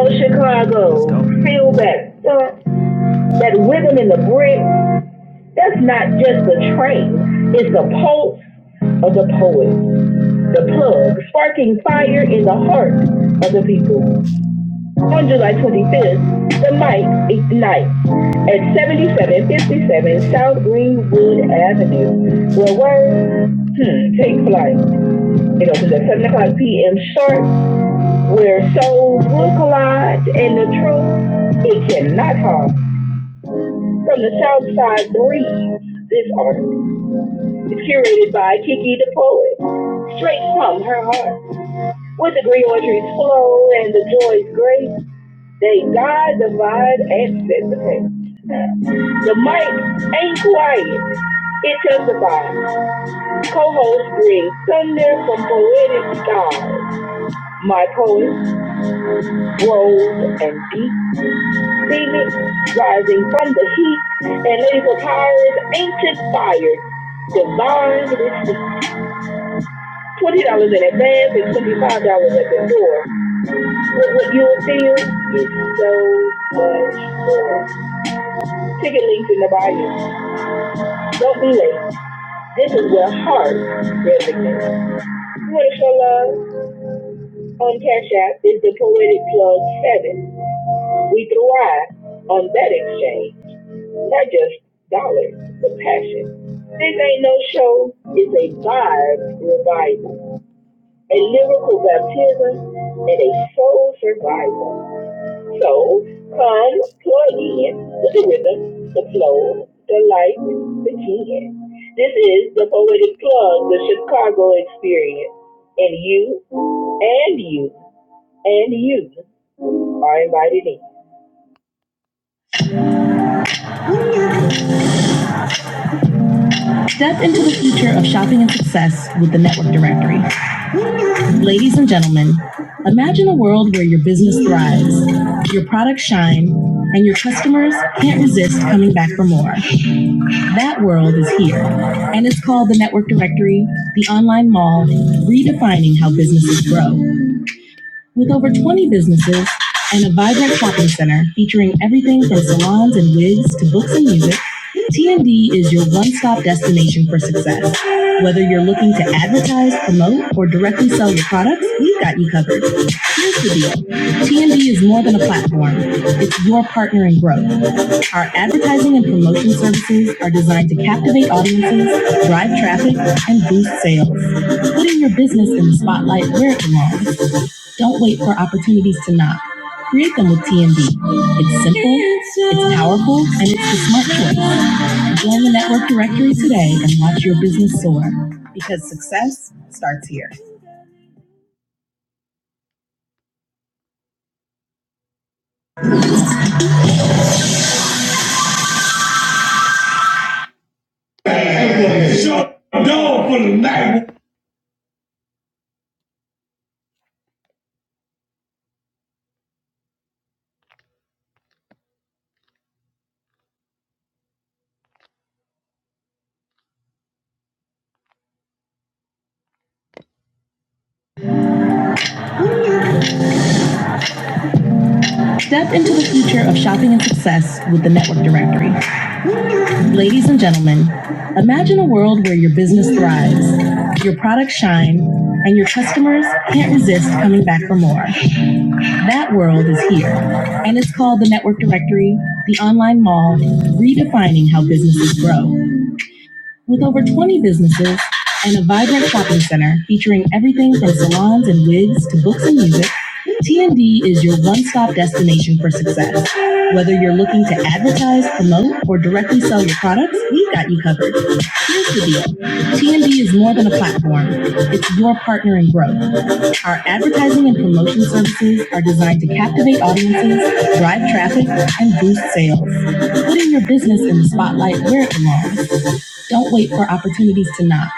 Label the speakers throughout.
Speaker 1: Oh, Chicago, feel that uh, that rhythm in the brick. That's not just the train. It's the pulse of the poet, the plug, sparking fire in the heart of the people. On July 25th, the mic ignites at 7757 South Greenwood Avenue, where words hmm, take flight. It opens at 7 o'clock p.m. sharp, where souls will collide and the truth it cannot harm. From the Southside Breeze, this article is curated by Kiki the Poet, straight from her heart. With the green greenery's flow and the joy's grace, they guide divide, and set the pace. The mic ain't quiet, it testifies. Co-host brings thunder from poetic skies. My poets, rose and deep, phoenix rising from the heat, and ladies of power's ancient fire divine with the twenty dollars in advance and twenty five dollars at the door. But what you'll feel is so much more. Ticket links in the bio. Don't be late. This is where heart resonates. You want to show love on Cash App is the Poetic Plug Seven. We thrive on that exchange, not just dollars, but passion. This ain't no show. It's a vibe revival, a lyrical baptism, and a soul survival. So, find plug in with the rhythm, the flow, the light, the key. This is the Poetic Plug, the Chicago experience. And you, and you, and you are invited in. Step into the future of shopping and success with the Network Directory. Ladies and gentlemen, imagine a world where your business thrives, your products shine, and your customers can't resist coming back for more. That world is here, and it's called the Network Directory, the online mall, redefining how businesses grow. With over 20 businesses and a vibrant shopping center featuring everything from salons and wigs to books and music, TND is your one stop destination for success. Whether you're looking to advertise, promote, or directly sell your products, we've got you covered. Here's the deal TND is more than a platform, it's your partner in growth. Our advertising and promotion services are designed to captivate audiences, drive traffic, and boost sales, putting your business in the spotlight where it belongs. Don't wait for opportunities to knock. Create them with TNB. It's simple, it's powerful, and it's the smart choice. Join the network directory today and watch your business soar. Because success starts here. Step into the future of shopping and success with the network directory. Ladies and gentlemen, imagine a world where your business thrives, your products shine, and your customers can't resist coming back for more. That world is here, and it's called the Network Directory, the online mall, redefining how businesses grow. With over 20 businesses and a vibrant shopping center featuring everything from salons and wigs to books and music, TND is your one stop destination for success. Whether you're looking to advertise, promote, or directly sell your products, we've got you covered. Here's the deal TND is more than a platform, it's your partner in growth. Our advertising and promotion services are designed to captivate audiences, drive traffic, and boost sales, putting your business in the spotlight where it belongs. Don't wait for opportunities to knock.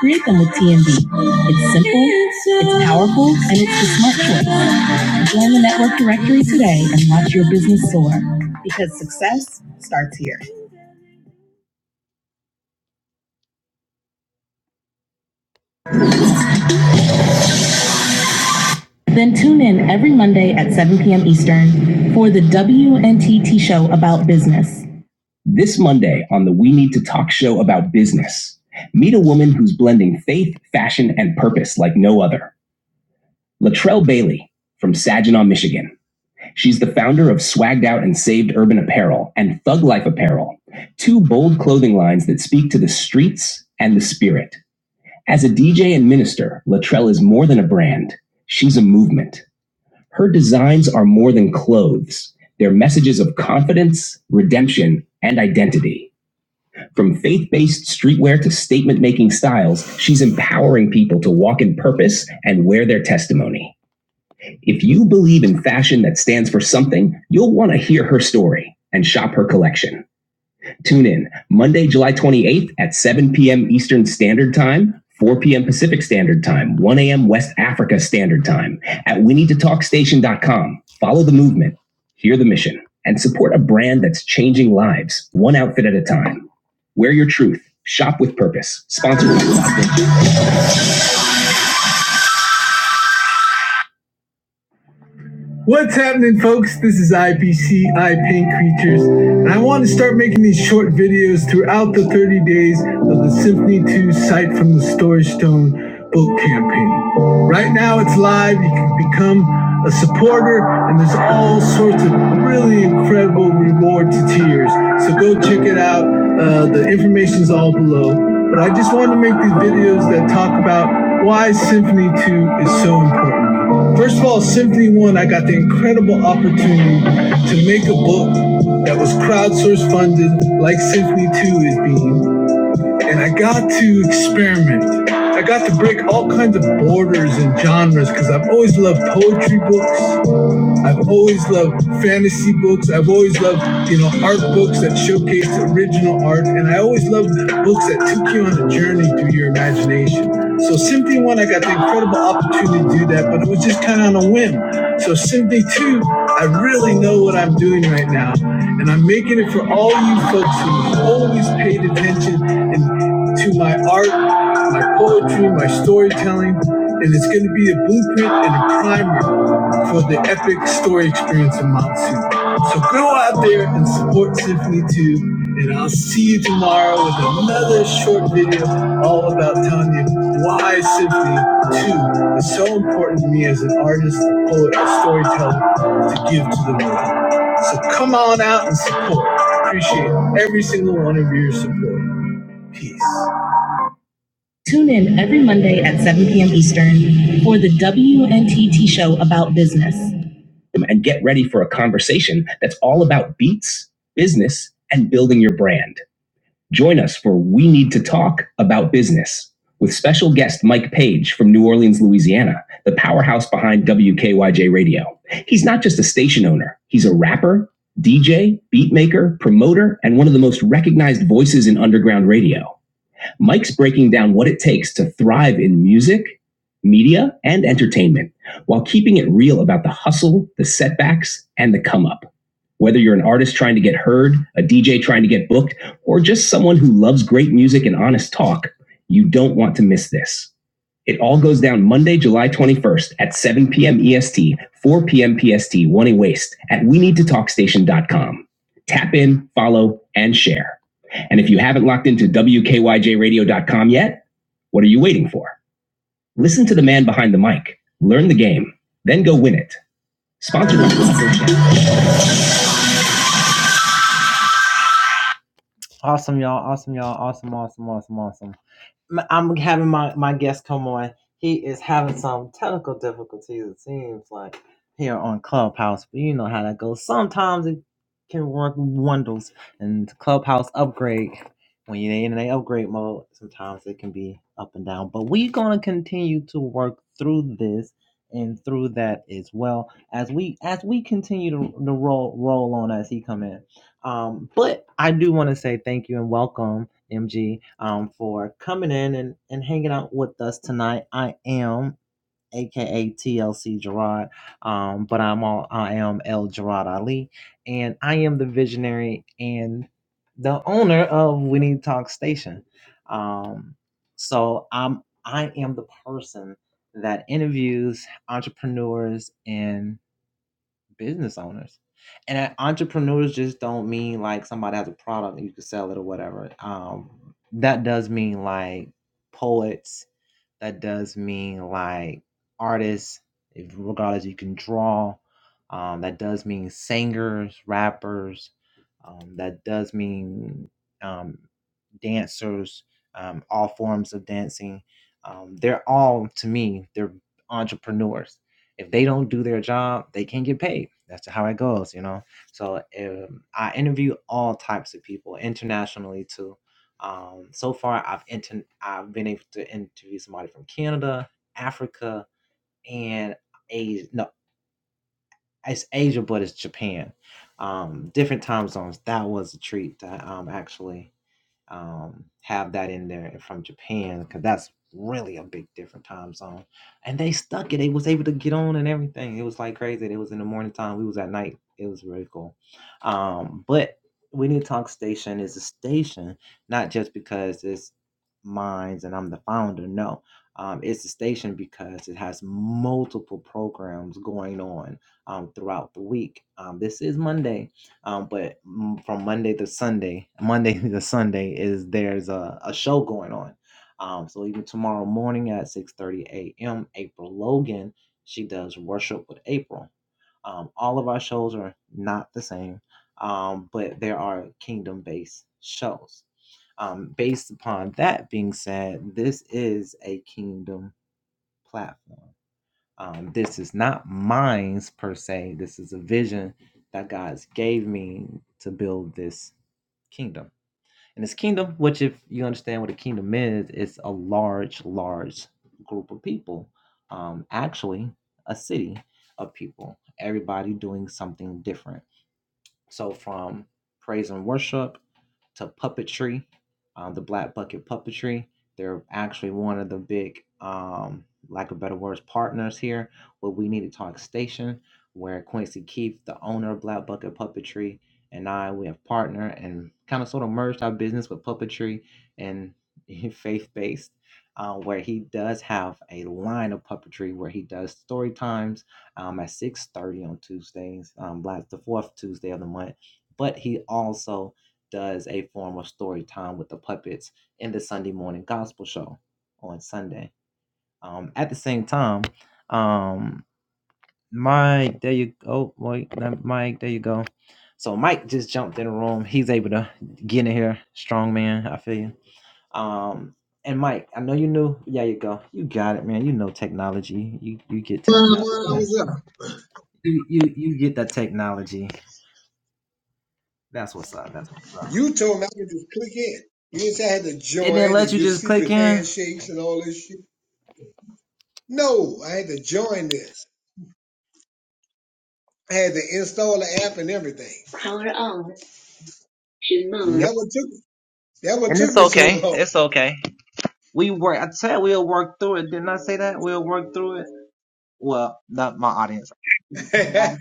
Speaker 1: Create them with TNB. It's simple, it's powerful, and it's the smart choice. Join the network directory today and watch your business soar because success starts here. Then tune in every Monday at 7 p.m. Eastern for the WNTT show about business. This Monday on the We Need to Talk show about business, meet a woman who's blending faith, fashion, and purpose like no other. Latrell Bailey from Saginaw, Michigan. She's the founder of Swagged Out and Saved Urban Apparel and Thug Life Apparel, two bold clothing lines that speak to the streets and the spirit. As a DJ and minister, Latrell is more than a brand. She's a movement. Her designs are more than clothes. They're messages of confidence, redemption, and identity. From faith based streetwear to statement making styles, she's empowering people to walk in purpose and wear their testimony. If you believe in fashion that stands for something, you'll want to hear her story and shop her collection. Tune in Monday, July 28th at 7 p.m. Eastern Standard Time, 4 p.m. Pacific Standard Time, 1 a.m. West Africa Standard Time at we need to talk station.com. Follow the movement, hear the mission, and support a brand that's changing lives, one outfit at a time. Wear your truth, shop with purpose. Sponsored by What's happening, folks? This is IPCI Paint Creatures, and I want to start making these short videos throughout the 30 days of the Symphony 2 Sight from the Storage Stone book campaign. Right now, it's live. You can become a supporter, and there's all sorts of really incredible reward to tiers. So go check it out. Uh, the information's all below. But I just wanted to make these videos that talk about why Symphony 2 is so important First of all, Symphony One, I got the incredible opportunity to make a book that was crowdsource funded, like Symphony Two is being. And I got to experiment. I got to break all kinds of borders and genres because I've always loved poetry books. I've always loved fantasy books. I've always loved, you know, art books that showcase original art. And I always loved books that took you on a journey through your imagination. So Symphony 1, I got the incredible opportunity to do that, but it was just kind of on a whim. So Symphony 2, I really know what I'm doing right now. And I'm making it for all you folks who've always paid attention and to my art, my poetry, my storytelling and it's going to be a blueprint and a primer for the epic story experience in Mount Sinai. So go out there and support Symphony 2, and I'll see you tomorrow with another short video all about telling you why Symphony 2 is so important to me as an artist, a poet, a storyteller to give to the world. So come on out and support. Appreciate every single one of your support. Peace. Tune in every Monday at 7 p.m. Eastern for the WNTT show about business. And get ready for a conversation that's all about beats, business, and building your brand. Join us for We Need to Talk About Business with special guest Mike Page from New Orleans, Louisiana, the powerhouse behind WKYJ Radio. He's not just a station owner, he's a rapper, DJ, beatmaker, promoter, and one of the most recognized voices in underground radio. Mike's breaking down what it takes to thrive in music, media, and entertainment while keeping it real about the hustle, the setbacks, and the come up. Whether you're an artist trying to get heard, a DJ trying to get booked, or just someone who loves great music and honest talk, you don't want to miss this. It all goes down Monday, July 21st at 7 p.m. EST, 4 p.m. PST, one in waste at we need to talk station dot com. Tap in, follow, and share. And if you haven't locked into W K Y J radio dot com yet, what are you waiting for? Listen to the man behind the mic, learn the game, then go win it. Sponsored by
Speaker 2: One hour's up. You told me I could just click in. You didn't say I had to join and give secret handshakes and all this shit. No, I had to join this. I had to install the app and everything. That what took that what took me so long. That's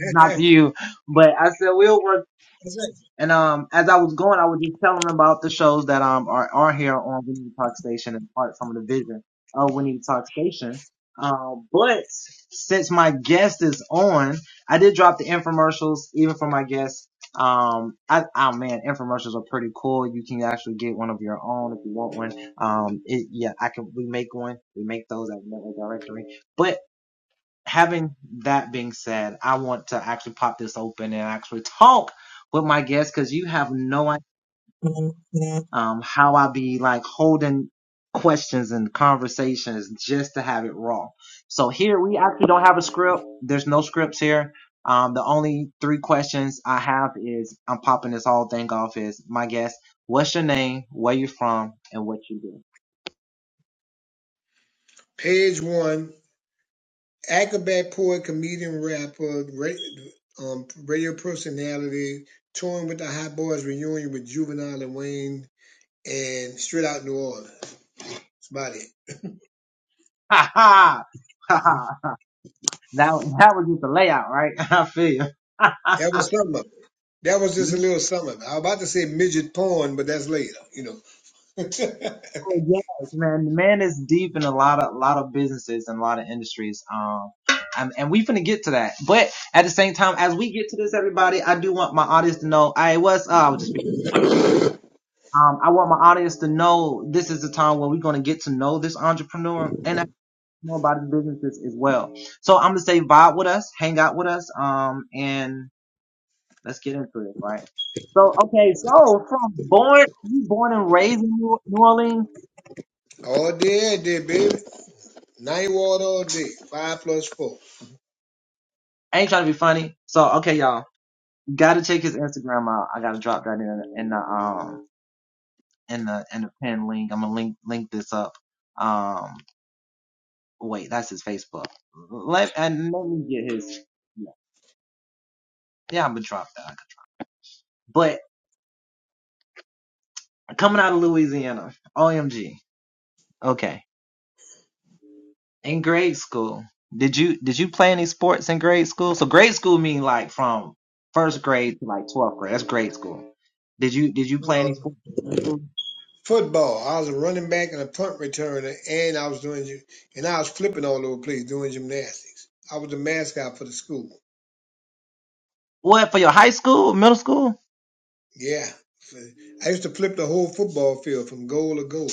Speaker 2: right. Page one, acrobat, poet, comedian, rapper, ra- um, radio personality, touring with the Hot Boys reunion with Juvenile and Wayne, and straight out New Orleans. That's about it. Mhm. That was something. That was just a little something. I was about to say midget porn, but that's later, you know. all day, all day, baby. Night water all day. Five plus four. Uh, football. I was a running back and a punt returner, and I was doing gy- and I was flipping all over the place doing gymnastics. I was the mascot for the school. Yeah, I used to flip the whole football field from goal to goal.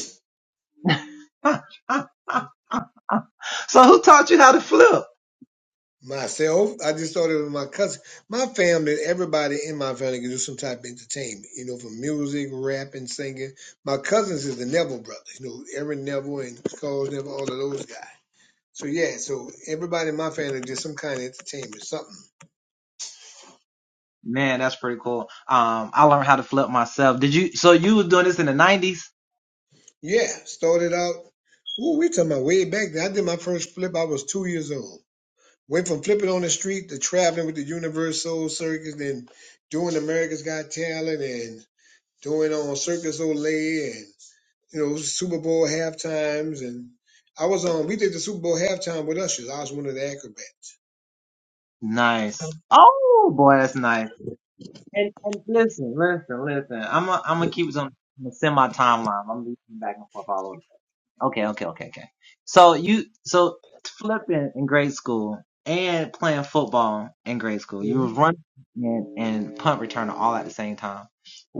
Speaker 2: Myself, I just started with my cousin. My family, everybody in my family can do some type of entertainment, you know, from music, rapping, singing. My cousins is the Neville brothers, you know, Aaron Neville and Charles Neville, all of those guys. So yeah, so everybody in my family did some kind of entertainment, something. Yeah, started out. Ooh, we talking about way back then. I did my first flip. I was two years old. Went from flipping on the street to traveling with the Universal Circus, then doing America's Got Talent, and. doing on Circus Olay and you know Super Bowl halftimes, and I was on. We did the Super Bowl halftime with Ushers. I was one of the acrobats. hmm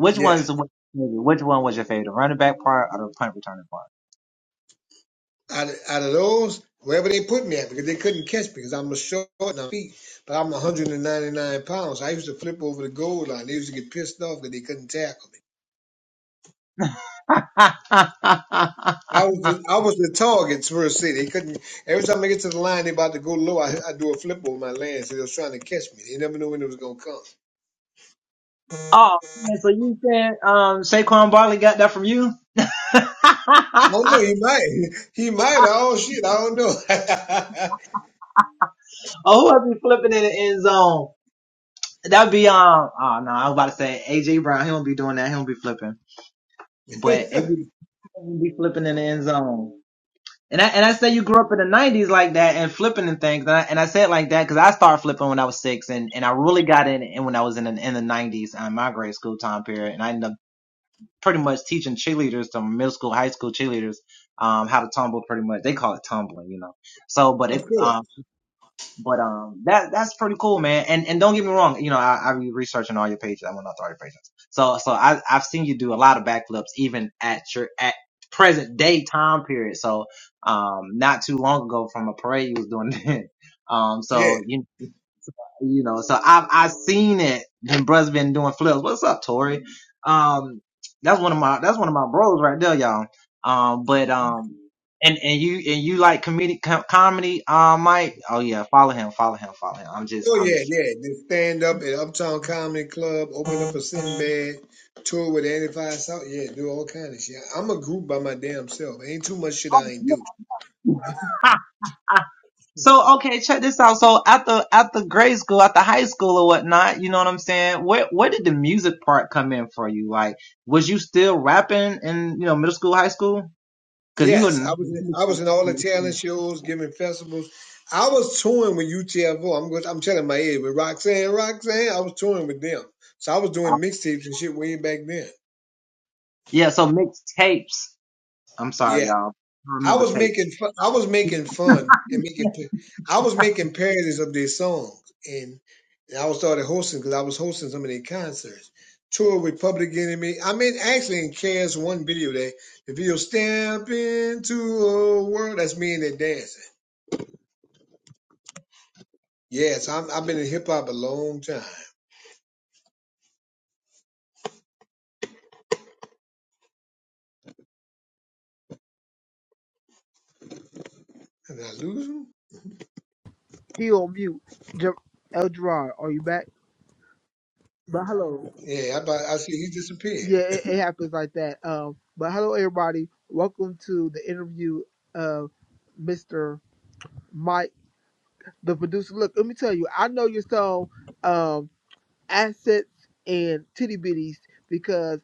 Speaker 2: Yeah, out of, out of those, wherever they put me at, because they couldn't catch me because I'm a short and I'm feet, but I'm 199 pounds. I used to flip over the goal line. They used to get pissed off because they couldn't tackle me. I was the, I was the target for a city. They couldn't. Every time I get to the line, they about to go low. I, I do a flip over my land, so they was trying to catch me. They never knew when it was gonna come.
Speaker 1: um, Saquon from you.
Speaker 2: Oh no, he might. He might. Oh shit, I don't know.
Speaker 1: Oh, who will be flipping in the end zone? That'd be um. Oh no, I was about to say AJ Brown. He won't be doing that.
Speaker 2: of course. Yeah. Oh yeah, yeah. Just stand up at Uptown Comedy Club, open up a Sinbad, tour with Andy Five South. Yeah, do all kind of shit. I'm a group by my damn self. Ain't too much shit I ain't do. Yes, I was in, I was in all the talent shows, giving festivals. I was touring with UTFO. I'm going, I'm telling my age, with Roxanne, Roxanne, I was touring with them. So I was doing mixtapes and shit way back then.
Speaker 1: Yeah. So mixed tapes,
Speaker 2: Yeah.
Speaker 1: y'all.
Speaker 2: I
Speaker 1: Remember
Speaker 2: was
Speaker 1: tape.
Speaker 2: making fun, I was making fun and making pa- I was making parodies of their songs and, and I was started hosting because I was hosting some of their concerts. Tour with Public Enemy. I mean, actually, in KS one video that the video "Step Into a World" that's me and they dancing. Yes, I'm, I've been in hip hop a long time. Did I lose him?
Speaker 3: He on mute. Ger- El Gerard, are you back? But hello.
Speaker 2: Yeah, I, about- I see he disappeared.
Speaker 3: Yeah, it, it happens like that. Um, but hello everybody. Welcome to the interview of Mr. Mike, the producer. Look, let me tell you, I know your song, um, assets and titty bitties because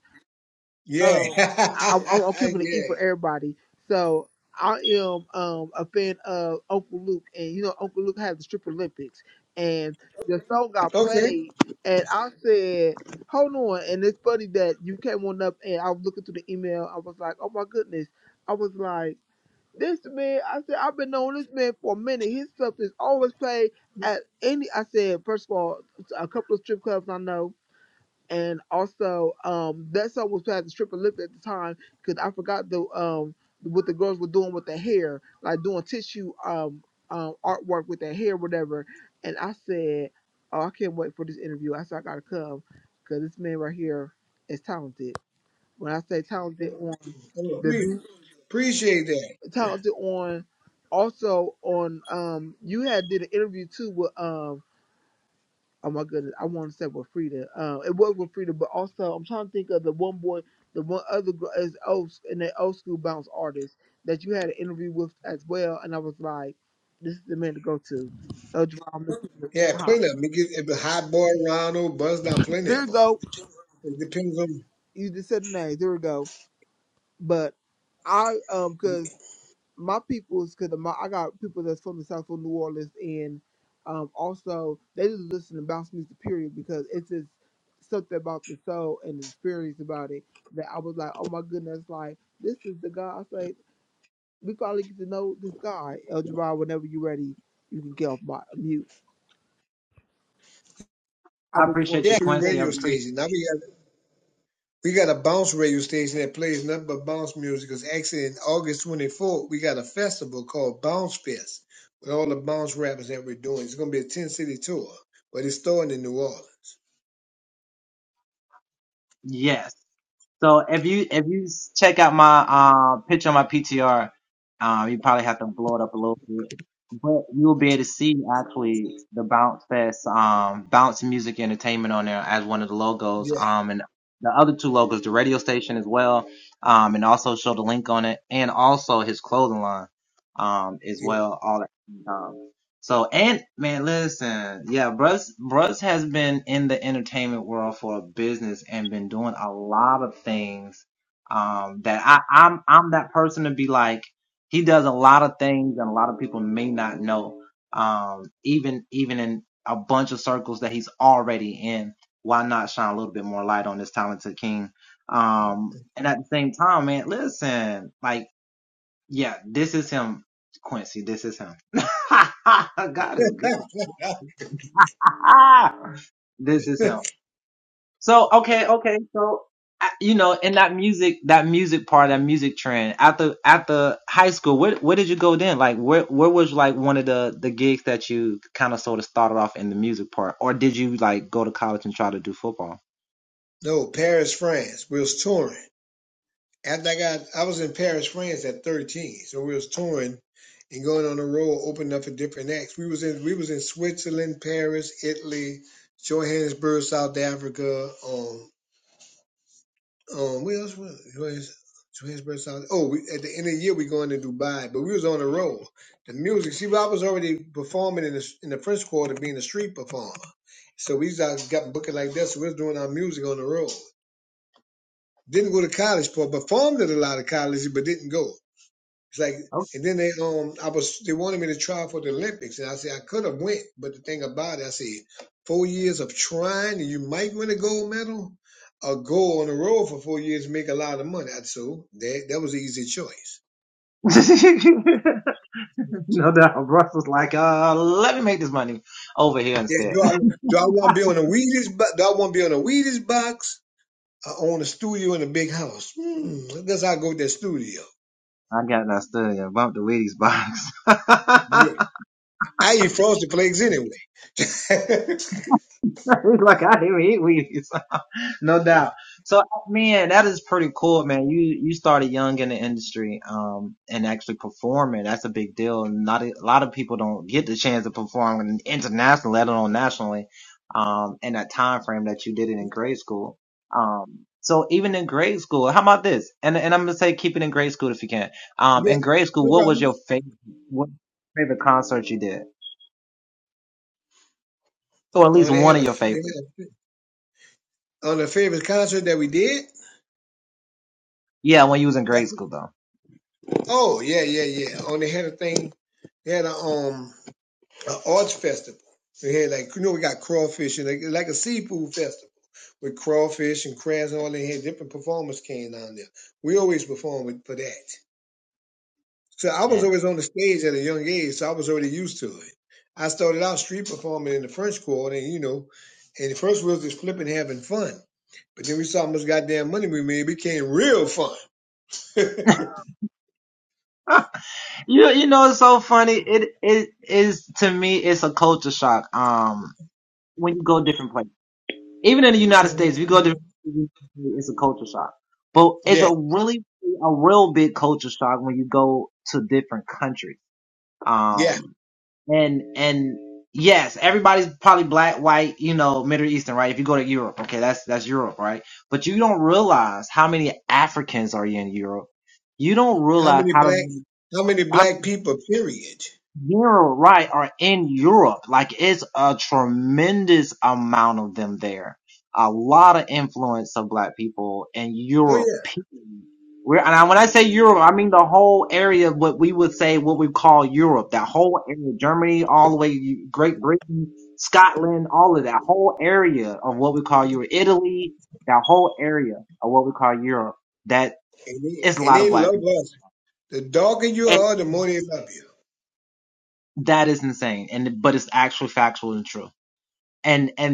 Speaker 2: Yeah,
Speaker 3: um, I, I'm, I'm
Speaker 2: yeah.
Speaker 3: keeping it E for everybody. So I am um a fan of Uncle Luke, and you know Uncle Luke had the Strip Olympics, and the song got
Speaker 2: Okay,
Speaker 3: played, and I said, "Hold on!" And it's funny that you came on up, and I was looking through the email. I was like, "Oh my goodness!" I was like, "This man," I said, "I've been knowing this man for a minute. His stuff is always played at any." I said, first of all, a couple of strip clubs I know." and also um, that song was played at the stripper lift at the time because I forgot the um, what the girls were doing with their hair, like doing tissue um, um, artwork with their hair, whatever. And I said, "Oh, I can't wait for this interview." I said, "I gotta come because this man right here is talented." When I say talented on
Speaker 2: Well,
Speaker 3: the
Speaker 2: pre-
Speaker 3: beat,
Speaker 2: appreciate that.
Speaker 3: talented on also on um, you had did an interview too with um." Oh my goodness, I want to say with Frida. Uh, it was with Frida, but also I'm trying to think of the one boy, the one other girl is old and that old school bounce artist that you had an interview with as well. And I was like, this is the man to go to. El Jerome
Speaker 2: Yeah,
Speaker 3: Huh.
Speaker 2: plenty of them. You get if it's Hot Boy Ronald, Buzz Down, plenty
Speaker 3: There
Speaker 2: of
Speaker 3: you
Speaker 2: them.
Speaker 3: go.
Speaker 2: It depends on
Speaker 3: You just said the name. There we go. But I um 'cause my people's because my I got people that's from the South from New Orleans, and um, also they just listen to bounce music period because it's just something about the soul and the experience about it that I was like, oh my goodness, like this is the guy. I say we finally get to know this guy, El Jabbar. Whenever you're ready, you can get off my mute. I
Speaker 1: I
Speaker 3: was want
Speaker 2: yeah,
Speaker 3: to
Speaker 2: every
Speaker 3: want for
Speaker 2: radio
Speaker 3: you.
Speaker 1: appreciate. it.
Speaker 2: station. Now we got we got a bounce radio station that plays nothing but bounce music. Cause actually, in August 24th, we got a festival called Bounce Fest with all the bounce rappers that we're doing. It's gonna be a 10 city tour, but it's starting in New Orleans.
Speaker 1: Yes. So if you if you check
Speaker 2: Yeah, yeah. No, Paris, France. We're touring. After I got, I was in Paris, France at 13. So we was touring and going on the road, opening up for different acts. We was in, we was in Switzerland, Paris, Italy, Johannesburg, South Africa. Um, um, where else was Johannes- Johannesburg, South? Oh, we, at the end of the year we going to Dubai, but we was on the road. The music, see, I was already performing in the in the French Quarter, being a street performer. So we just got booking like that. So we was doing our music on the road. Didn't go to college for, performed at a lot of colleges, but didn't go. It's like, and then they um, I was they wanted me to try for the Olympics, and I said I could have went, but the thing about it, I said four years of trying, and you might win a gold medal, or go on the road for four years, and make a lot of money. I- So that that was an easy choice. Yeah, do I do I want to be on a Wheaties? bo- Do I want to be on a Wheaties box? I own a studio in a big house. Hmm, that's how I go to that studio. Yeah, I eat frosted flakes anyway. yeah, no problem. Uh, they had a they had a on the favorite concert that we did. Oh yeah, yeah, yeah. On they had a thing. They had a um an arts festival. They had like you know we got crawfish and like, like a seafood festival with crawfish and crabs and all. They had different performers came down there. We always performed for that. So I was always on the stage at a young age, so I was already used to it. I started out street performing in the French Quarter, and you know, and the first we was just flipping, having fun. But then we saw how much goddamn money we made. It became real fun. Yeah, yeah. How many black? How many black people? Period. Oh yeah, and they, and they love us. The darker you are, the more they love you.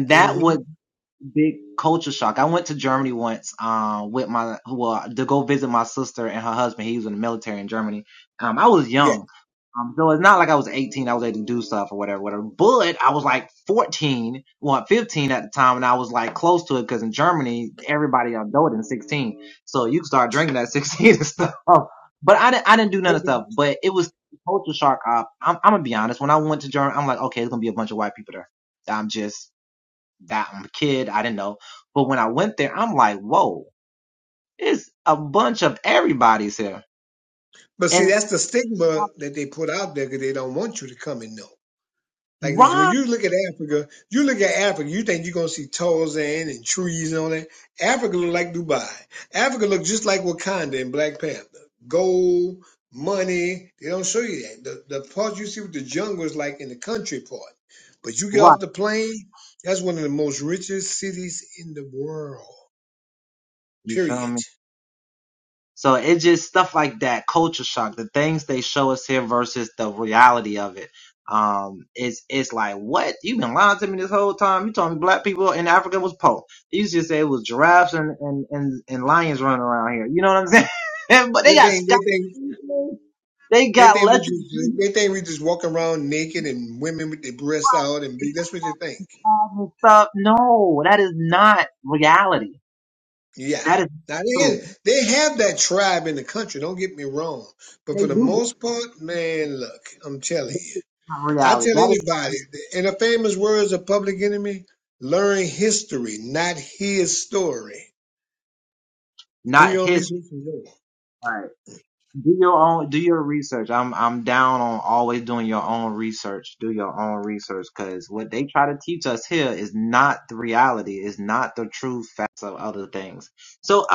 Speaker 2: hmm Yeah, but but see, that's the stigma that they put out there because they don't want you to come and know. Like this, when you look at Africa, you look at Africa, you think you're gonna see Tarzan and trees and all that. Africa look like Dubai. Africa look just like Wakanda and Black Panther. Gold, money. They don't show you that. The the part you see with the jungle is like in the country part. But you get off the plane, that's one of the most richest cities in the world. Period. They think they think they think we just they think we just walk around naked and women with their breasts out and big. That's what they think. Yeah. Now they they have that tribe in the country, don't get me wrong. But for the most part, man, look, I'm telling you. I tell anybody, in the famous words of Public Enemy, learn history, not his story. Do your own research and learn.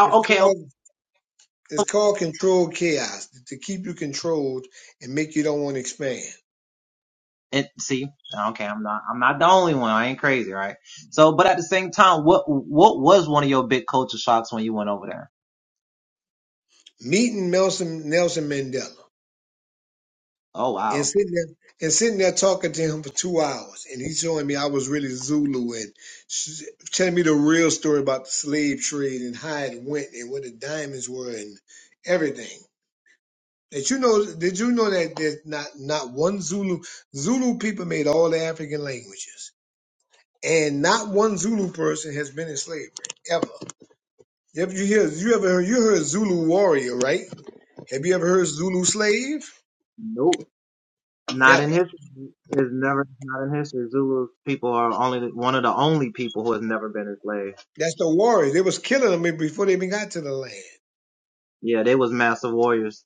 Speaker 2: It's called it's called controlled chaos to keep you controlled and make you don't want to expand. Meeting Nelson Nelson Mandela. and sitting there and sitting there talking to him for two hours, and he's showing me I was really Zulu and sh- telling me the real story about the slave trade and how it went and where the diamonds were and everything. Did you know? Did you know that there's not not one Zulu Zulu people made all the African languages, and not one Zulu person has been in slavery ever. If you hear you ever heard you heard Zulu warrior, right? Have you ever heard Zulu slave?
Speaker 1: nope, not
Speaker 2: Never.
Speaker 1: in history. It's never not in history. Zulu people are only one of the only people who has never been enslaved.
Speaker 2: That's the Warriors. They was killing them before they even got to the land.
Speaker 1: Yeah, they was massive warriors.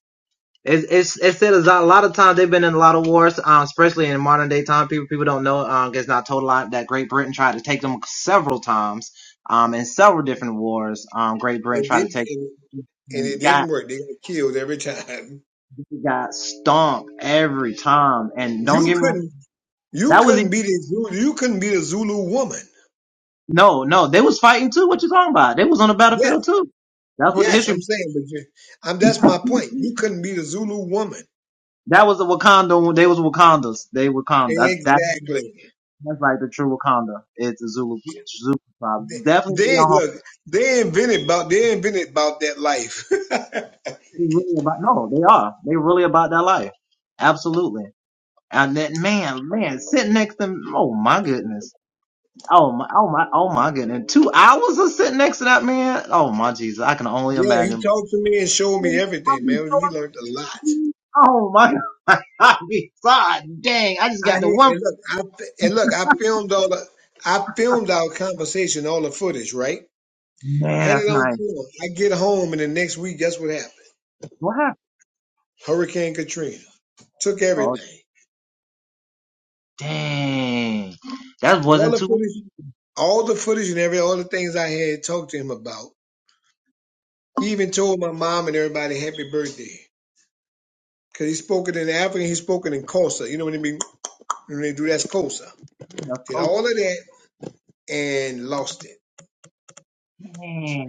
Speaker 1: It's it's it said a lot a lot of times they've been in a lot of wars, um, especially in modern day time. People people don't know, um, it's not told a lot that Great Britain tried to take them several times, um, in several different wars. Um, Great Britain
Speaker 2: It
Speaker 1: tried to
Speaker 2: didn't,
Speaker 1: take
Speaker 2: and, and
Speaker 1: and
Speaker 2: it didn't
Speaker 1: got
Speaker 2: work. They got killed every time.
Speaker 1: got stomped every time. And don't
Speaker 2: You
Speaker 1: get me wrong,
Speaker 2: couldn't, you
Speaker 1: that was
Speaker 2: couldn't
Speaker 1: e-
Speaker 2: be the Zulu, you couldn't be the Zulu woman.
Speaker 1: no no they was fighting too. What you talking about? They was on the
Speaker 2: Yes,
Speaker 1: battlefield too. That's what the
Speaker 2: yes, I'm
Speaker 1: history.
Speaker 2: saying, but you, I'm, that's my point. You couldn't be the Zulu woman.
Speaker 1: That was the Wakanda. They was Wakandas. They Wakanda. That.
Speaker 2: Exactly.
Speaker 1: That's like the true Wakanda. It's a Zulu, Zulu tribe.
Speaker 2: They,
Speaker 1: Definitely be
Speaker 2: they-
Speaker 1: on home.
Speaker 2: look. They invented about. They invented about that life. yeah,
Speaker 1: They really about no, they are. They really about that life. Absolutely. And that man, man, sitting next to oh my
Speaker 2: he talked to me and showed me everything, man. We learned a lot. I had, and look, I and look, I filmed all the, I filmed our conversation, all the footage, right? Had it on film. I get home, and the next week, guess what happened? Hurricane Katrina took everything. So all the footage, all the footage, and every all the things I had talked to him about. He even told my mom and everybody happy birthday. Cause he spoke it in African, he spoke it in Kosa. You know what I mean? When they do that's Kosa. Did all of that and lost it.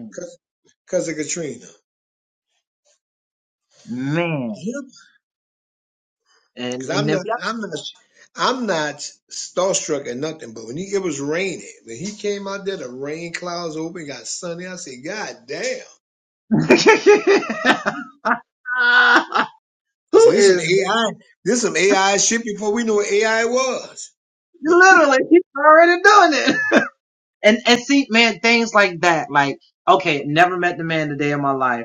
Speaker 2: because of Katrina. Him Cause I'm not, I'm not, I'm not starstruck or nothing. But when he, it was raining, when he came out there, the rain clouds open, got sunny. I said, God damn! I said, this some AI, this some AI shit before we knew what AI was.
Speaker 1: like that like okay, never met the man the day of my life.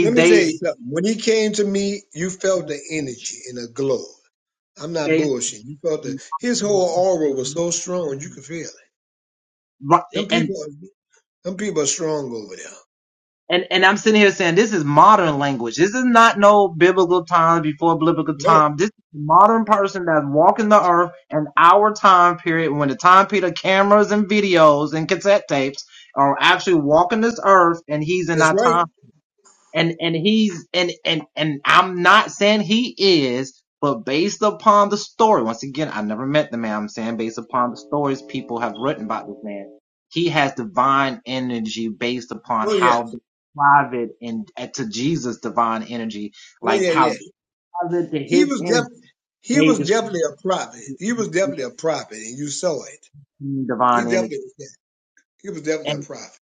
Speaker 2: Let me tell you something. When he came to me, you felt the energy and the glow. I'm not bullshitting. You felt the his whole aura was so strong you could feel it. Them people, them people are strong over there. No, that's right. Oh yes. Oh yeah, yeah. He was definitely he was definitely a prophet. He was definitely a prophet, and you saw it. He definitely was that. He was definitely a prophet.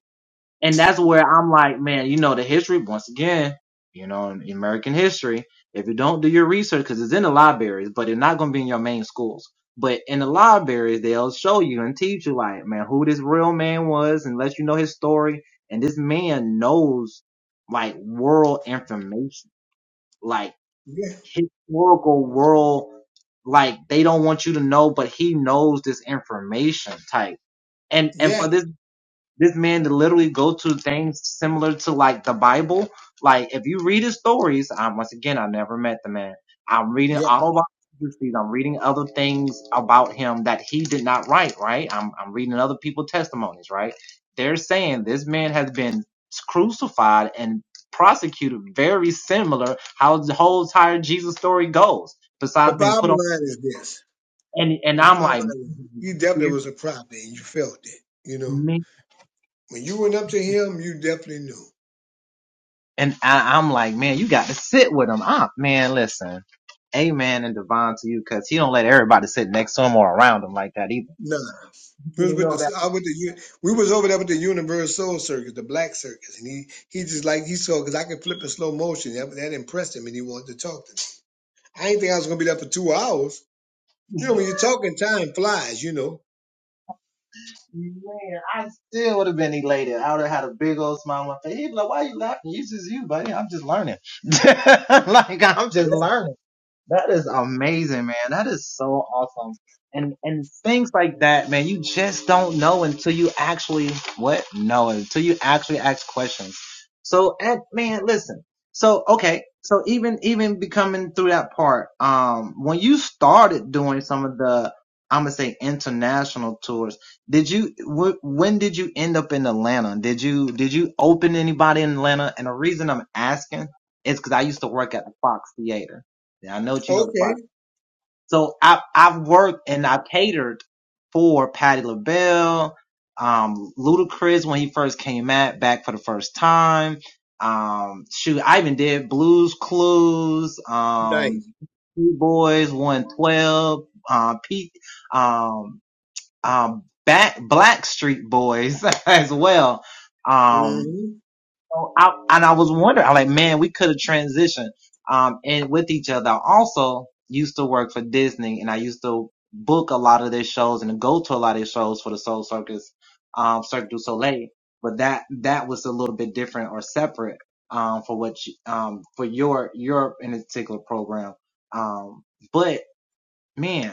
Speaker 2: Yeah, yeah, yeah. The bottom line is this: the bottom line is he definitely was a prophet, and you felt it. You know, when you went up to him, you definitely knew. Nah, we was with the I with the u- we was over there with the Universal Soul Circus, the Black Circus, and he he just like he saw because I could flip in slow motion. That, that impressed him, and he wanted to talk to me. I didn't think I was gonna be there for two hours. You know, when you're talking, time flies, you know. Yeah. Okay. Nice. hmm
Speaker 1: a little bit different or separate um for what you, um for your your in this particular program. Um but man,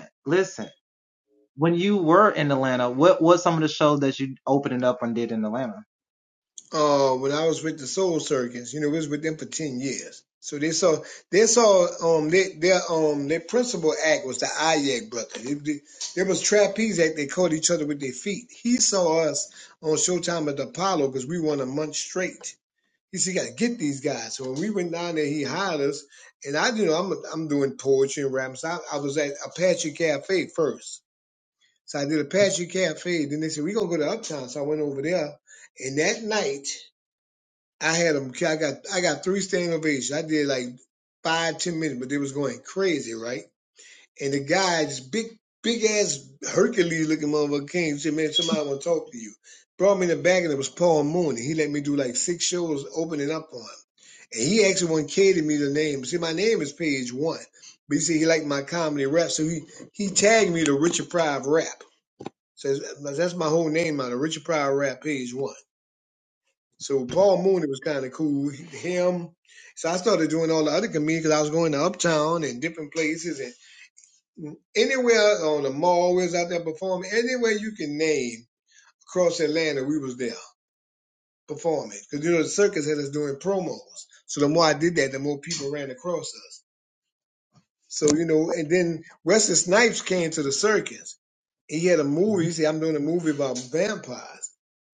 Speaker 2: Uh, when I was with the Soul Circus, you know, we was with them for ten years. So they saw, they saw, um, they, their, um, their principal act was the Ayak brother. It, it, there was trapeze act. They caught each other with their feet. He saw us on Showtime at the Apollo because we won a month straight. He said, "You got to get these guys." So when we went down there, he hired us, and I, you know, I'm, I'm doing poetry and rap. So I, I was at Apache Cafe first. So I did a Passion Cafe. Then they said we gonna go to Uptown. So I went over there, and that night I had them. I got I got three standing ovations. I did like five ten minutes, but they was going crazy, right? And the guy, this big big ass Hercules looking motherfucker came. and Said, "Man, somebody want to talk to you." Brought me in the back, and it was Paul Mooney. He let me do like six shows opening up on him, and he actually wanted Katie me the name. See, my name is Page One, but he said he liked my comedy rap, so he he tagged me to Richard Pryor rap. So that's my whole name on it. Richard Pryor rap page one. So Paul Mooney was kind of cool. Him. So I started doing all the other comedians because I was going to Uptown and different places and anywhere on the mall we was out there performing. Anywhere you can name across Atlanta, we was there performing because you know the circus had us doing promos. So the more I did that, the more people ran across us. So you know, and then Wesley Snipes came to the circus. He had a movie. He said, "I'm doing a movie about vampires."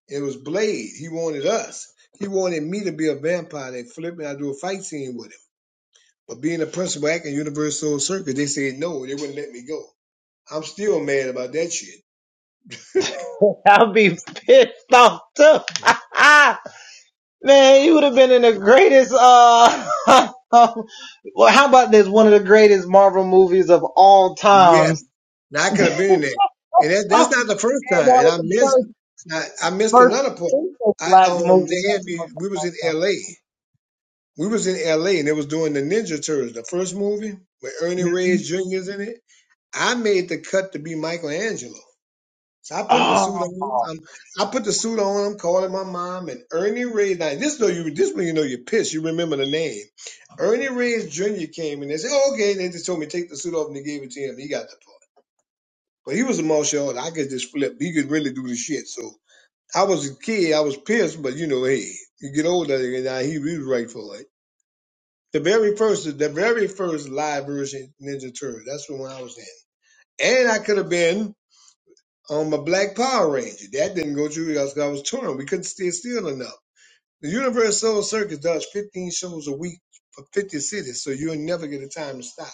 Speaker 2: It was Blade. He wanted us. He wanted me to be a vampire They flipped me. I do a fight scene with him. But being a principal actor in Universal Circus, they said no. They wouldn't let me go. I'm still mad about that shit. Yes, now I could have been in there, and that, that's not the first time. And I missed. I, I missed another part. I um, they had me. We was in L.A. We was in LA and it was doing the Ninja Turtles, the first movie where Ernie Reyes Jr. is in it. I made the cut to be Michelangelo. So I put the suit on. I'm, I put the suit on. I'm calling my mom and Ernie Reyes. Now this though you this when you know you're pissed. You remember the name. Ernie Reyes Jr. came and they said, "Oh, okay." They just told me take the suit off and they gave it to him. He got the part. But he was a martial artist. I could just flip. He could really do the shit. So I was a kid. I was pissed, but you know, hey, you get older and now he was right for it. The very first, the very first live version Ninja Turtle. That's the one I was in. And I could have been on my Black Power Ranger. That didn't go through because I was touring. We couldn't stay still enough. The Universal Soul Circus does 15 shows a week for 50 cities, so you'll never get a time to stop.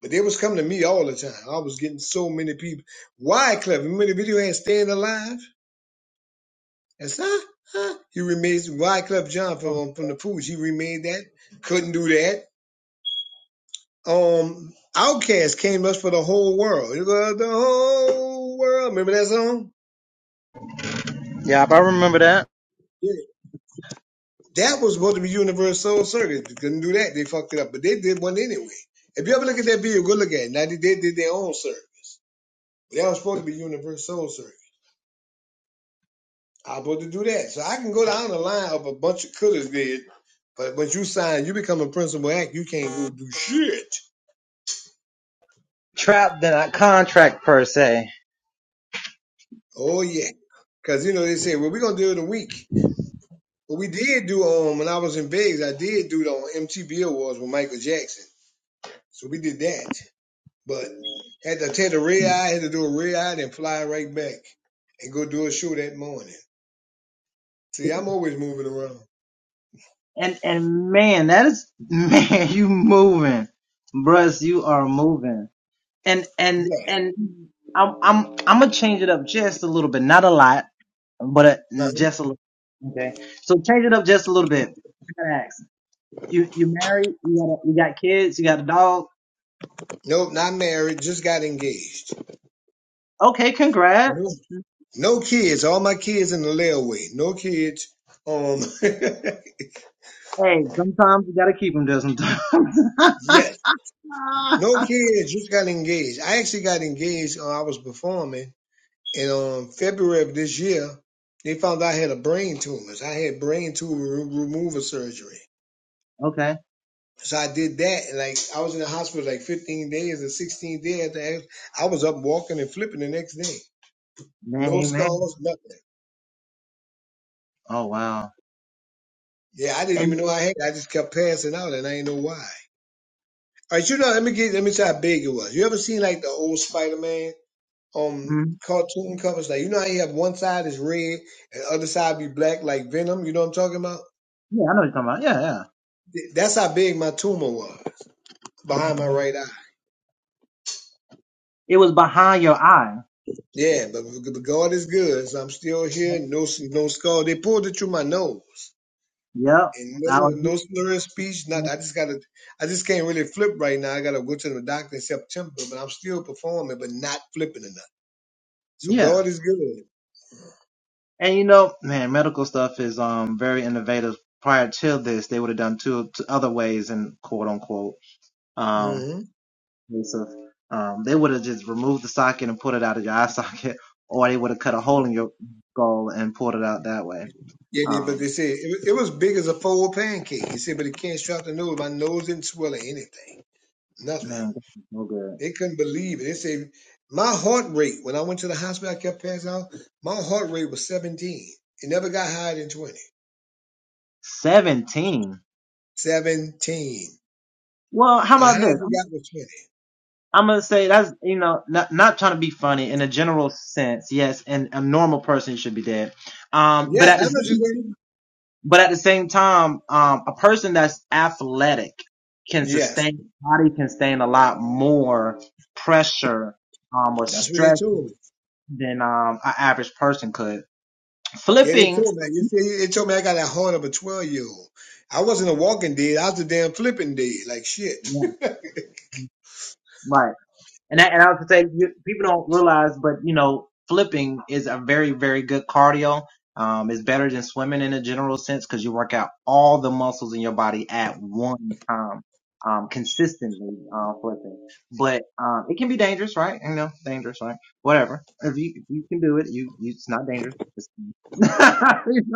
Speaker 2: But they was coming to me all the time. I was getting so many people. Wyclef, remember the video had Staying Alive? That's huh? Huh? He remade Wyclef John from, from the Foods. He remade that. Couldn't do that. um Outcast came to us for the whole world. You got the whole world. Remember that song? Yeah. That was supposed to be Universal Circus. They couldn't do that. They fucked it up. But they did one anyway. If you ever look at that video, go look at it. Now they, did their own circuit. That was supposed to be Universal Circus. I was supposed to do that. So I can go down the line of a bunch of cutters did, but once you sign, you become a principal act, you can't go do shit. Oh yeah. Cause you know they say, well, we're gonna do it in a week. But we did do um when I was in Vegas, I did do the um, MTV Awards with Michael Jackson. So we did that. But had to take a red eye, had to do a red eye, then fly right back and go do a show that morning. See, I'm always moving around. Yeah. Uh-huh.
Speaker 1: you you married, you got a, you got kids, you got a dog.
Speaker 2: Nope, not married. Just got engaged.
Speaker 1: Okay,
Speaker 2: No, no kids. All my kids in the layaway. No kids. Um, yes. No kids. Just got engaged. I actually got engaged. Uh, I was performing. And on February of this year, they found out I had a brain tumor. So I had brain tumor removal surgery. So I did that, and like I was in the hospital like 15 days or 16 days. After I was up walking and flipping the next day. No scars, nothing. Yeah, I didn't even know I had. it. I just kept passing out, and I didn't know why. All right, you know, let me get let me tell you how big it was. You ever seen like the old Spider Man um cartoon covers? Like you know how you have one side is red and the other side be black, like Venom. You know what I'm talking about? That's how big my tumor was behind my right eye. Yeah, but, but God is good. So I'm still here. No, no skull. They pulled it through my nose, and no, no slur of speech. Not. I just gotta. I just can't really flip right now. I gotta go to the doctor in September, but I'm still performing, but not flipping enough. So God is good. hmm Yeah, they, but they said it, it was big as a fold pancake. He said, but it can't strap the nose. My nose didn't swell or anything. Nothing. They couldn't believe it. They say my heart rate when I went to the hospital, I kept passing out. My heart rate was 17. It never got higher than 20. 17. The highest it got was 20. Yes, I know what you're saying. Yes, that's what they told me. Yeah, they told me. You see, they told me I got that heart of a 12 year old. I wasn't a walking dead. I was a damn flipping dead, like shit.
Speaker 1: um, it's better than swimming in a gym sense because you work out all the muscles in your body at one time, um, consistently, um, flipping. But, um, it can be dangerous, right?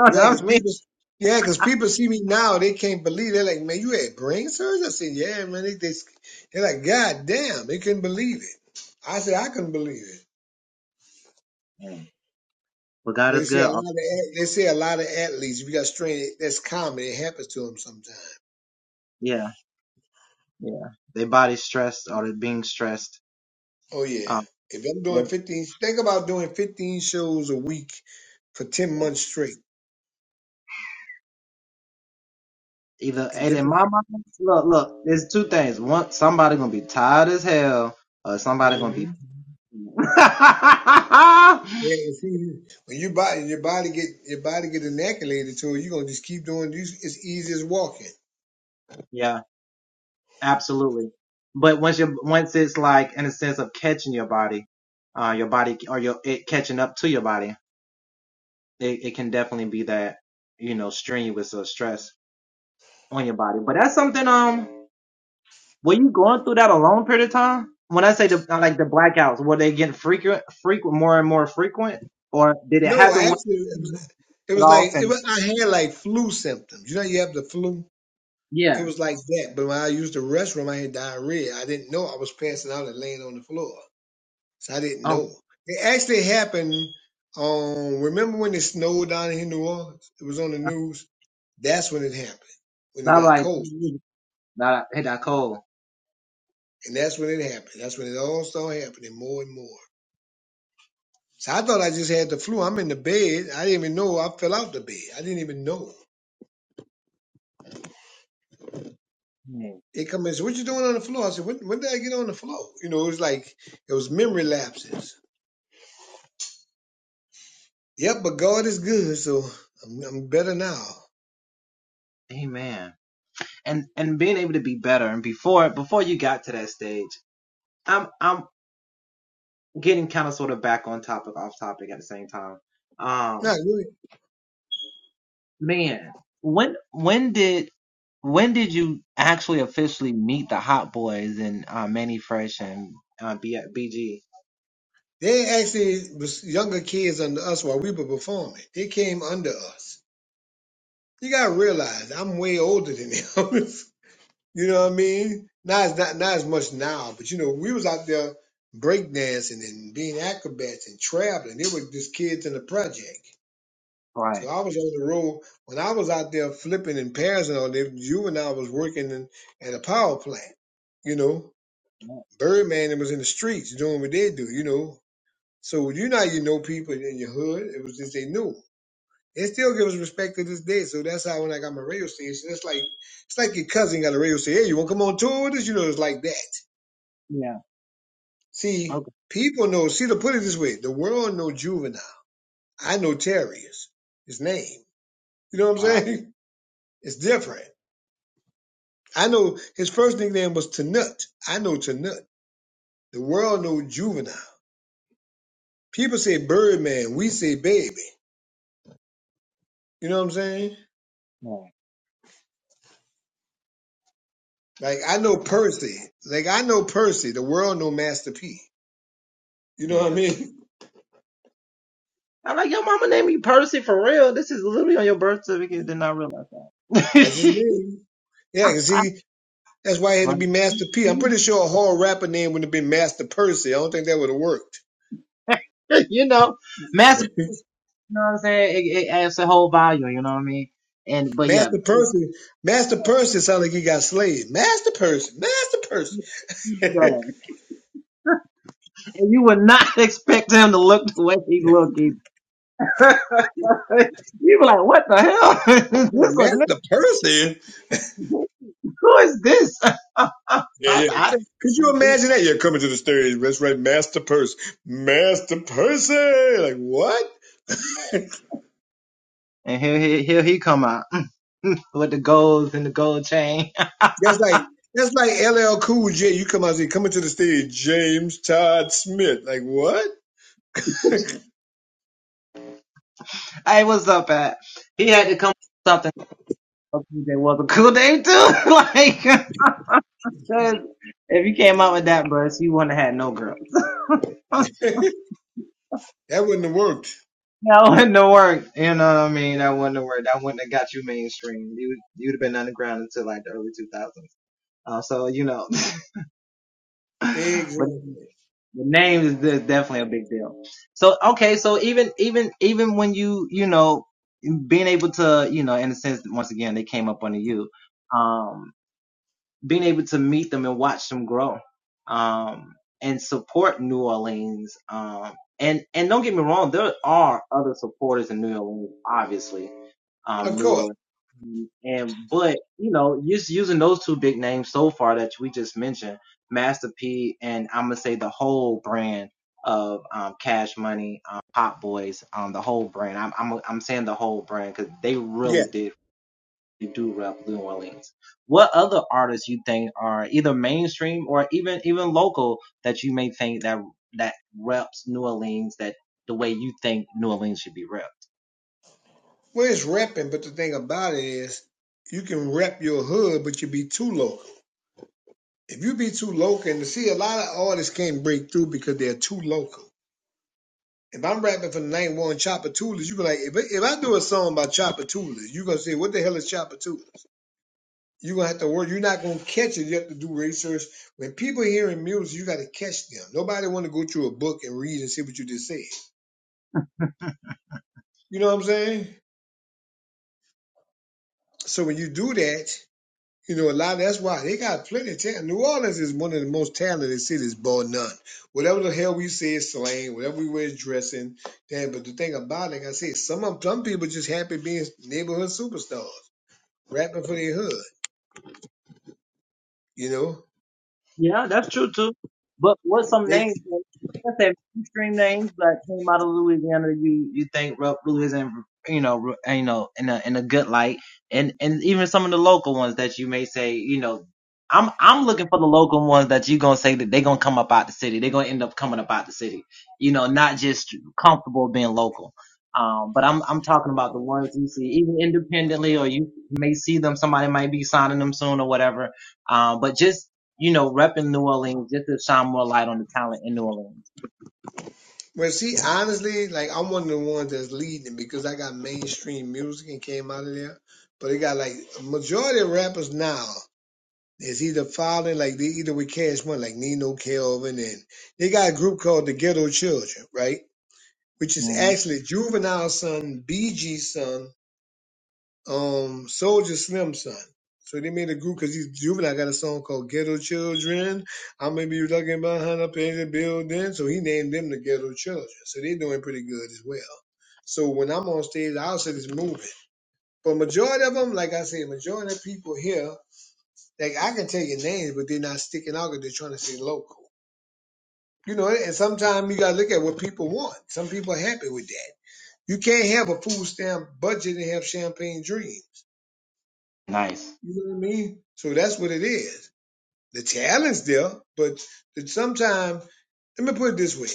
Speaker 2: Yeah, cause people, yeah, 'cause people see me now, they can't believe. They're like, man, you had brain surgery? I said, yeah, man. They, they, they're like, God damn, they couldn't believe it. I said, I couldn't believe it. But they say a lot of at- they say a lot of athletes, if you got strain, that's common. It happens to them sometimes. Oh yeah. If I'm doing 15, think about doing 15 shows a week for 10 months straight in different. hmm Yeah, you see, when your body your body get your body get inoculated to it, you're gonna just keep doing these. It's easy as walking.
Speaker 1: Yeah, absolutely. But once you, once it's like in a sense of catching your body, uh, your body or your, it catching up to your body, it, it can definitely be that, you know, strenuous or stress on your body. But that's something, um, were you going through that a long period of time? When I say the, uh, like the blackouts, were they getting frequent, frequent, more and more frequent? Or did it
Speaker 2: No, I
Speaker 1: happen once?
Speaker 2: actually, it was, it
Speaker 1: it
Speaker 2: was
Speaker 1: off
Speaker 2: like it
Speaker 1: and
Speaker 2: was, I had like flu symptoms. You know, you have the flu. It was like that. But when I used the restroom, I had diarrhea. I didn't know I was passing out and laying on the floor, so I didn't know. It actually happened. Um, remember when it snowed down in New Orleans? It was on the news. That's when it happened. When it got cold, and that's when it happened. That's when it all started happening more and more. So I thought I just had the flu. I'm in the bed. I didn't even know I fell out the bed. I didn't even know. They come in. So what you doing on the floor? I said, when, when did I get on the floor? You know, it was like it was memory lapses. Yep, but God is good, so I'm, I'm better now.
Speaker 1: Hey and, and being able to be better. And before before you got to that stage, I'm I'm getting kind
Speaker 2: No, really, they actually was younger kids under us while we were performing. They came under us. You gotta realize I'm way older than them. you know what I mean? Not as not not as much now, but you know we was out there breakdancing and being acrobats and traveling. They were just kids in the project. So I was on the road when I was out there flipping in Paris and passing on there. You and I was working in, at a power plant. You know, Birdman that was in the streets doing what they do. You know, so you know you know people in your hood. It was just they knew. They still give us respect to this day. So that's how when I got my radio station, it's like it's like your cousin got a radio station. Hey, you want to come on tour with us? You know, it's like that. See, people know. See, to put it this way, the world know juvenile. I know Terrius, his name. You know what I'm saying? It's different. I know his first nickname was Tanut. I know Tanut. The world know Juvenile. People say Birdman. We say Baby. You know what I'm saying? Like I know Percy. Like I know Percy. The world know Master P. You know what I mean? That's his name. Yeah, cause he. That's why he had to be Master P. I'm pretty sure a whole rapper name would have been Master Percy. I don't think that would have worked. Master Percy, Master Percy sounded like he got slayed. Master Percy, Master Percy, Master Percy. Yeah, yeah. Could you imagine that? You're coming to the stage, that's right, Master Purse. Master Percy! Like, what? That's like that's like LL Cool J. You come out and say, coming to the stage, James Todd Smith. Like, what? That wouldn't have worked. Exactly. Of course. Yeah. Well, it's repping, but the thing about it is you can rep your hood, but you be too local. If you be too local, and see, a lot of artists can't break through because they're too local. If I'm rapping for the night one Chopper Toolis, you be like, if, if I do a song by Chopper Toolis, you gonna say, what the hell is Chopper Toolis? you gonna have to work. You're not gonna catch it. You have to do research. When people are hearing music, you gotta catch them. Nobody wanna go through a book and read and see what you just said. You know what I'm saying? So when you do that, you know a lot. of That's why they got plenty of talent. New Orleans is one of the most talented cities, bar none. Whatever the hell we say is slang, whatever we wear is dressing. Damn, but the thing about it, like I said, some of- some people just happy being neighborhood superstars. rapping for their hood. You know, they well see honestly, like I'm one of the ones that's leading because I got mainstream music and came out of there. But they got like a majority of rappers now is either following like they either with Cash Money, like Nino Kelvin, and they got a group called the Ghetto Children, right? Which is actually Juvenile Son, BG's son, um Soldier Slim son. So they made a group because he's juvenile. Got a song called Ghetto Children. I'm gonna be looking behind up in the building. So he named them the Ghetto Children. So they're doing pretty good as well. So when I'm on stage, I'll say it's moving. But majority of them, like I said, majority of people here, like I can tell your names, but they're not sticking out because they're trying to stay local. You know, and sometimes you gotta look at what people want. Some people are happy with that. You can't have a food stamp budget and have champagne dreams. You know what I mean? So that's what it is. The talent's there, but sometimes, let me put it this way.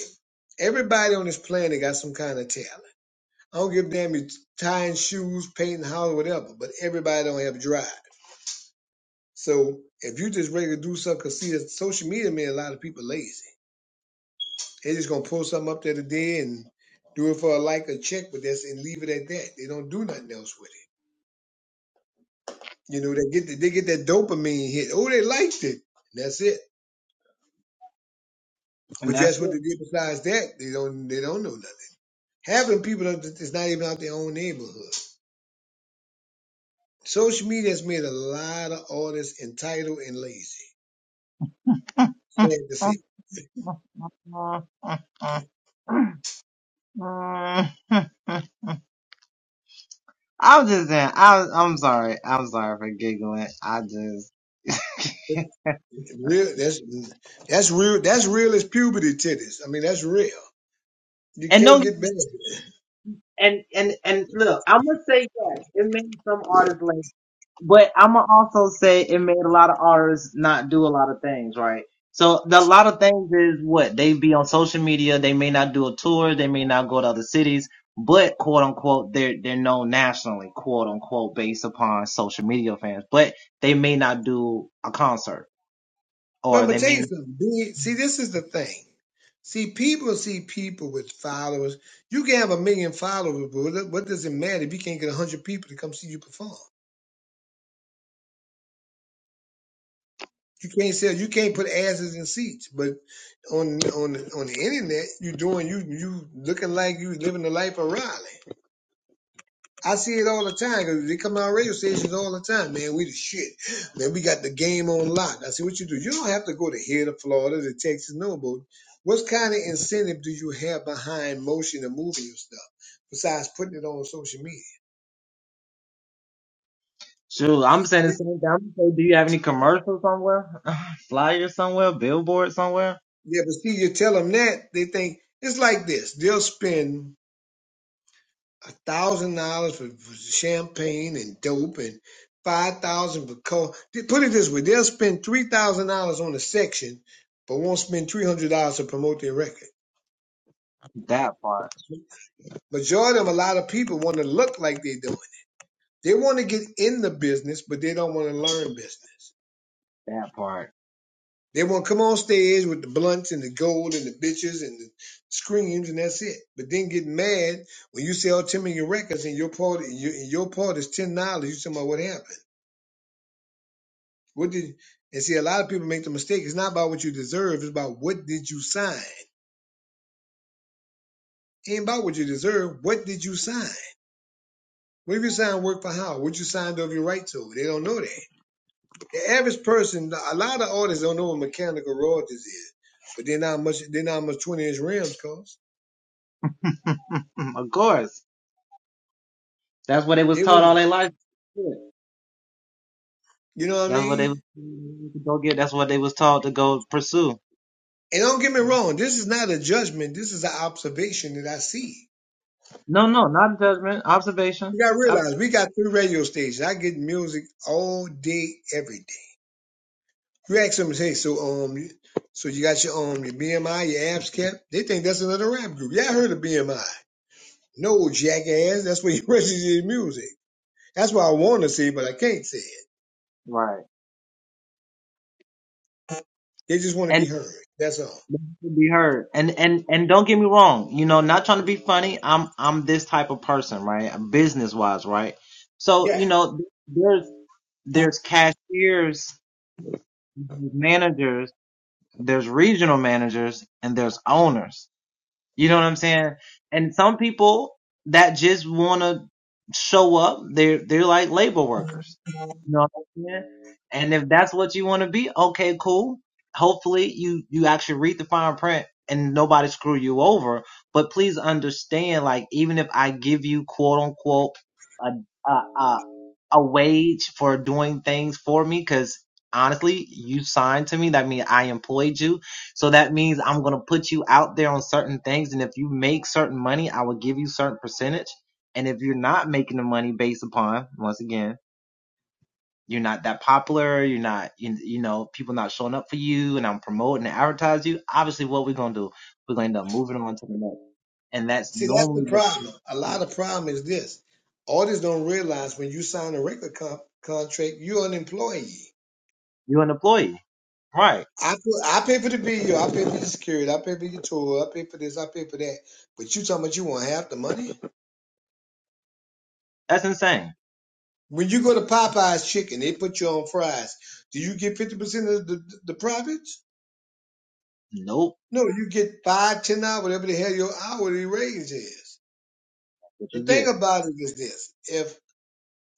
Speaker 2: Everybody on this planet got some kind of talent. I don't give a damn you tying shoes, painting houses, whatever, but everybody don't have drive. So if you just ready to do something, because see, social media made a lot of people lazy. they just going to pull something up there today and do it for a like, a check, but that's and leave it at that. They don't do nothing else with it. You know, they get the, they get that dopamine hit. Oh, they liked it. And that's it. But you ask what they did besides that, they don't they don't know nothing. Half of the people don't- is not even out their own neighborhood. Social media has made a lot of artists entitled and lazy. Sad to see.
Speaker 1: of I'm just saying, I was, I'm sorry. I'm sorry for giggling. I just,
Speaker 2: Real, that's that's real. That's real as puberty titties. I mean, that's real. You can't get better. But I'm gonna tell you something. Be- See, this is the thing. See, people see people with followers. You can have a million followers, but what does it matter if you can't get a hundred people to come see you perform? You can't sell. You can't put asses in seats. But on on on the internet, you doing you you looking like you living the life of Riley. I see it all the time. 'cause They come out radio stations all the time. Man, we the shit. Man, we got the game on lock. I see what you do. You don't have to go to here to Florida to Texas, no, but what kind of incentive do you have behind motion and moving your stuff besides putting it on social media? It's, it, yeah, but see, you tell them that they think it's like this. They'll spend. a thousand dollars for for champagne and dope and five thousand for co put it this way, they'll spend three thousand dollars on a section, but won't spend three hundred dollars to promote their record.
Speaker 1: that part,
Speaker 2: Majority of a lot of people want to look like they're doing. They want to get in the business, but they don't want to learn business.
Speaker 1: that part.
Speaker 2: They want to come on stage with the blunts and the gold and the bitches and the screams and that's it. But then get mad when you sell ten million records and your part and your, and your part is ten dollars. You say, "Well, what happened?" What did and see a lot of people make the mistake. It's not about what you deserve, it's about what did you sign. It ain't about what you deserve. What did you sign? What if you signed work for how? What you signed over your right to? They don't know that. The average person, a lot of artists don't know what mechanical royalties is. But they're not much they're not much twenty inch rims cost.
Speaker 1: of course. That's what they was
Speaker 2: They
Speaker 1: taught
Speaker 2: would
Speaker 1: all their life.
Speaker 2: you know what I
Speaker 1: That's what they was
Speaker 2: mean?
Speaker 1: to go get. That's what they was taught to go pursue.
Speaker 2: And don't get me wrong, this is not a judgment, this is an observation that I see.
Speaker 1: No, no, not judgment. Observation.
Speaker 2: You gotta
Speaker 1: That's
Speaker 2: realize we got three radio stations. I get music all day, every day. You ask them, hey, so um, so you got your um your BMI, your abs kept? They think that's another rap group. Yeah, I heard of BMI. No, jackass. That's where you register your music. That's what I want to say, but I can't say it. They just want to be heard. That's all. Yeah. See, that's the problem. A lot of problem is this: artists don't realize when you sign a record co- contract, you're an employee. I put, I pay for the bill, I pay for the security, I pay for your tour, I pay for this, I pay for that. But you talking about you want half the money? When you go to Popeye's chicken, they put you on fries. Do you get fifty percent of the, the the profits? No, you get five, ten hours, whatever the hell your hourly raise is.
Speaker 1: what
Speaker 2: The
Speaker 1: you
Speaker 2: thing
Speaker 1: get.
Speaker 2: about it is this: if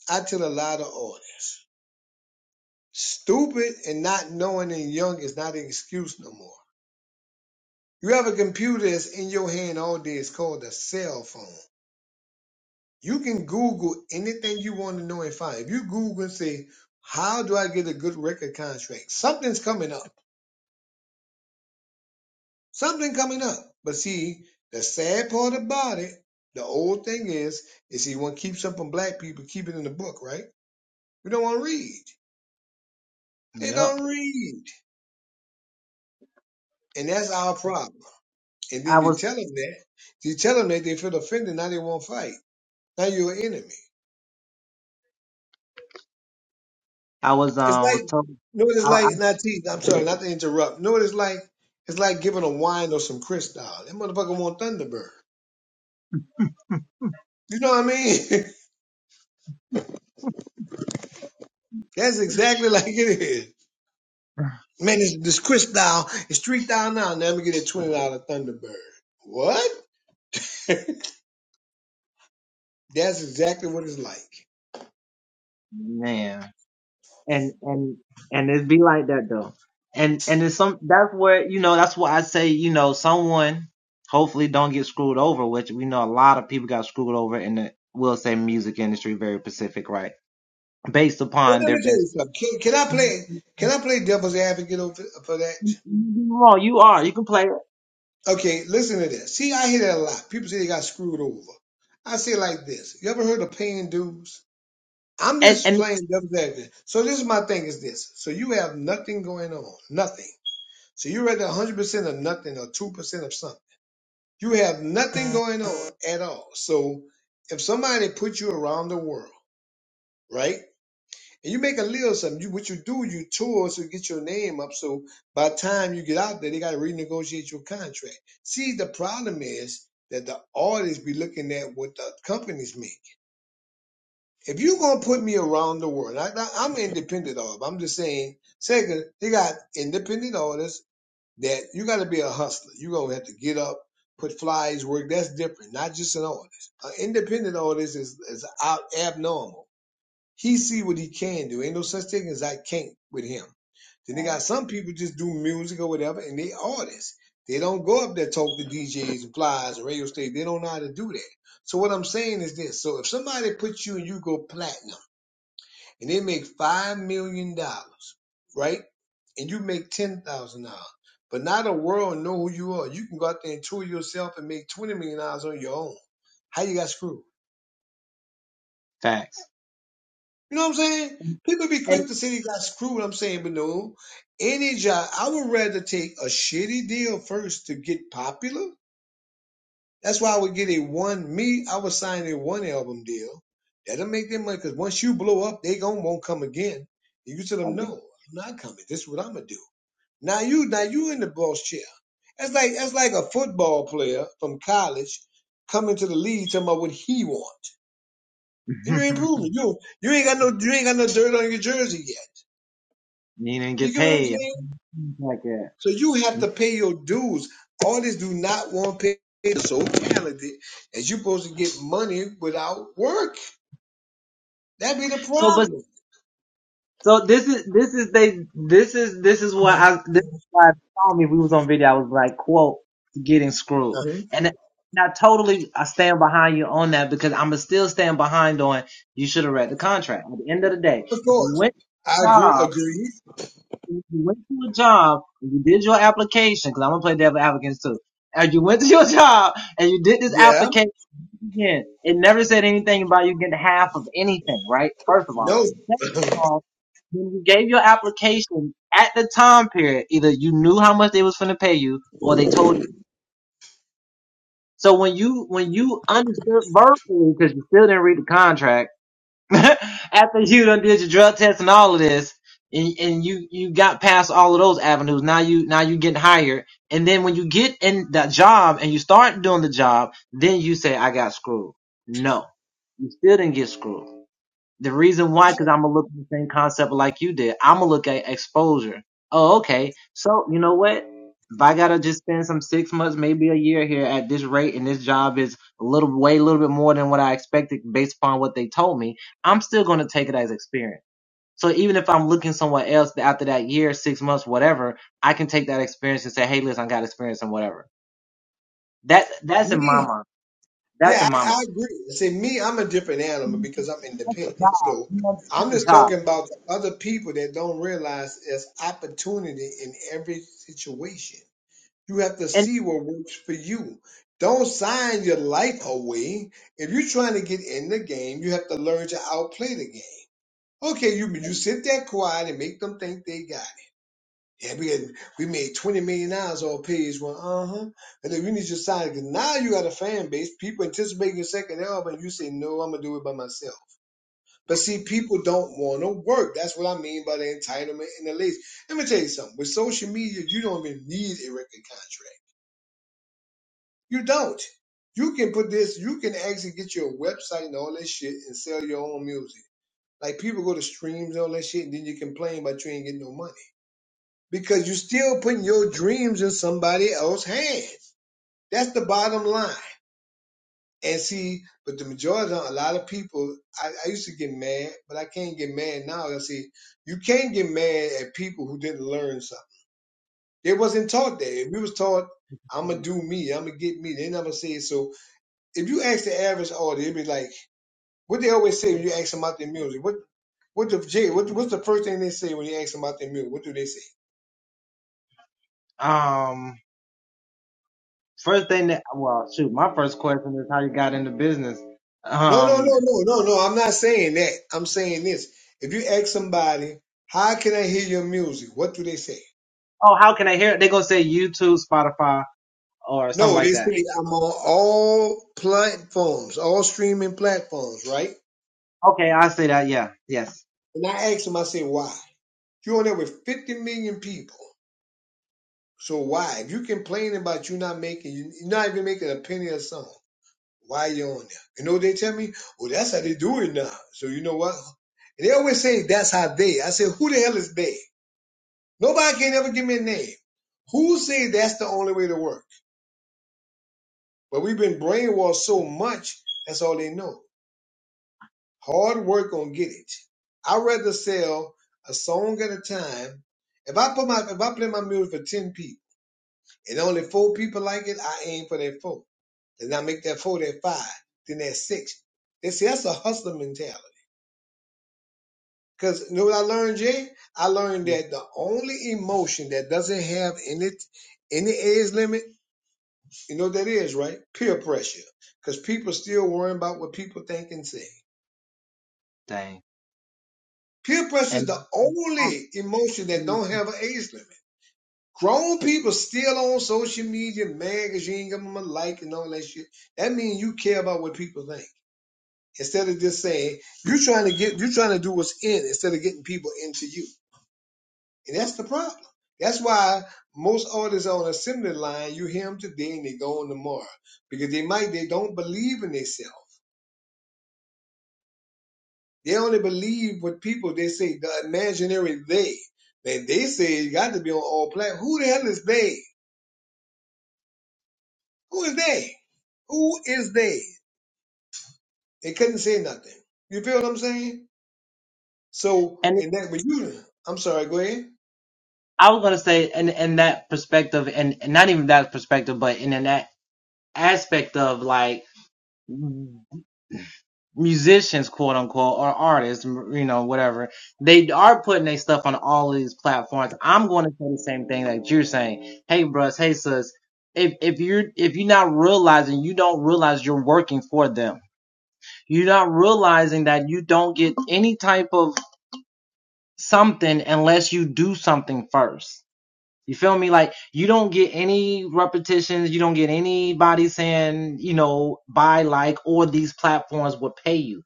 Speaker 2: I tell a lot of audience, stupid and not knowing and young is not an excuse no more. You have a computer that's in your hand all day. It's called a cell phone. You can Google anything you want to know and find. If you Google and say, "How do I get a good record contract?" Something's coming up. Something coming up. But see, the sad part about it, the old thing is, is he want to keep something from black people, keep it in the book, right? We don't want to read. They
Speaker 1: Yeah.
Speaker 2: don't read. And that's our problem. And
Speaker 1: I
Speaker 2: then you
Speaker 1: was,
Speaker 2: tell them that, you tell them that they feel offended, now they won't fight. Now you're an enemy.
Speaker 1: I was,
Speaker 2: It's
Speaker 1: um,
Speaker 2: like,
Speaker 1: was
Speaker 2: you
Speaker 1: told.
Speaker 2: know what it's
Speaker 1: I,
Speaker 2: like, not teeth, I'm sorry, not to interrupt. You know what it's like? It's like giving a wine or some Cristal. That motherfucker want Thunderbird. You know what I mean? That's exactly like it is. Man, this, this Chris style is three down now. Now let me get a twenty dollar Thunderbird. What? That's exactly what it's like.
Speaker 1: Man. And and and it's
Speaker 2: But let me tell you something. Can, can I play? Can I play devil's advocate over for that? Okay, listen to this. See, I hear that a lot. People say they got screwed over. I say it like this. You ever heard of paying dues? I'm just playing devil's advocate. So this is my thing. Is this? So you have nothing going on, nothing. So you're at 100 percent of nothing or two percent of something. You have nothing going on at all. So if somebody put you around the world, right? And you make a little something, you, what you do, you tour to get your name up. So by the time you get out there, they got to renegotiate your contract. See, the problem is that the artists be looking at what the companies make. If you're going to put me around the world, I, I, I'm independent artist. I'm just saying, second, they got independent artists that you got to be a hustler. You gonna have to get up, put flyers, work. That's different. Not just an artist. An independent artist is is out abnormal. He see what he can do. Ain't no such thing as I can't with him. Then they got some people just do music or whatever, and they artists. They don't go up there talk to DJs and flyers and radio stations. They don't know how to do that. So what I'm saying is this: so if somebody puts you and you go platinum and they make five million dollars, right? And you make ten thousand dollars, but not the world know who you are. You can go out there and tour yourself and make twenty million dollars on your own. How you got screwed?
Speaker 1: facts.
Speaker 2: You know what I'm saying? People be
Speaker 1: And
Speaker 2: quick to say they got screwed. I'm saying, but no. Any job, I would rather take a shitty deal first to get popular. That's why I would get a one. Me, I would sign a one album deal. That'll make them money because once you blow up, they gon' won't come again. And You tell them no, I'm not coming. This is what I'm gonna do. Now you, now you in the boss chair. That's like that's like a football player from college coming to the league talking about what he wants, and you ain't proven you you ain't got no you ain't got no dirt on your jersey yet.
Speaker 1: You didn't
Speaker 2: You
Speaker 1: get
Speaker 2: get what I'm
Speaker 1: paid.
Speaker 2: saying?
Speaker 1: Yeah.
Speaker 2: So you have to pay your dues. Artists do not want to pay. They're so talented, and you're supposed to get money without work. That be the
Speaker 1: So, but
Speaker 2: problem.
Speaker 1: so this is this is they this is this is what I this is why I told me we was on video. I was like, quote, getting screwed,
Speaker 2: Uh-huh.
Speaker 1: and I- and I totally I stand behind you on that because I'm going to still stand behind on you should have read the contract. At the end of the day,
Speaker 2: Of
Speaker 1: you
Speaker 2: course,
Speaker 1: went.
Speaker 2: I agree. Agree. Yeah. No.
Speaker 1: So when when you understood verbally because you still didn't read the contract,
Speaker 2: I, Me. Yeah, I, I agree. See, me, I'm a different animal because I'm independent. So I'm just talking about the other people that don't realize there's opportunity in every situation. You have to see what works for you. Don't sign your life away. If you're trying to get in the game, you have to learn to outplay the game. Okay, you you sit there quiet and make them think they got. it. Yeah, we had, we made twenty million dollars on page one. Uh huh. And then we need you to sign it. Now you got a fan base. People anticipating your second album. You say no, I'm gonna do it by myself. But see, people don't want to work. That's what I mean by the entitlement and the lazy. Let me tell you something. With social media, you don't even need a record contract. You don't. You can put this. You can actually get your website and all that shit and sell your own music. Like people go to streams and all that shit, and then you complain about you ain't getting no money. because you're still putting your dreams in somebody else's hands. That's the bottom line. And see, but the majority, a lot of people, I, I used to get mad, but I can't get mad now. I see, you can't get mad at people who didn't learn something. They wasn't taught that. If we was taught, I'm gonna do me, I'm gonna get me, they never say it. So if you ask the average audience, it'd be like what they always say when you ask them about their music. What what the Jay? What, what's the first thing they say when you ask them about their music? What do they say?
Speaker 1: Um. First thing that, well, shoot, my first question is how you got into business.
Speaker 2: No, no,
Speaker 1: Um,
Speaker 2: no, no, no, no. I'm not saying that. I'm saying this. If you ask somebody, how can I hear your music? What do they say? No, they say I'm on all platforms, all streaming platforms, right?
Speaker 1: okay, I say that, yeah, yes,
Speaker 2: And I ask them, I say, why? You're on there with 50 million people. So why? If you're complaining about you not making, you're not even making a penny a song, why you on there? You know what they tell me? Well, that's how they do it now. So you know what? And they always say that's how they. I say, who the hell is they? Nobody can ever give me a name. Who say that's the only way to work? But we've been brainwashed so much, that's all they know. Hard work gonna get it. I'd rather sell a song at a time. If I put my if I play my music for ten people and only four people like it, I aim for that four. Then I make that four that five, then that six. They see that's a hustler mentality. Cause you know what I learned, Jay? I learned that the only emotion that doesn't have any any age limit You know what that is, right? Peer pressure. Because people still worrying about what people think and say. Peer pressure is
Speaker 1: and
Speaker 2: the only emotion that don't have an age limit. Grown people still on social media, magazine, give them a like and all that shit. That means you care about what people think. Instead of just saying, you're trying to get, you're trying to do what's in instead of getting people into you. And that's the problem. That's why most artists on assembly line, you hear them today and they go on tomorrow. Because they might, they don't believe in themselves. They only believe what people they say the imaginary they. Then they say you got to be on all platforms. Who the hell is they? Who is they? Who is they? They couldn't say nothing. You feel what I'm saying? So
Speaker 1: and
Speaker 2: and that with you, I'm sorry. Go ahead.
Speaker 1: I was gonna say, and in that perspective, and, and not even that perspective, but in, in that aspect of like musicians, quote unquote, or artists, you know, whatever, they are putting their stuff on all of these platforms. I'm going to say the same thing that you're saying. Hey, bros, hey, sis, if if you're if you're not realizing, you don't realize you're working for them You're not realizing that you don't get any type of something unless you do something first. You feel me? Like you don't get any repetitions. You don't get anybody saying, you know, buy like or these platforms will pay you.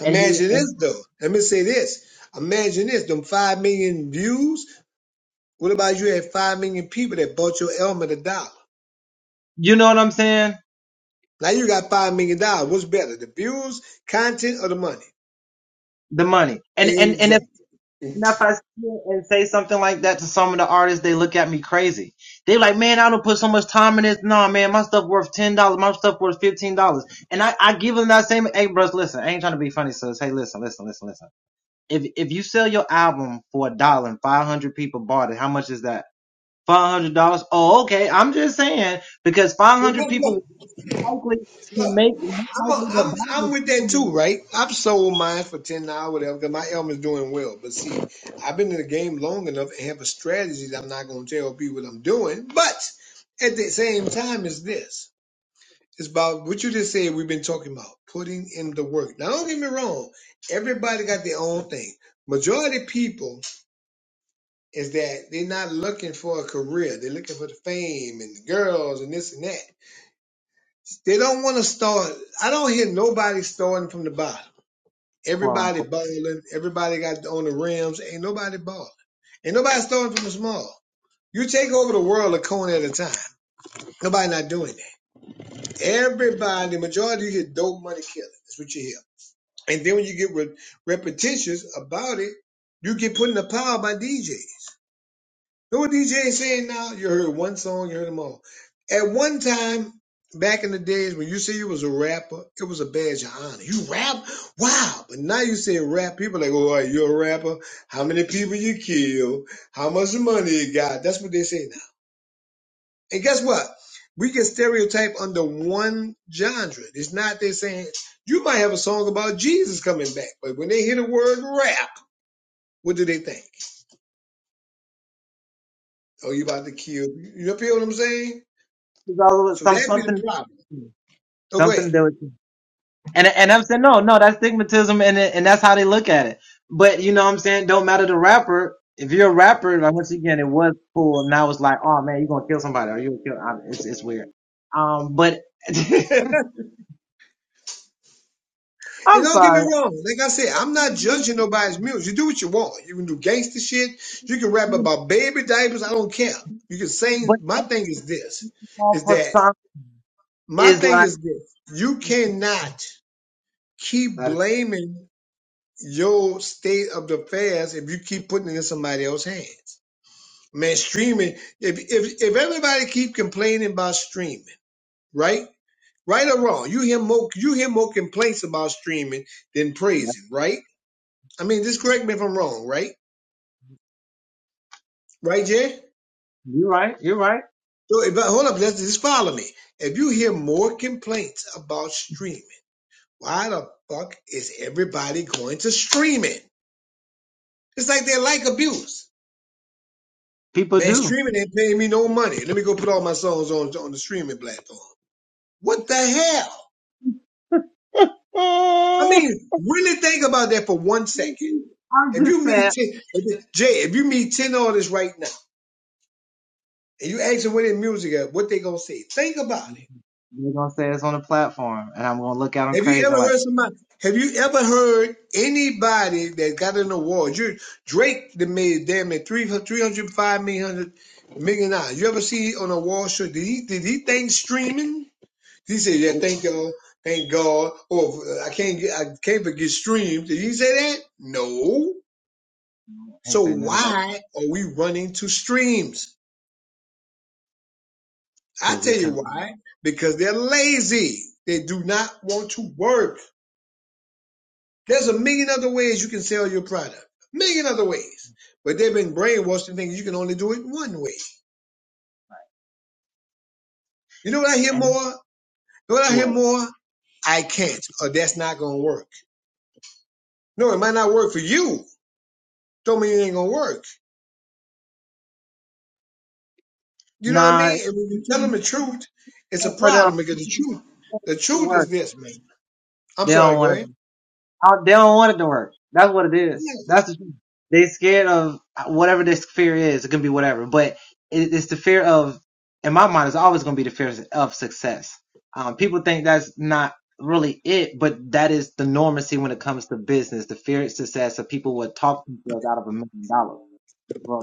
Speaker 2: Imagine this though. Let me say this. Imagine this. Them five million views. What about you had five million people that bought your element a dollar?
Speaker 1: You know,
Speaker 2: Now you got five million dollars. What's better, the views, content, or the money?
Speaker 1: the money. And and and if,
Speaker 2: Exactly. But
Speaker 1: if I see and say something like that to some of the artists, they look at me crazy. like, man, I don't put so much time in this. Nah, man, my stuff worth ten dollars. My stuff worth fifteen dollars. And I I give them that same. Hey, bros, listen,
Speaker 2: guess what? Look, I'm, a, I'm I'm with that too, right? I've sold mine for ten dollars, whatever, because my album is doing well. But see, I've been in the game long enough and have a strategy that I'm not going to tell people what I'm doing. But at the same time, it's this. It's about what you just said. We've been talking about putting in the work. Now, don't get me wrong. Everybody got their own thing. Majority of people is that they're not looking for a career. They're looking for the fame and the girls and this and that. They don't want to start. I don't hear nobody starting from the bottom
Speaker 1: clone.
Speaker 2: Everybody balling. Everybody got on the rims. Ain't nobody balling. Ain't nobody starting from the small. You take over the world a coin at a time. Nobody not doing that. Everybody, the majority, of you get dope money killing. That's what you hear. And then when you get re- repetitious about it, you get put in the power by DJ. Know what DJ is saying now? You heard one song, you heard them all. At one time, back in the days when you say you was a rapper, it was a badge of honor. You rap? Wow. But now you say rap, people like, oh, you're a rapper. How many people you kill? How much money you got? That's what they say now. And guess what? We get stereotype under one genre. It's not they saying you might have a song about Jesus coming back, but when they hear the word rap, what do they think? Oh, you about to kill? You know, feel what I'm saying?
Speaker 1: It's all
Speaker 2: So
Speaker 1: some
Speaker 2: that'd be the
Speaker 1: something
Speaker 2: problem. So go
Speaker 1: something
Speaker 2: ahead.
Speaker 1: to do with and and I'm saying no no that's stigmatism and it- and that's how they look at it. But you know what I'm saying don't matter the
Speaker 2: And don't get me wrong. Like I said, I'm not judging nobody's music. You do what you want. You can do gangster shit. You can rap about baby diapers. I don't care. You can sing. My thing is this: is that my
Speaker 1: is
Speaker 2: thing is this. You cannot keep blaming your state of the affairs if you keep putting it in somebody else's hands. Man, streaming. If if if everybody keep complaining about streaming, right? Right or wrong, you hear more you hear more complaints about streaming than praising, right? I mean, just correct me if I'm wrong, right? Right, Jay?
Speaker 1: you're right you're right.
Speaker 2: So if, hold up, let's just follow me. If you hear more complaints about streaming, why the fuck is everybody going to streaming? It's like they like abuse. Man, streaming ain't paying me no money. Let me go put all my songs on, on the streaming platform. What the hell? I mean, really think about that for one second. If you meet ten, if- Jay, if you meet ten artists right now and you ask them where their music at, what they gonna say? Think about it. Have you ever heard somebody? Have you ever heard anybody that got an award? You Drake that made damn it three three hundred five million million dollars. You ever see on a wall show? Did he did he think streaming? He said, "Yeah, thank y'all, thank God." Or I can't get I can't forget streams. Did he say that? No.
Speaker 1: I ain't
Speaker 2: So
Speaker 1: saying nothing about
Speaker 2: why are we running to streams? I
Speaker 1: because it's
Speaker 2: tell you
Speaker 1: coming
Speaker 2: why. Because they're lazy. They do not want to work. There's a million other ways you can sell your product. A Million other ways. But they've been brainwashed to thinking you can only do it one way. You know what I hear more?
Speaker 1: and
Speaker 2: You know what I hear
Speaker 1: what
Speaker 2: more? I can't, or that's not gonna work. No, it might not work for you. Don't mean it ain't gonna work. You know what I
Speaker 1: nah
Speaker 2: mean? And when you tell them the truth, it's a
Speaker 1: for them
Speaker 2: problem because the truth,
Speaker 1: the
Speaker 2: the truth is
Speaker 1: work.
Speaker 2: this, man. I'm
Speaker 1: They don't
Speaker 2: sorry,
Speaker 1: want
Speaker 2: go
Speaker 1: to.
Speaker 2: ahead.
Speaker 1: I, they don't want it to work. That's what it is. That's the truth. They scared of whatever this fear is. It can be whatever, but it, it's the fear of, in my mind, it's always going to be the fear of success. Um, people think that's not really it, but that is the normacy when it comes to business. The fear of success.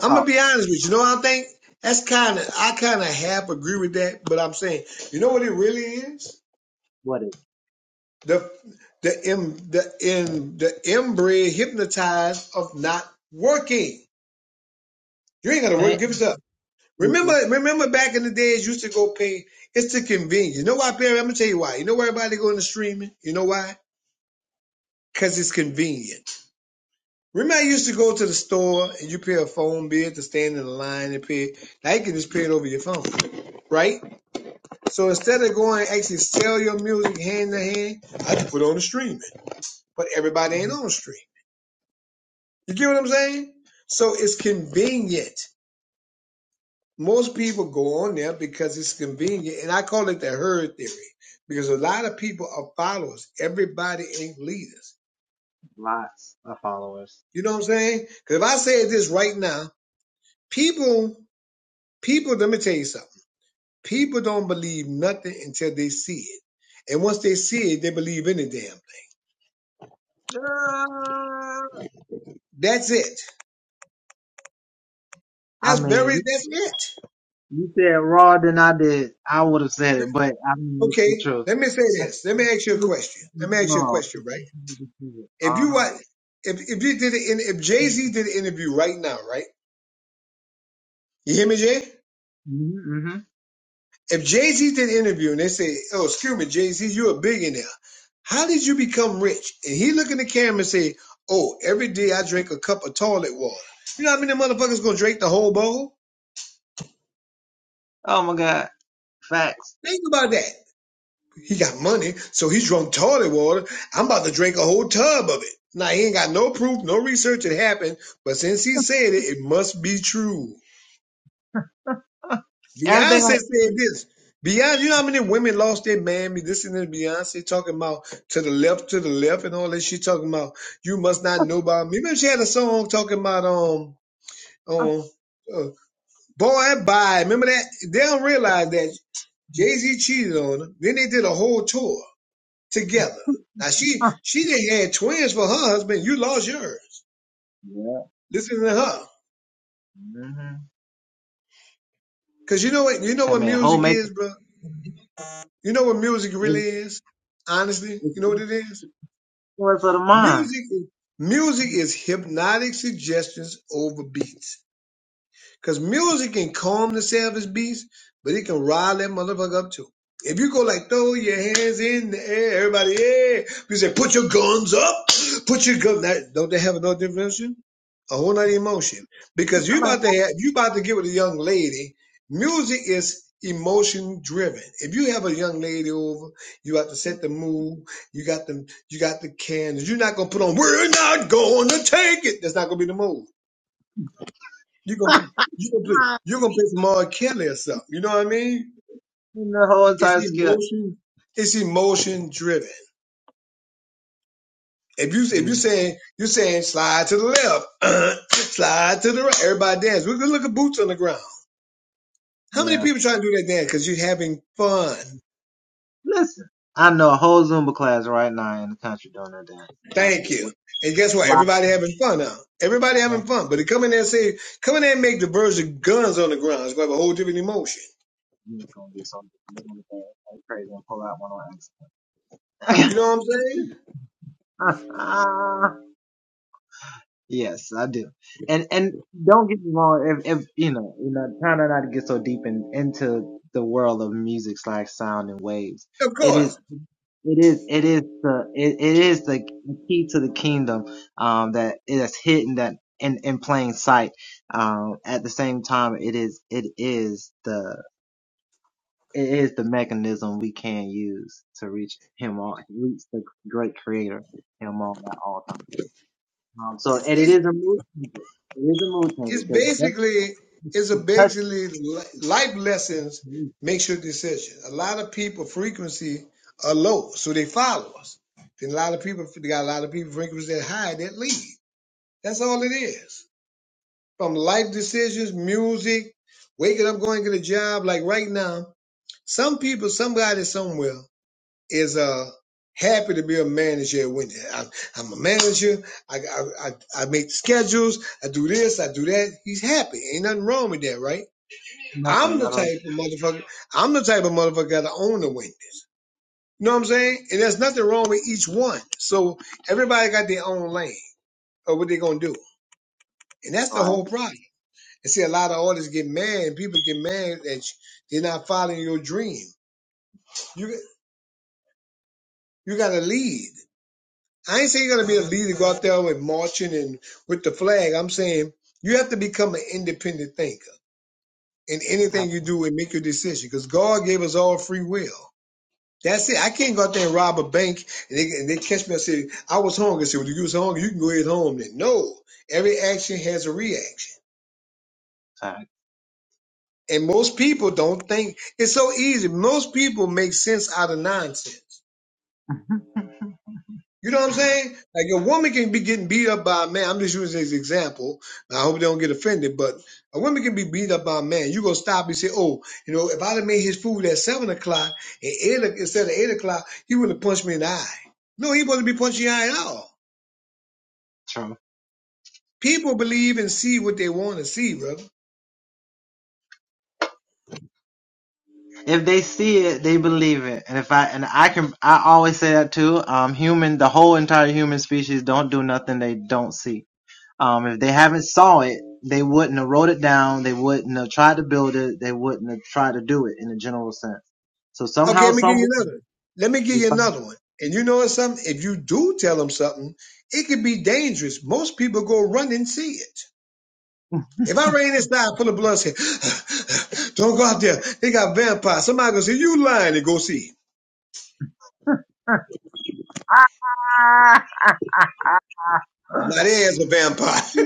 Speaker 2: I'm gonna be honest with you. You know what I think? That's kind of I kind of half agree with that, but I'm saying, you know what it really is? the the em, the in the inbred hypnotized of not working. You ain't gotta work. Give us up. Remember, remember back in the days, you used to go pay. It's the convenience. You know why, Perry? I'm gonna tell you why. You know why everybody going to streaming? You know why? Cause it's convenient. Remember, I used to go to the store and you pay a phone bill to stand in the line and pay. Now you can just pay it over your phone, right? So instead of going and actually sell your music hand to hand, I just put on the streaming. But everybody ain't on the stream. You get what I'm saying? So it's convenient. Most people go on there because it's convenient, and I call it the herd theory because a lot of people are followers. Everybody ain't leaders. You know what I'm saying? Because if I say this right now, people, people, let me tell you something. People don't believe nothing until they see it, and once they see it, they believe any damn thing. That's it.
Speaker 1: I
Speaker 2: That's
Speaker 1: mean,
Speaker 2: very.
Speaker 1: you
Speaker 2: That's it.
Speaker 1: you said raw. Then
Speaker 2: Okay. Let me say this. Let me ask you a question. Let me ask you a question, right? If you wa- if if you did an if Jay Z did an interview right now, right? You hear me, Jay? If Jay Z did an interview and they say, "Oh, excuse me, Jay Z, you're a billionaire. How did you become rich?" And he look in the camera and say, "Oh, every day I drink a cup of toilet water." You know how many motherfuckers gonna drink the whole bowl?
Speaker 1: oh my god, facts.
Speaker 2: Think about that. He got money, so he drunk toilet water. I'm about to drink a whole tub of it. Now he ain't got no proof, no research it happened, but since he said it, it must be true. Beyonce
Speaker 1: Everything on
Speaker 2: said
Speaker 1: the
Speaker 2: this. Beyonce, you know how many women lost their man? Me listening to Beyonce talking about to the left, to the left, and all that. She talking about you must not know about me. Remember she had a song talking about um um uh, boy bye. Remember that? They don't realize that Jay Z cheated on her. Then they did a whole tour together. Now she she didn't had twins for her husband. You lost yours. Listen to her, cause you know what you know what music is, bro. You know what music really is. Honestly, you know what it is. Music, music is hypnotic suggestions over beats. Cause music can calm the savage beast, but it can rile that motherfucker up too. If you go like throw your hands in the air, everybody, yeah. You say put your guns up, put your guns. That, don't they have no definition? A whole nother emotion. Because you about to have, you about to get with a young lady. Music is emotion driven. If you have a young lady over, you have to set the mood. You got them, you got the candles. You're not gonna put on. We're not gonna take it. That's not gonna be the mood. You gonna pl- you gonna play you gonna play some R. Kelly or something. You know what I mean?
Speaker 1: end of
Speaker 2: It's
Speaker 1: your-
Speaker 2: emotion. It's emotion driven. If you if you
Speaker 1: Mm,
Speaker 2: saying you saying slide to the left, slide to the right, everybody dance. Look look at boots on the ground. How many
Speaker 1: yeah.
Speaker 2: people trying to do that dance? Cause you're having fun.
Speaker 1: Listen, I know a whole Zumba class right now in the country doing that dance. Trying to
Speaker 2: Thank
Speaker 1: tell
Speaker 2: you.
Speaker 1: you
Speaker 2: And guess what?
Speaker 1: what-
Speaker 2: Everybody having fun now. Everybody having fun. But to come in there and say, come in there and make the birds of guns on the ground, it's gonna have a whole different emotion.
Speaker 1: You ain't gonna do something. You're gonna go, crazy and pull out one
Speaker 2: You know what I'm saying?
Speaker 1: on accident. yes, I do. And and don't get me wrong, if if you know, you know, kind of
Speaker 2: Of course. It's, it's It's basically it's a basically li- life lessons makes your decision. A lot of people frequency are low, so they follow us. Then a lot of people they got a lot of people frequency that high that lead. That's all it is. From life decisions, music, waking up, going to the job. Like right now, some people, somebody somewhere is uh happy to be a manager at Wendy. I'm, I'm a manager. I, I I I make the schedules. I do this. I do that. He's happy. Ain't nothing wrong with that, right?
Speaker 1: nothing, I do
Speaker 2: I'm the
Speaker 1: not like
Speaker 2: type of motherfucker. I'm the type of motherfucker that own the Wendy's. You know what I'm saying? And there's nothing wrong with each one. So everybody got their own lane of what they're gonna do, and that's the
Speaker 1: right,
Speaker 2: whole problem. And see, a lot of artists get mad. People get mad that you- they're not following your dream. You you got to lead. I ain't saying you gotta be a leader, go out there with marching and with the flag. I'm saying you have to become an independent thinker in anything you do and make your decision because God gave us all free will. That's it. I can't go out there and rob a bank and they, and they catch me and say, I was hungry. I said, well, you was hungry, you can go ahead home then. No, every action has a reaction. And most people don't think it's so easy. Most people make sense out of nonsense. You know what I'm saying? Like a woman can be getting beat up by a man. I'm just using this example. I hope they don't get offended, but a woman can be beat up by a man. You gonna stop and say, "Oh, you know, if I'd have made his food at seven o'clock and eight o- instead of eight o'clock, he would have punched me in the eye." No, he wouldn't be punching you in the eye at all.
Speaker 1: true.
Speaker 2: People believe and see what they want to see, brother. Okay, let me give you another. Let me give you another one. And you know what's something? If you do tell them something, it could be dangerous. Most people go run and see it. If I rain inside full of blood, say, don't go out there. They got vampires. Somebody gonna say you lying and go see. it. Now there's a vampire.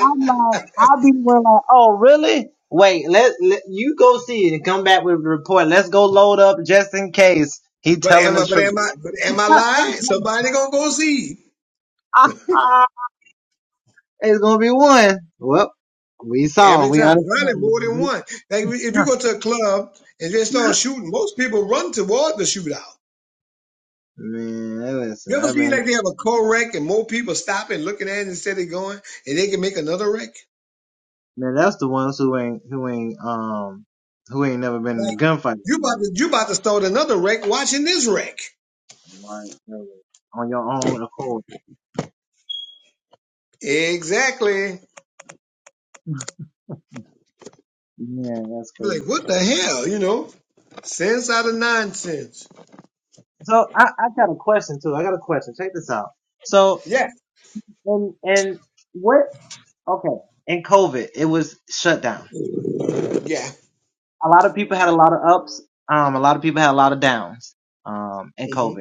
Speaker 1: I'm like, I'll be the like, oh really? Wait, let, let you go see it and come back with a report. Let's go load up just in case he
Speaker 2: but
Speaker 1: telling
Speaker 2: am
Speaker 1: the
Speaker 2: I? But
Speaker 1: truth.
Speaker 2: am I? But am I lying? Somebody gonna go see it. every time. Probably more than one. Like if if you go to a club and they start shooting, most people run toward the shootout. You ever seen like they have a car wreck and more people stopping, looking at it instead of going, and they can make another wreck? Like you about to you about to start another wreck watching this wreck. Exactly. like, what the hell? You know, sense out of nonsense. Yeah, yeah. hmm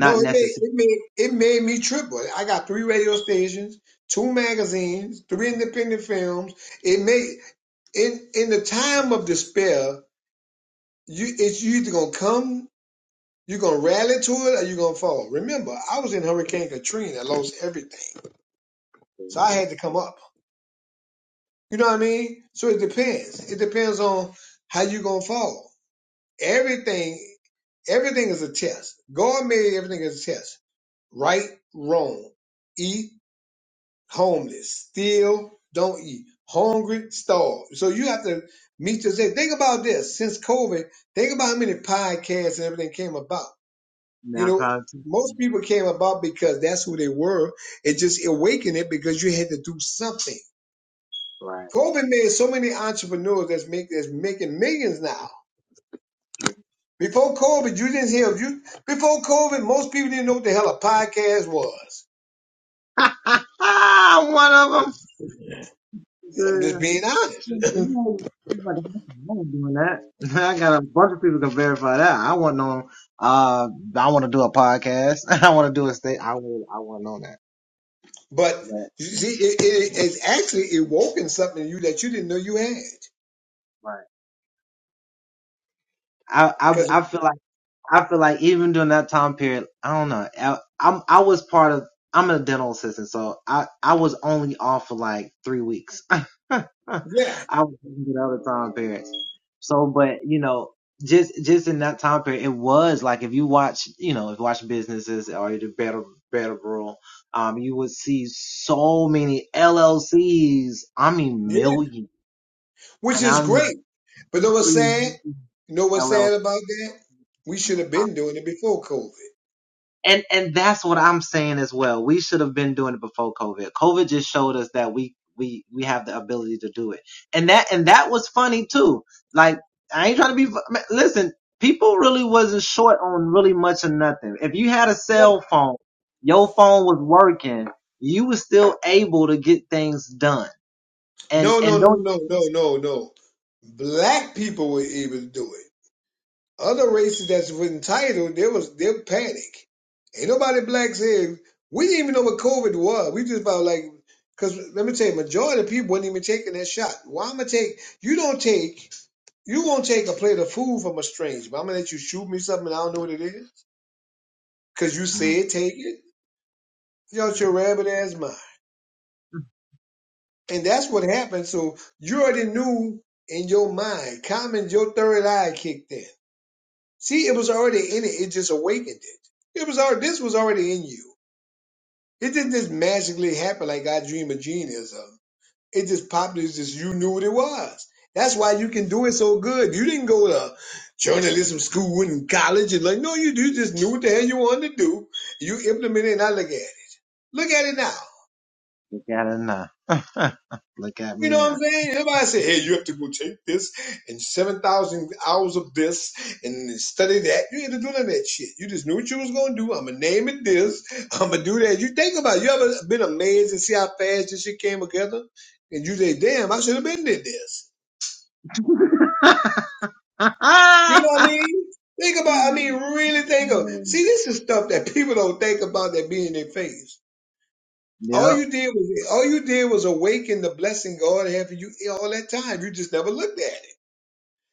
Speaker 2: No, it made it made it made me triple. I got three radio stations, two magazines, three independent films. It made in in the time of despair, you it's you either gonna come, you're gonna rally to it, or you're gonna fall. Remember, I was in Hurricane Katrina, I lost everything, so I had to come up. You know what I mean? So it depends. It depends on how you gonna fall. Everything, everything is a test. God made everything as a test. Right, wrong, eat, homeless, steal, don't eat, hungry, starve. So you have to meet your day. Think about this. Since COVID, think about how many podcasts and everything came about. You
Speaker 1: now I'm
Speaker 2: know,
Speaker 1: trying to
Speaker 2: most people came about because that's who they were. It just awakened it because you had to do something.
Speaker 1: right.
Speaker 2: COVID made so many entrepreneurs that's make that's making millions now Before COVID, you didn't hear you before COVID, most people didn't know what the hell a podcast was.
Speaker 1: One of
Speaker 2: I'm
Speaker 1: them.
Speaker 2: just being honest.
Speaker 1: Motherfucker, I doing that. I got a bunch of people can verify that. I want on. Uh, I want to do a podcast. I want to do a state. I want. I want to know that.
Speaker 2: But you
Speaker 1: But,
Speaker 2: see,
Speaker 1: mm,
Speaker 2: it, it, it's actually awoken something in you that you didn't know you had.
Speaker 1: right. I,
Speaker 2: Cause
Speaker 1: I I feel like I feel like even during that time period,
Speaker 2: yeah, yeah, which is great. But know what's sad? You know what's sad about that? We should have been doing it before COVID. No, no, no, no, no, no, no, no. Black people were able to do it. Other races that's entitled, there was their panic. Ain't nobody black said we didn't even know what COVID was. We just felt like because let me tell you, majority of people wasn't even taking that shot. Why i am going to take? You don't take. You won't take a plate of food from a stranger. But I'm gonna let you shoot me something. and I don't know what it is because you said take it. Get out your rabbit ass mind. And that's what happened. So you already knew in your mind. Common, your third eye kicked in. See, it was already in it. It just awakened it. It was already this was already in you. It didn't just magically happen like I dream a genie or something. It just popped. It's just you knew what it was. That's why you can do it so good. You didn't go to journalism school and college and like no, you do. You just knew what the hell you wanted to do. You implemented it. And I look at it. Look at it now. You know what I'm saying? Everybody say, hey, you have to go take this and 7,000 hours of this and study that. You ain't to do none of that shit. You just knew what you was going to do. I'm going to name it this. I'm going to do that. You think about it. You ever been amazed to see how fast this shit came together? And you say, damn, I should have been did this. You know what I mean? Think about, I mean, really think of, see, this is stuff that people don't think about that be in their face. All
Speaker 1: yep,
Speaker 2: you did was, all you did was awaken the blessing God had for you all that time. You just never looked at it.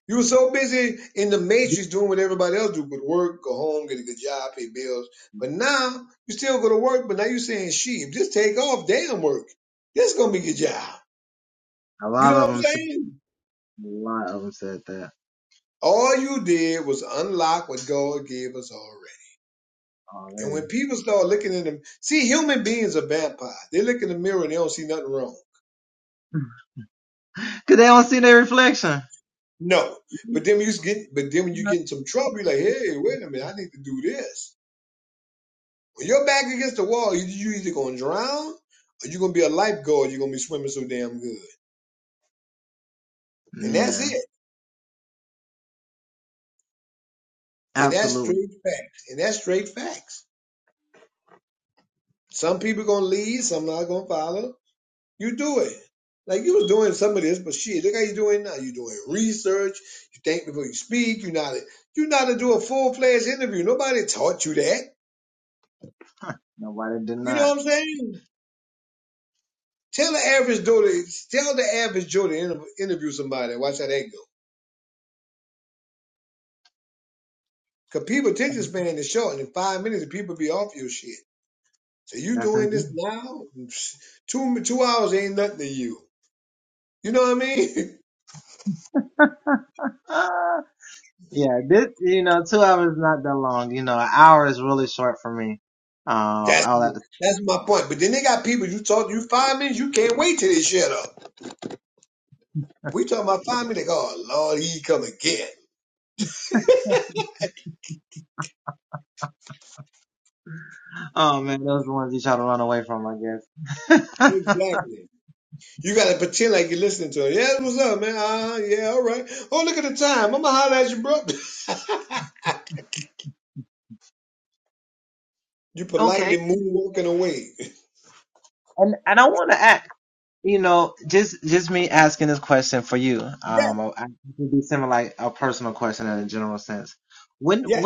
Speaker 2: You were so busy in the matrix doing what everybody else do, but work, go home, get a good job, pay bills. But now you still go to work, but now you're saying, "She, if this take off, damn work, this is gonna be your job."
Speaker 1: a
Speaker 2: You
Speaker 1: lot
Speaker 2: know
Speaker 1: of
Speaker 2: what I'm
Speaker 1: them said
Speaker 2: saying?
Speaker 1: a lot of them said that.
Speaker 2: All you did was unlock what God gave us already. And when people start looking in the see, human beings are vampires. They look in the mirror and they don't see nothing wrong. No, but then when you get, but then when you get in some trouble, you're like, "Hey, wait a minute, I need to do this." When your back against the wall, you you either gonna drown or you're gonna be a lifeguard. You're gonna be swimming so damn good, and that's
Speaker 1: Yeah,
Speaker 2: it. And that's
Speaker 1: absolutely.
Speaker 2: straight facts. And that's straight facts. Some people gonna lead, some not gonna follow. You do it. Like you was doing some of this, but shit, look how you doing now. You doing research. You think before you speak. You not you not to do a full fledged interview. Nobody taught you that.
Speaker 1: Nobody did
Speaker 2: You know
Speaker 1: not.
Speaker 2: what I'm saying? Tell the average Joe to tell the average Joe to inter- interview somebody. Watch how that go. Cause people attention span is short, and in five minutes, the people be off your shit. So you
Speaker 1: That's
Speaker 2: doing
Speaker 1: indeed.
Speaker 2: this now? Two two hours ain't nothing to you. You know what I mean?
Speaker 1: Uh, yeah, this you know two hours is not that long. You know, an hour is really short for me. Um,
Speaker 2: That's
Speaker 1: all that
Speaker 2: that's my point. But then they got people you talk you five minutes, you can't wait till they shut up. We talking about five minutes. Oh Lord, he come again.
Speaker 1: Oh man, those are the ones you try to run away from, I guess.
Speaker 2: Exactly. You gotta pretend like you're listening to him. Yeah, what's up, man? Uh, yeah, all right. Oh, look at the time. I'ma holler at you, bro. you
Speaker 1: Okay.
Speaker 2: politely moonwalking away. Yeah, yeah.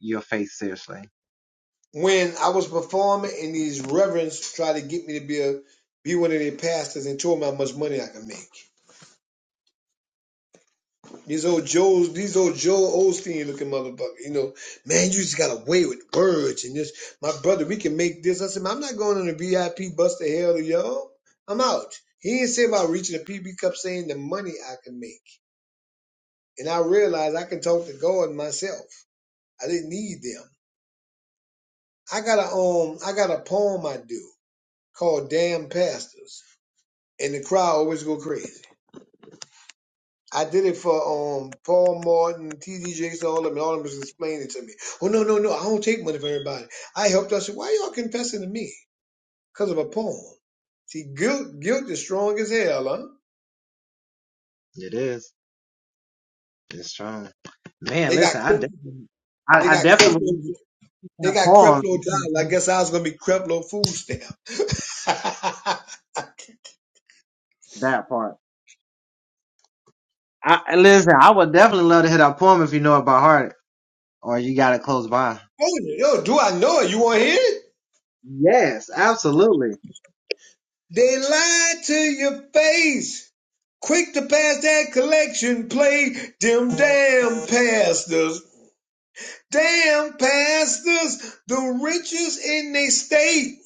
Speaker 1: Your face, seriously.
Speaker 2: when I was performing and these reverends tried to get me to be a be one of their pastors and told me how much money I could make. These old Joes, these old Joe Osteen looking motherfucker, you know, man, you just got away with words and this. My brother, we can make this. I said, I'm not going on a VIP bus to hell to y'all. I'm out. He didn't say about reaching the PB Cup saying the money I can make. And I realized I can talk to God myself. I didn't need them. I got a um I got a poem I do called Damn Pastors. and the crowd always go crazy. I did it for um Paul Martin, T.D. Jakes, all of them. and All of them was explaining it to me. Oh no, no, no! I don't take money from everybody. I helped us. Why y'all confessing to me? Because of a poem. See, guilt, guilt is strong as hell, huh?
Speaker 1: It is. It's strong. Man,
Speaker 2: They got
Speaker 1: listen, I
Speaker 2: Cref-
Speaker 1: definitely,
Speaker 2: they
Speaker 1: I, I
Speaker 2: got
Speaker 1: definitely would
Speaker 2: Creflo they
Speaker 1: that
Speaker 2: got
Speaker 1: poem,
Speaker 2: Creflo Dollar. I guess I was gonna be Creflo Food Stamp. oh,
Speaker 1: that part. I- listen, I would definitely love to hear that poem if you know it by heart or you got it close by.
Speaker 2: yo, do I know it? You want to hear it?
Speaker 1: Yes, absolutely.
Speaker 2: They lied to your face. Quick to pass that collection plate. Them damn pastors. Damn pastors. The richest in they state.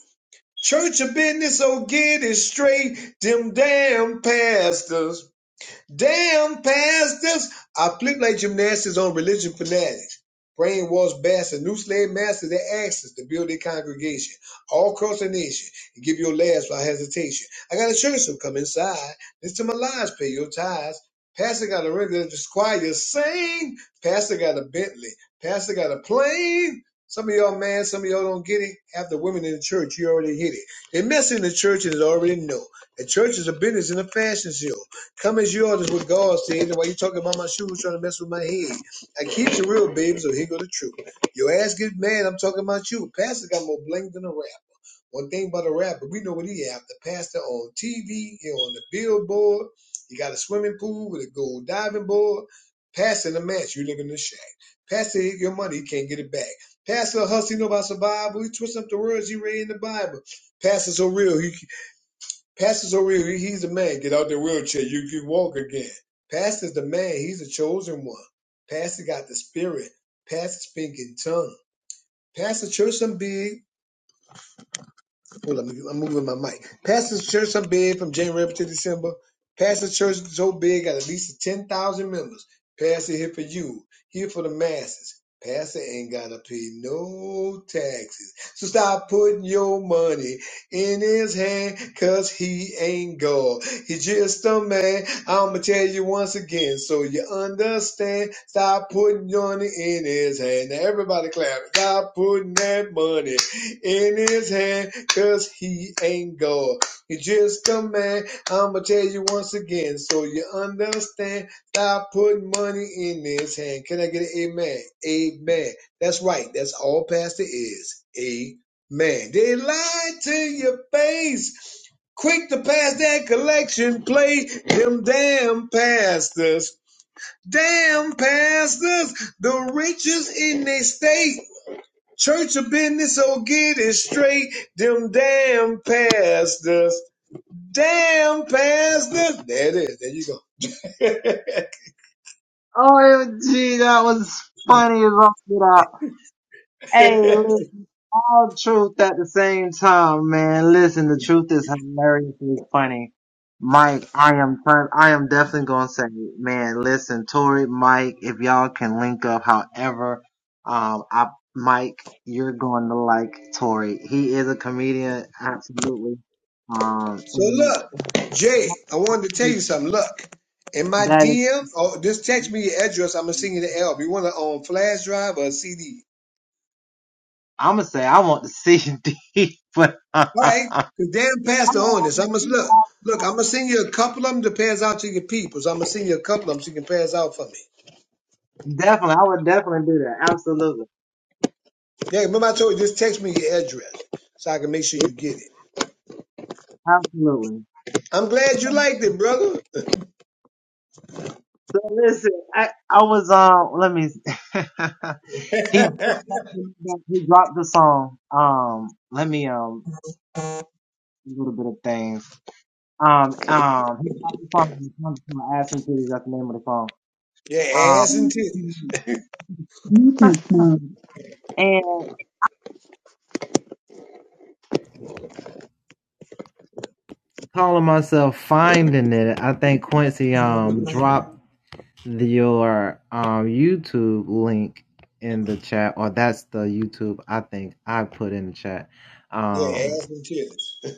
Speaker 2: Church of business, so get it straight. Them damn pastors. Damn, pastors! I flip like gymnastics on religion fanatics. Brainwashed bastards, new slave masters that access to build their congregation all across the nation and give your last without hesitation. I got a church, so come inside. Listen to my lies, pay your tithes. Pastor got a regular choir sing. Pastor got a Bentley. Pastor got a plane. Some of y'all man, some of y'all don't get it. Half the women in the church, you already hit it. They mess in the church and they already know. The church is a business and a fashion show. Come as you are is what God said. And while you talking about my shoes, trying to mess with my head. I keep it real, baby, so here go the truth. Your ass get mad, I'm talking about you. Pastor got more bling than a rap. One thing about a rapper, we know what he after. Pastor on TV, he on the billboard. He got a swimming pool with a gold diving board. Pastor in the match, you live in the shack. Pastor hit your money, he can't get it back. Pastor a hustle, he know about survival. He twists up the words he read in the Bible. Pastor so real, he Pastor's over here. He's a man. Get out the wheelchair. You can walk again. Pastor's the man. He's a chosen one. Pastor got the spirit. Pastor speak in tongue. Pastor church some big. Hold on, I'm moving my mic. Pastors Church, I'm big from January to December. Pastor's Church, is so big, got at least 10,000 members. Pastor here for you, here for the masses. Pastor ain't gotta pay no taxes. So stop putting your money in his hand, cause he ain't God. He just a man. I'ma tell you once again, so you understand. Stop putting your money in his hand. Now everybody clap. Stop putting that money in his hand, cause he ain't God. He's just a man. I'ma tell you once again, so you understand. Stop putting money in his hand. Can I get an amen? Amen. That's right. That's all pastor is. Amen. They lied to your face. Quick to pass that collection plate. Them damn pastors. Damn pastors. The richest in their state. Church of business, so get it straight. Them damn pastors. Damn pastors. There it is. There
Speaker 1: Oh, gee, that was funny as all get out.
Speaker 2: you go.
Speaker 1: Hey, listen, all truth at the same time, man. Listen, the truth is hilariously funny. Mike, I am trying, I am definitely gonna say, man, listen, Tori, Mike, if y'all can link up, however, um, I, Mike, you're going to like Tori. He is a comedian, absolutely. Um,
Speaker 2: so
Speaker 1: and
Speaker 2: look, Jay, I wanted to tell you something. Look, in my
Speaker 1: that is,
Speaker 2: DM, oh, just text me your address. I'm gonna send you the album. You want it on flash drive or a CD?
Speaker 1: I'm gonna say, I want.
Speaker 2: All right. The damn pastor on this. I'm gonna look. Look, I'm gonna send you a couple of them to pass out to your people. So I'm gonna send you a couple of them so you can pass out for me. Yeah, remember I told you just text me your address so I can make sure you get it. I'm glad you liked it, brother. Yeah, ass and titties. Yeah, ass and titties.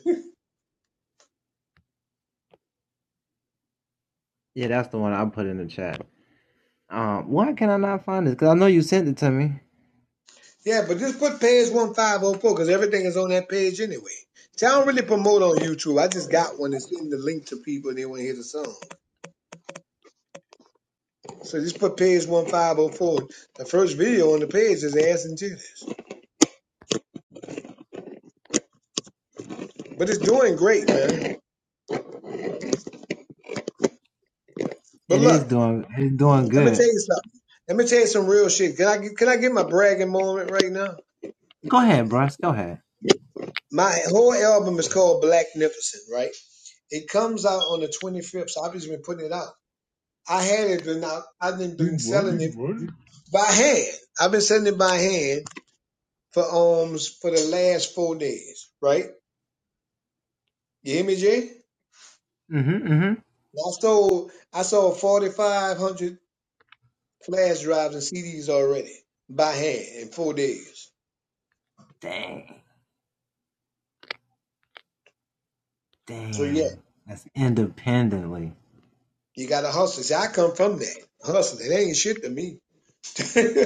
Speaker 2: Yeah, but just put page 1504 because everything is on that page anyway. See, I don't really promote on YouTube. I just got one that's in the link to people and they want to hear the song. So just put page 1504. The first video on the page is ass and titties. But it's doing great, man. But look, let me tell you something. Let me tell you some real shit. Can I, get- can I get my bragging moment right now? My whole album is called Blacknificent, right? It comes out on the 25th, so I've just been putting it out. I had it been out. I've been,
Speaker 1: You
Speaker 2: been
Speaker 1: what? You
Speaker 2: selling it
Speaker 1: what?
Speaker 2: by hand. I've been selling it by hand for alms for the last four days, right? You hear me, Jay? I sold I sold 4,500 flash drives and CDs already by hand in four days. So yeah, you got to hustle. See, I come from that hustling. It ain't shit to me.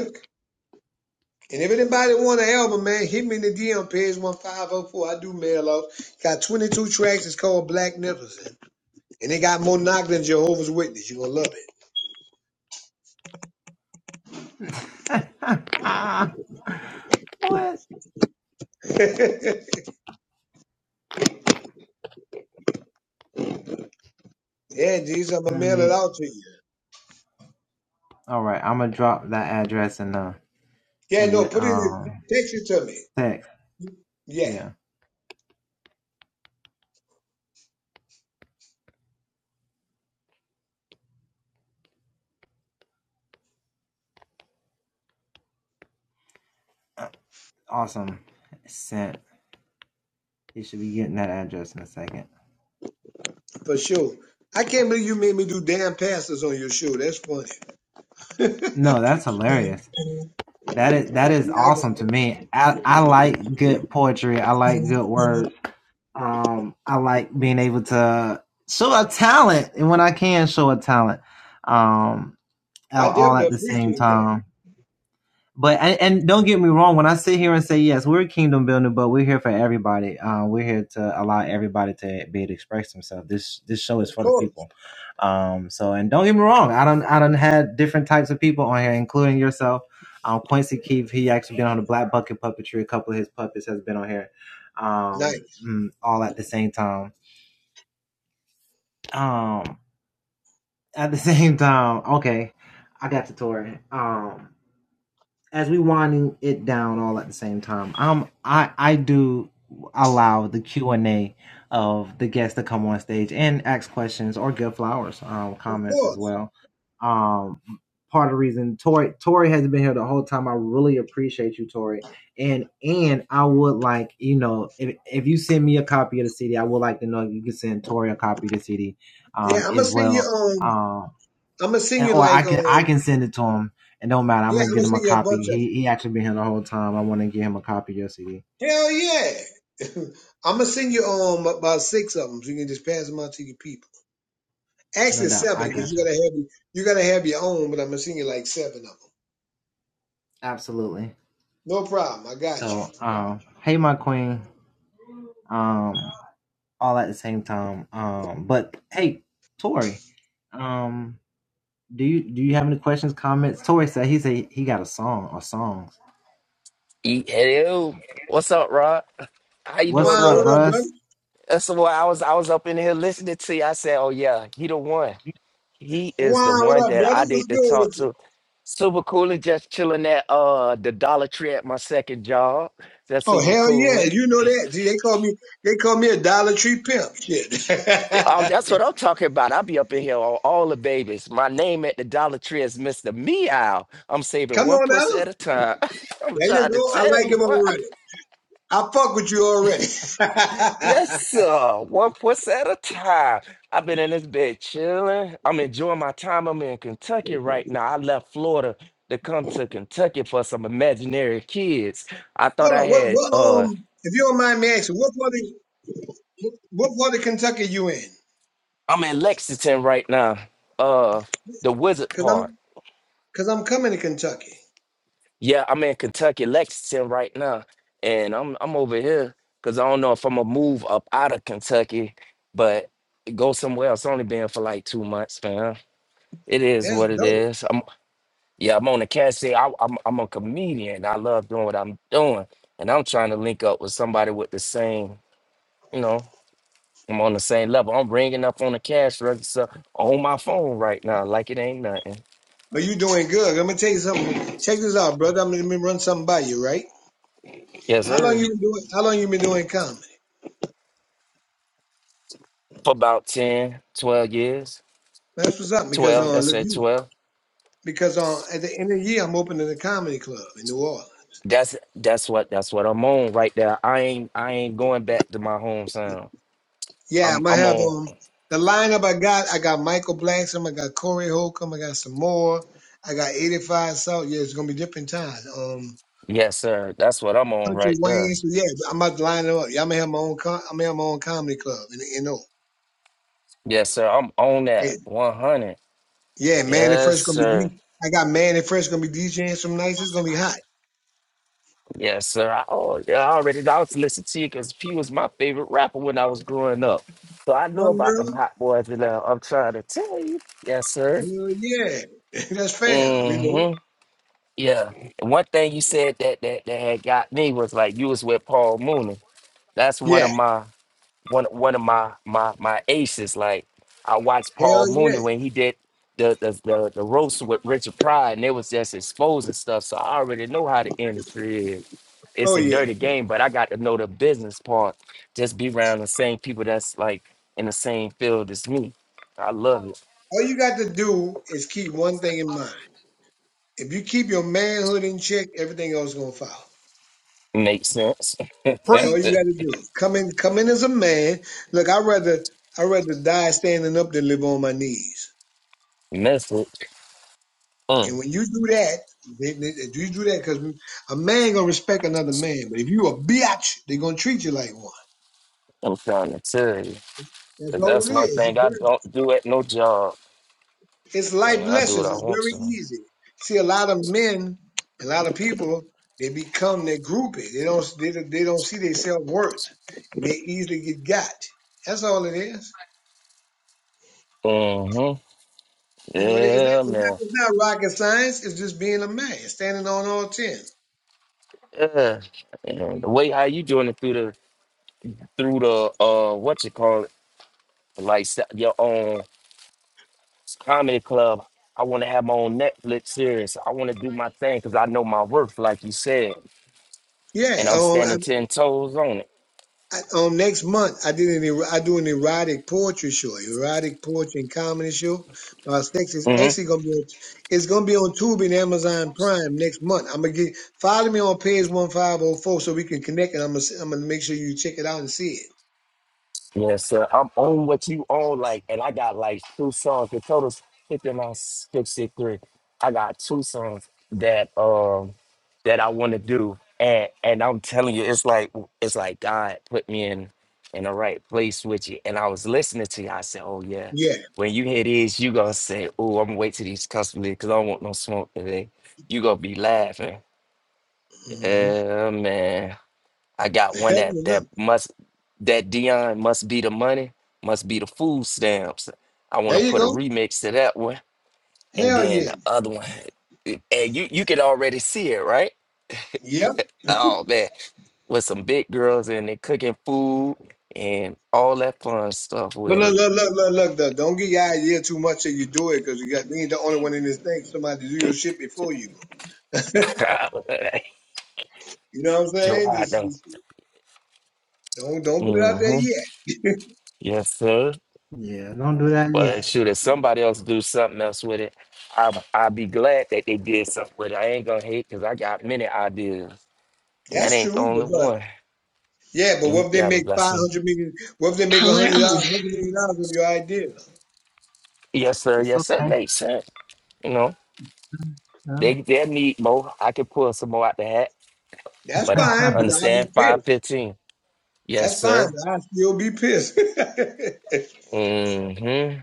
Speaker 2: And if anybody want an album, man, hit me in the DM page one five zero four. I do mail out. Got twenty two tracks. It's called Black Magnificent, and they got more knock than Jehovah's Witness. You gonna love it. Yeah, Jesus, I'ma mail it out to you. Yeah, no, put it in, text it to me. Yeah, for sure. I can't believe you made me do damn pastors on your show. That's funny. Yeah, I got it. I definitely appreciate that. Of course, nice. Of course. Yeah, I'm gonna sing you um. I'm gonna sing you like um. Yeah, I'm gonna sing you a bunch of. Hell yeah. I'm gonna send you um about six of them, so you can just pass them out to your people. Actually, seven, because you gotta have you gotta have your own, but I'm gonna send you like seven of them. No problem, I got you.
Speaker 4: E- Hello, what's up, Rod? How you
Speaker 2: Juan,
Speaker 4: doing, brother?
Speaker 2: what up, brother?
Speaker 4: That's what I was. I was up in here listening to you. I said, "Oh yeah, he the one. He is the
Speaker 2: Juan, what
Speaker 4: one
Speaker 2: up,
Speaker 4: that I
Speaker 2: brothers? What's
Speaker 4: need to
Speaker 2: good
Speaker 4: talk
Speaker 2: with you?
Speaker 4: to." Super cool and just chilling at uh the Dollar Tree at my second job. That's
Speaker 2: Oh
Speaker 4: super
Speaker 2: hell
Speaker 4: cool.
Speaker 2: yeah,
Speaker 4: and-
Speaker 2: you know that. See, they call me they call me a Dollar Tree pimp. Shit.
Speaker 4: Oh, that's what I'm talking about. I'll be up in here on all the babies. My name at the Dollar Tree is Mr. Meow. I'm saving
Speaker 2: Come
Speaker 4: one
Speaker 2: on now.
Speaker 4: pussy at a time. I'm
Speaker 2: There you
Speaker 4: trying to
Speaker 2: go. I
Speaker 4: tell
Speaker 2: like him
Speaker 4: you.
Speaker 2: already. I fuck with you already.
Speaker 4: Yes,
Speaker 2: Hold
Speaker 4: sir. One puss at a time. I've been in this bed chilling. I'm enjoying my time. I'm in Kentucky right now. I left Florida to come to Kentucky for some imaginary kids. I thought I
Speaker 2: on, what
Speaker 4: had
Speaker 2: what
Speaker 4: uh
Speaker 2: um if you don't mind me asking, what part of What part of Kentucky you in?
Speaker 4: I'm in Lexington right now. Uh the wizard
Speaker 2: Cause
Speaker 4: part.
Speaker 2: I'm cause I'm coming to Kentucky.
Speaker 4: Yeah, I'm in Kentucky, Lexington right now. And I'm I'm over here because I don't know if I'm gonna move up out of Kentucky, but go somewhere else. Only been for like two months, man. It is
Speaker 2: That's
Speaker 4: what it
Speaker 2: dope.
Speaker 4: is. Yeah, I'm on the cat say I, I'm I'm a comedian. I love doing what I'm doing, and I'm trying to link up with somebody with the same, you know, I'm on the same level. I'm ringing up on the cash register on my phone right now, like it ain't nothing.
Speaker 2: Are you doing good. Let me tell you something. Check this out, brother. I'm gonna run something by you, right?
Speaker 4: Yes,
Speaker 2: How long
Speaker 4: sir.
Speaker 2: you been doing how long you been doing comedy?
Speaker 4: For about 10, 12 years,
Speaker 2: That's what's up because
Speaker 4: twelve.
Speaker 2: uh
Speaker 4: That's it, twelve.
Speaker 2: because uh at the end of the year I'm opening a comedy club in New Orleans.
Speaker 4: That's that's what that's what I'm on right there. I ain't I ain't going back to my home sound.
Speaker 2: Yeah,
Speaker 4: I'm
Speaker 2: I'm gonna
Speaker 4: I'm
Speaker 2: have
Speaker 4: on.
Speaker 2: um the lineup I got, I got Michael Blackson, I got Corey Holcomb, I got some more, I got eighty five South. Yeah, it's gonna be different times. Um
Speaker 4: Yes, sir. That's what I'm on
Speaker 2: Country
Speaker 4: right there.
Speaker 2: Wayne. So yeah, I'm about to line it up. Yeah, I'm gonna have my own. Com- I'm gonna have my own comedy club in the NO.
Speaker 4: Yes, sir. I'm on
Speaker 2: Yeah,
Speaker 4: that 100.
Speaker 2: yeah. Man and
Speaker 4: Yes,
Speaker 2: Fresh gonna be.
Speaker 4: sir.
Speaker 2: D- I got Man and Fresh gonna be DJing some nights. It's gonna be hot.
Speaker 4: Yes, sir. I, oh, yeah, I already I was listening to you because P was my favorite rapper when I was growing up. So I know about them
Speaker 2: Umbrella.
Speaker 4: hot boys, and uh, I'm trying to tell you. Yes, sir.
Speaker 2: Hell yeah. That's fam. You
Speaker 4: Mm-hmm.
Speaker 2: know.
Speaker 4: Yeah. And one thing you said that that that had got me was like you was with Paul Mooney. That's one of
Speaker 2: Yeah.
Speaker 4: my one one of my my my aces. Like I watched Paul
Speaker 2: Hell yeah.
Speaker 4: Mooney when he did the the the, the roast with Richard Pryor, and they was just exposing stuff. So I already know how the industry is it's
Speaker 2: Oh
Speaker 4: a
Speaker 2: yeah.
Speaker 4: dirty game, but I got to know the business part. Just be around the same people that's like in the same field as me. I love it.
Speaker 2: All you got to do is keep one thing in mind. If you keep your manhood in check, everything else is gonna follow.
Speaker 4: Makes sense.
Speaker 2: That's all
Speaker 5: Preach.
Speaker 2: you got to do. Come in. Come in as a man. Look, I rather. I rather die standing up than live on my knees.
Speaker 4: Method. Mm,
Speaker 2: And when you do that, they, they, they- you do that because a man gonna respect another man, but if you a bitch, they gonna treat you like one.
Speaker 4: I'm trying to tell you.
Speaker 2: That's
Speaker 4: 'Cause
Speaker 2: all
Speaker 4: that's
Speaker 2: it
Speaker 4: one
Speaker 2: is.
Speaker 4: thing
Speaker 2: It's,
Speaker 4: I
Speaker 2: very,
Speaker 4: don't do at no job.
Speaker 2: it's life
Speaker 4: Mm, I do what
Speaker 2: lessons.
Speaker 4: I
Speaker 2: It's
Speaker 4: want
Speaker 2: very
Speaker 4: to.
Speaker 2: easy. See, a lot of men, a lot of people, they become their groupie. They don't they, don't- they don't see their self worth. They easily get got. That's all it is.
Speaker 4: Mm-hmm.
Speaker 2: You know, it's not,
Speaker 4: Yeah,
Speaker 2: it's not,
Speaker 4: man.
Speaker 2: it's not rocket science. It's just being a man, standing on all ten.
Speaker 4: Yeah. And the way how you doing it through the through the uh what you call it, like se- your own. comedy club. I want to have my own Netflix series. I want to do my thing because I know my worth, like you said,
Speaker 2: Yeah,
Speaker 4: and I'm standing
Speaker 2: um,
Speaker 4: ten toes on it.
Speaker 2: I, um, next month I did an er- I do an erotic poetry show, erotic poetry and comedy show. By next is
Speaker 4: Mm-hmm.
Speaker 2: actually gonna be on, it's gonna be on Tubi and Amazon Prime next month. I'm gonna get follow me on page one five zero four so we can connect, and I'm gonna I'm gonna make sure you check it out and see it.
Speaker 4: Yeah, sir. I'm on what you own, like, and I got like two songs. The total's fifty nine six six three. I got two songs that um that I want to do, and and I'm telling you, it's like it's like God put me in in the right place with you. And I was listening to you. I said, oh yeah,
Speaker 2: Yeah.
Speaker 4: when you hear this, you gonna say, oh, I'm gonna wait till these customers because I don't want no smoke today. You gonna be laughing.
Speaker 2: hmm
Speaker 4: Yeah, man. I got one that that must that Dion must be the money, must be the food stamps. I want
Speaker 2: there
Speaker 4: to
Speaker 2: you
Speaker 4: put a
Speaker 2: go.
Speaker 4: remix to that one, and
Speaker 2: Hell
Speaker 4: then
Speaker 2: yeah.
Speaker 4: the other one, and you you can already see it, right?
Speaker 2: Yep.
Speaker 4: Oh man, with some big girls and they cooking food and all that fun stuff
Speaker 2: But
Speaker 4: with
Speaker 2: look,
Speaker 4: it.
Speaker 2: look, look, look, look, look. Don't get your idea too much that you do it because you got you ain't the only one in this thing. Somebody do your shit before you. You know what I'm saying?
Speaker 4: Gerard
Speaker 2: Just,
Speaker 4: though.
Speaker 2: just don't don't put it out there
Speaker 4: Mm-hmm.
Speaker 2: yet.
Speaker 4: Yes, sir. But shoot, if somebody else do something else with it, I I'd be glad that they did something with it. I ain't gonna hate because I got many ideas. And that
Speaker 2: That's
Speaker 4: ain't the
Speaker 2: true,
Speaker 4: only
Speaker 2: because
Speaker 4: one.
Speaker 2: yeah, but what
Speaker 4: Mm,
Speaker 2: if
Speaker 4: you
Speaker 2: they
Speaker 4: have a
Speaker 2: make five
Speaker 4: blessing.
Speaker 2: hundred million? What if they make a
Speaker 1: Color
Speaker 2: hundred
Speaker 1: off.
Speaker 2: dollars, hundred million dollars with your idea?
Speaker 4: Yes, sir. Yes, sir. Makes sense. You know, they they need more. I can pull some more out the hat,
Speaker 2: That's
Speaker 4: but I
Speaker 2: fine, but I'll be
Speaker 4: understand
Speaker 2: pissed.
Speaker 4: 515. Yes,
Speaker 2: That's fine,
Speaker 4: sir.
Speaker 2: but I'll still be pissed.
Speaker 4: Mm-hmm.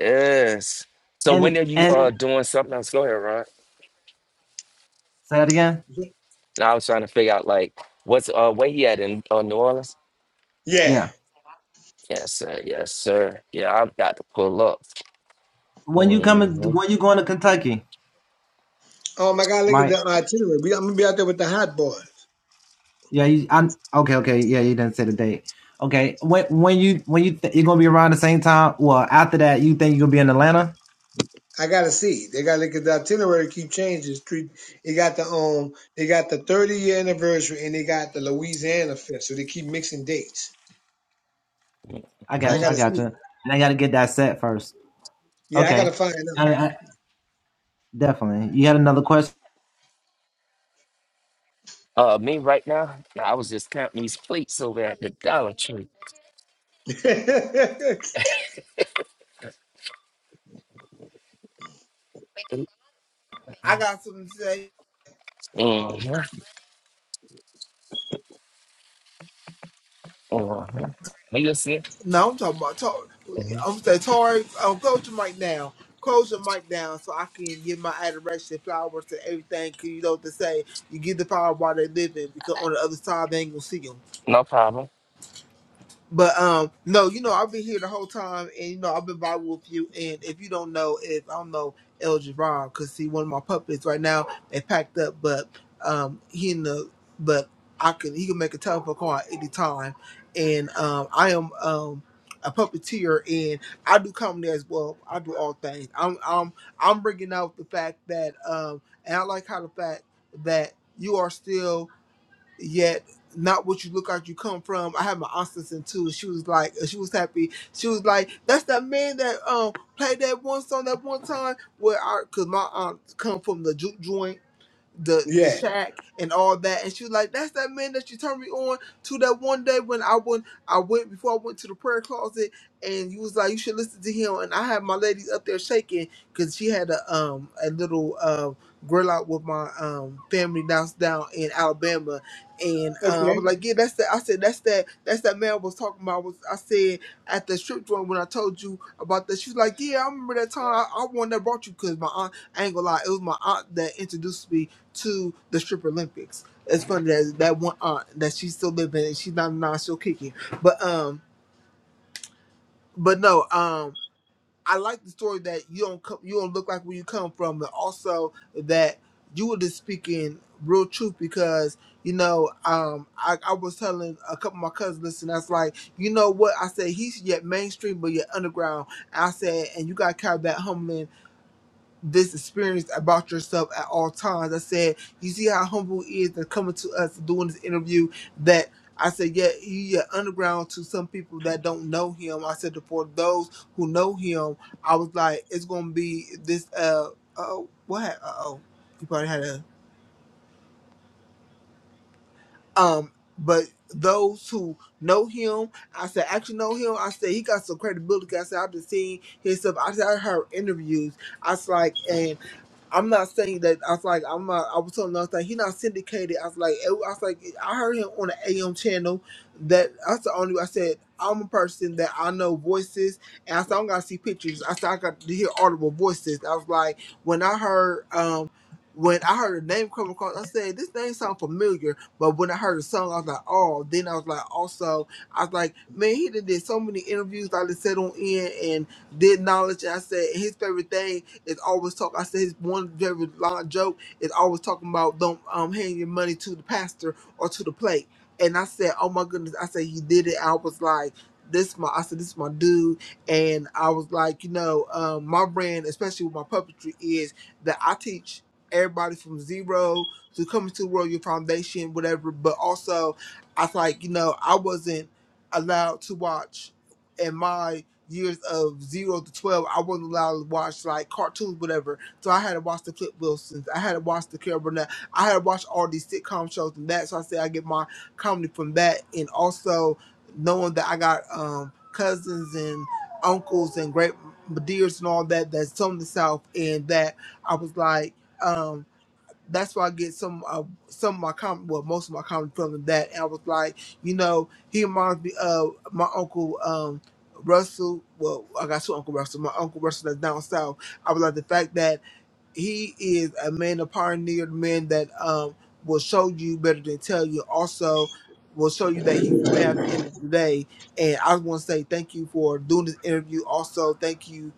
Speaker 4: Yes. So when are you uh doing something else? Go ahead, Ron. And I was trying to figure out like what's uh where he at in uh, New Orleans?
Speaker 2: yeah.
Speaker 4: Yes, sir. Yes, sir. Yeah, I've got to pull up. Mm-hmm.
Speaker 2: Oh my God, look at the itinerary. We, I'm gonna be out there with the hot boys. I gotta see. They gotta look at the itinerary. Keep changing. It's Three. They got the um. They got the 30 year anniversary, and they got the Louisiana fest. So they keep mixing dates. So I
Speaker 4: hmm
Speaker 2: gotta see. Yeah, I gotta find
Speaker 4: Uh, me right now, Nah, I was just counting these plates over at the Dollar Tree.
Speaker 2: out.
Speaker 4: Mm-hmm.
Speaker 5: I got something to say.
Speaker 4: Mm-hmm. You good, sis?
Speaker 5: No, I'm talking about Tori.
Speaker 4: Mm-hmm.
Speaker 5: I'm saying, Tori, um, close your mic down. Close your mic down so I can give my adoration, flowers, and everything. Cause you know what they say, you give the power while they living, because on the other side they ain't gonna see 'em.
Speaker 4: No problem.
Speaker 5: But um, no, you know, I've been here the whole time, and you know, I've been vibing with you. And if you don't know, if I don't know El Javon, because see, one of my puppets right now they packed up, but um, he in the but I can he can make a telephone call at any time, and um, I am um a puppeteer, and I do comedy as well. I do all things. I'm I'm I'm bringing out the fact that um, and I like how the fact that you are still yet not what you look like you come from. I had my aunt listen too. She was like, she was happy. She was like, that's that man that um played that one song that one time where I, cause my aunt come from the juke joint the the
Speaker 2: yeah.
Speaker 5: shack and all that. And she was like, That's that man that you turned me on to that one day when I went I went before I went to the prayer closet and you was like, You should listen to him and I had my ladies up there shaking because she had a um a little um grill out with my um family down down in Alabama and uh, I
Speaker 2: Okay.
Speaker 5: was like, Yeah, that's that I said that's that that's that man I was talking about I was I said at the strip joint when I told you about that. She was like, Yeah, I remember that time I, I won that brought you because my aunt I ain't gonna lie, it was my aunt that introduced me to the strip Olympics. It's funny that that one aunt that she's still living and she's not now still kicking. But um, but no, um, I like the story that you don't come, you don't look like where you come from, and also that you were just speaking real truth because you know um I, I was telling a couple of my cousins listen that's like you know what I said he's yet mainstream but yet underground I said and you got to carry that humbling this experience about yourself at all times. I said, you see how humble he is and coming to us doing this interview that I said, yeah, he yeah, underground to some people that don't know him. I said, for those who know him, I was like, it's going to be this, uh, oh, what? Uh-oh. You probably had a, um, but those who know him, I said, actually know him. I said, he got some credibility. I said, I've been seeing his stuff. I said, I heard interviews. I was like, I'm not saying that. I was like, I'm not. I was telling another thing. He not syndicated. I was like, I was like, I heard him on the AM channel. That that's the only. I said I'm a person that I know voices, and I said I don't gotta see pictures. I said I got to hear audible voices. I was like, when I heard um. When I heard the name come across, I said, "This name sound familiar." But when I heard the song, I was like, "Oh!" Then I was like, "Also, I was like, man, he did, did so many interviews. like I just sat on in and did knowledge." I said his favorite thing it's always talk. I said his one very long joke is always talking about don't um handing your money to the pastor or to the plate. And I said, oh my goodness, I said he did it. I was like, this my I said this is my dude, and I was like, you know, um, my brand, especially with my puppetry, is that I teach everybody from zero to coming to the world your foundation, whatever. But also, I was like, you know, I wasn't allowed to watch. and my years of zero to twelve, I wasn't allowed to watch like cartoons, whatever. So I had to watch the Flip Wilsons, I had to watch the Carol Burnett, I had to watch all these sitcom shows and that. So I said I get my comedy from that, and also knowing that I got um, cousins and uncles and great dears and all that that's from the South, and that I was like. Um, that's why I get some of some of my com well most of my comments from that and I was like, you know, he reminds me of my uncle um Russell. Well, I got two Uncle Russell. My Uncle Russell that's down south. I was like the fact that he is a man, a pioneered man that um will show you better than tell you. Also, will show you that he's the man at the end of the day. And I want to say thank you for doing this interview. Also, thank you.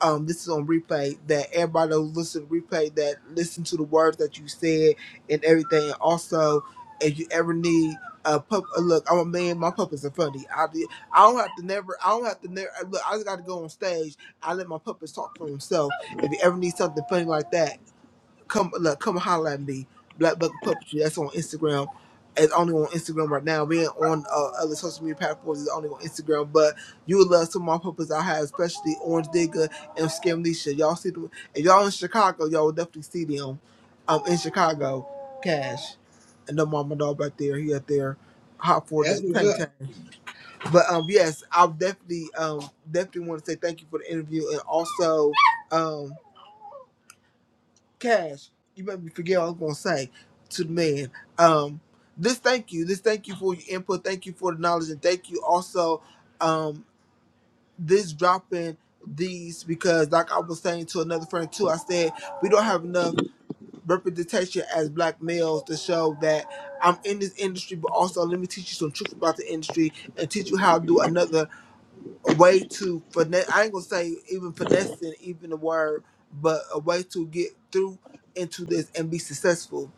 Speaker 5: Um, this is on replay. That everybody who listen to replay that listen to the words that you said and everything. And also, if you ever need a pup, uh, look, I'm a man. My puppets are funny. I do- I don't have to never. I don't have to never. Look, I just got to go on stage. I let my puppets talk for themselves if you ever need something funny like that, come look, come holler at me. Black Bucket Puppetry. That's on Instagram. It's only on Instagram right now. We ain't on uh, other social media platforms. It's only on Instagram. But you would love some of my puppets I have, especially Orange Digger and Scamlisha. Y'all see them? If y'all in Chicago, y'all will definitely see them. Um, in Chicago, Cash and the mama dog back there. He up there, hot for the
Speaker 2: That's what's
Speaker 5: tank tank.
Speaker 2: up.
Speaker 5: But um, yes, I definitely um definitely want to say thank you for the interview and also. um. Cash, you made me forget what I was gonna say to the man. Um, this thank you, this thank you for your input, thank you for the knowledge, and thank you also, um, this dropping these because like I was saying to another friend too, I said we don't have enough representation as black males to show that I'm in this industry, but also let me teach you some truth about the industry and teach you how to do another a way to finesse. I ain't gonna say even finessing, even the word, but a way to get through into this and be successful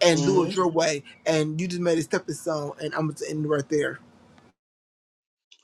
Speaker 5: and do
Speaker 2: Mhm.
Speaker 5: it your way. And you just made a stepping stone, and I'm gonna end right there.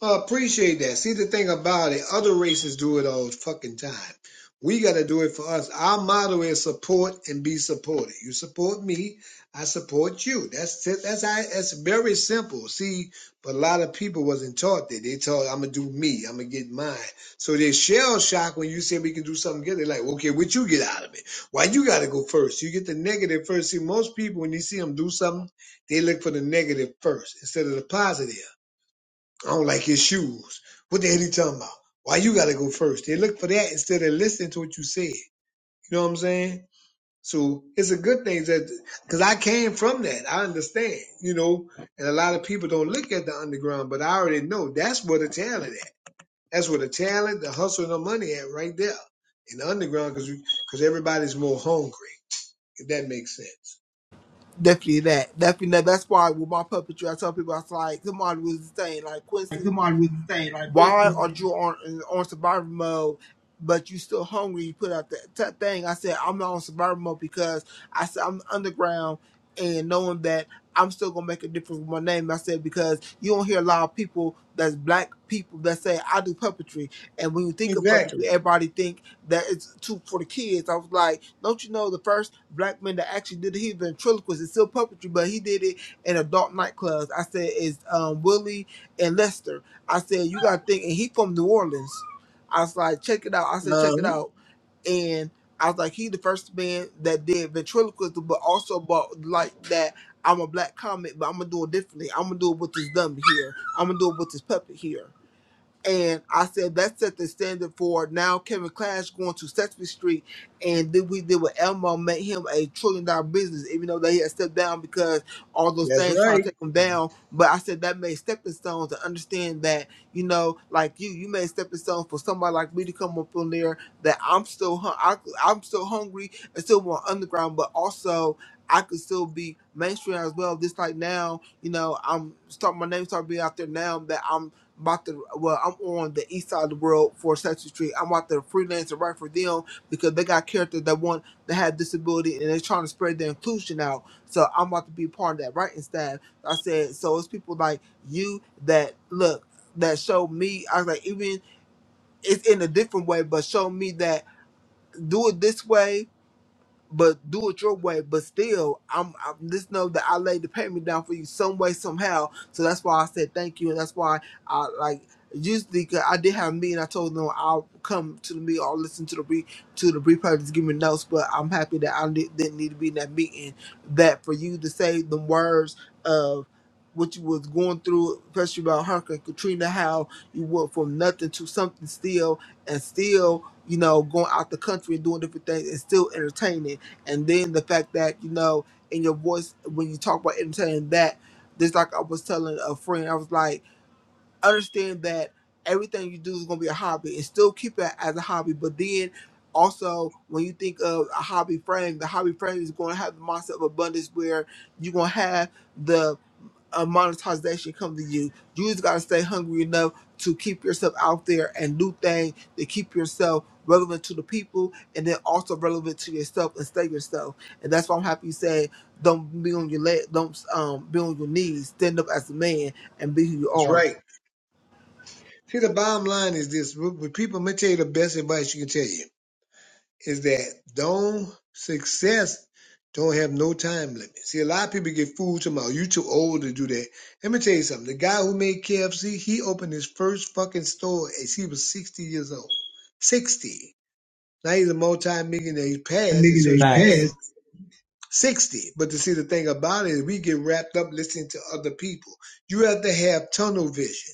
Speaker 2: I appreciate that. See the thing about it, other races do it all the fucking time. We got to do it for us. Our motto is support and be supported. You support me, I support you. That's that's that's very simple. See, but a lot of people wasn't taught that. They taught I'm gonna do me, I'm gonna get mine. So they shell shock when you say we can do something good. They're like, okay, what you get out of it? Why you got to go first? You get the negative first. See, most people when you see them do something, they look for the negative first instead of the positive. I don't like his shoes. What the hell he talking about? Why you gotta go first? They look for that instead of listening to what you said. You know what I'm saying? So it's a good thing that because I came from that. I understand, you know, and a lot of people don't look at the underground, but I already know that's where the talent at. That's where the talent, the hustle, and the money at right there in the underground because because everybody's more hungry. If that makes sense.
Speaker 5: Definitely that. Definitely that. That's why with my puppetry, I tell people I was like somebody was saying like
Speaker 1: Like
Speaker 5: Quincy.
Speaker 1: somebody would say, like
Speaker 5: why
Speaker 1: Quincy,
Speaker 5: are you on on survival mode but you still hungry you put out that t- thing i said i'm not on survival mode because i said i'm underground and knowing that i'm still gonna make a difference with my name i said because you don't hear a lot of people that's black people that say i do puppetry and when you think of puppetry
Speaker 2: Exactly.
Speaker 5: everybody think that it's too for the kids i was like don't you know the first black man that actually did it he ventriloquist it's still puppetry but he did it in adult nightclubs i said it's um willie and lester I said, you gotta think, and he from New Orleans. I was like, check it out. I said, check it
Speaker 2: Uh-huh.
Speaker 5: out. And I was like, he the first man that did ventriloquism, but also about like that. I'm a black comic, but I'm gonna do it differently. I'm gonna do it with this dummy here. I'm gonna do it with this puppet here. And I said that set the standard for now Kevin Clash going to Sesame Street and then we did with Elmo made him a trillion dollar business, even though they had stepped down because all those
Speaker 2: That's
Speaker 5: things try
Speaker 2: right.
Speaker 5: to take him down. But I said that made stepping stones to understand that, you know, like you, you made stepping stones for somebody like me to come up on there that I'm still hun- I, I'm still hungry and still want underground, but also I could still be mainstream as well. Just like now, you know, I'm start my name start being out there now that I'm about to well, I'm on the east side of the world for Sesame Street. I'm about to freelance and write for them because they got characters that want that have disability and they're trying to spread their inclusion out. So I'm about to be part of that writing staff. I said, so it's people like you that look that show me. I was like, even it's in a different way, but show me that do it this way but do it your way. But still, I'm, I'm just know that I laid the payment down for you some way, somehow. So that's why I said thank you, and that's why I like usually 'cause I did have a meeting. I told them I'll come to the meeting, I'll listen to the re to the replay, just give me notes. But I'm happy that I did, didn't need to be in that meeting. That for you to say the words of what you was going through, especially about Hurricane Katrina, how you went from nothing to something still, and still. You know, going out the country and doing different things and still entertaining and then the fact that you know in your voice when you talk about entertaining that just like i was telling a friend i was like understand that everything you do is going to be a hobby and still keep it as a hobby but then also when you think of a hobby frame the hobby frame is going to have the mindset of abundance where you're going to have the uh, monetization come to you. You just gotta stay hungry enough to keep yourself out there and do things to keep yourself relevant to the people and then also relevant to yourself and stay yourself. And that's why I'm happy you said don't be on your leg, don't um be on your knees, stand up as a man and be who you
Speaker 2: That's
Speaker 5: are.
Speaker 2: right. See, the bottom line is this: with when people, I'm gonna tell you the best advice you can tell you. is that don't success don't have no time limit. See, a lot of people get fooled tomorrow. You too old to do that. Let me tell you something. The guy who made KFC, he opened his first fucking store as he was 60 years old. 60. Now he's a multi-millionaire. He
Speaker 1: a
Speaker 2: passed. It's
Speaker 1: nigga
Speaker 2: his family. 60. But to see the thing about it is we get wrapped up listening to other people. You have to have tunnel vision.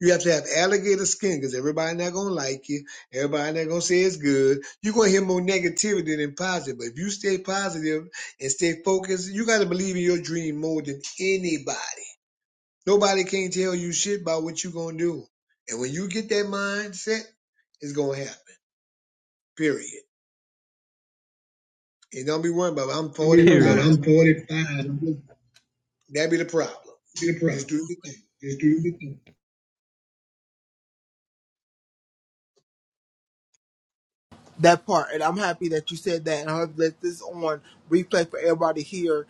Speaker 2: You have to have alligator skin because everybody not gonna like you. Everybody not gonna say it's good. You're gonna hear more negativity than positive. But if you stay positive and stay focused, you gotta believe in your dream more than anybody. Nobody can tell you shit about what you're gonna do. And when you get that mindset, it's gonna happen. Period. And don't be worried about it. I'm
Speaker 1: Don't be worried
Speaker 2: 45.
Speaker 1: about it. Period. I'm 45. I'm just
Speaker 2: That'd be the problem.
Speaker 1: be the problem.
Speaker 2: Just do your thing.
Speaker 1: Just do your thing.
Speaker 5: That part, and I'm happy that you said that, and I hope that this on replay for everybody here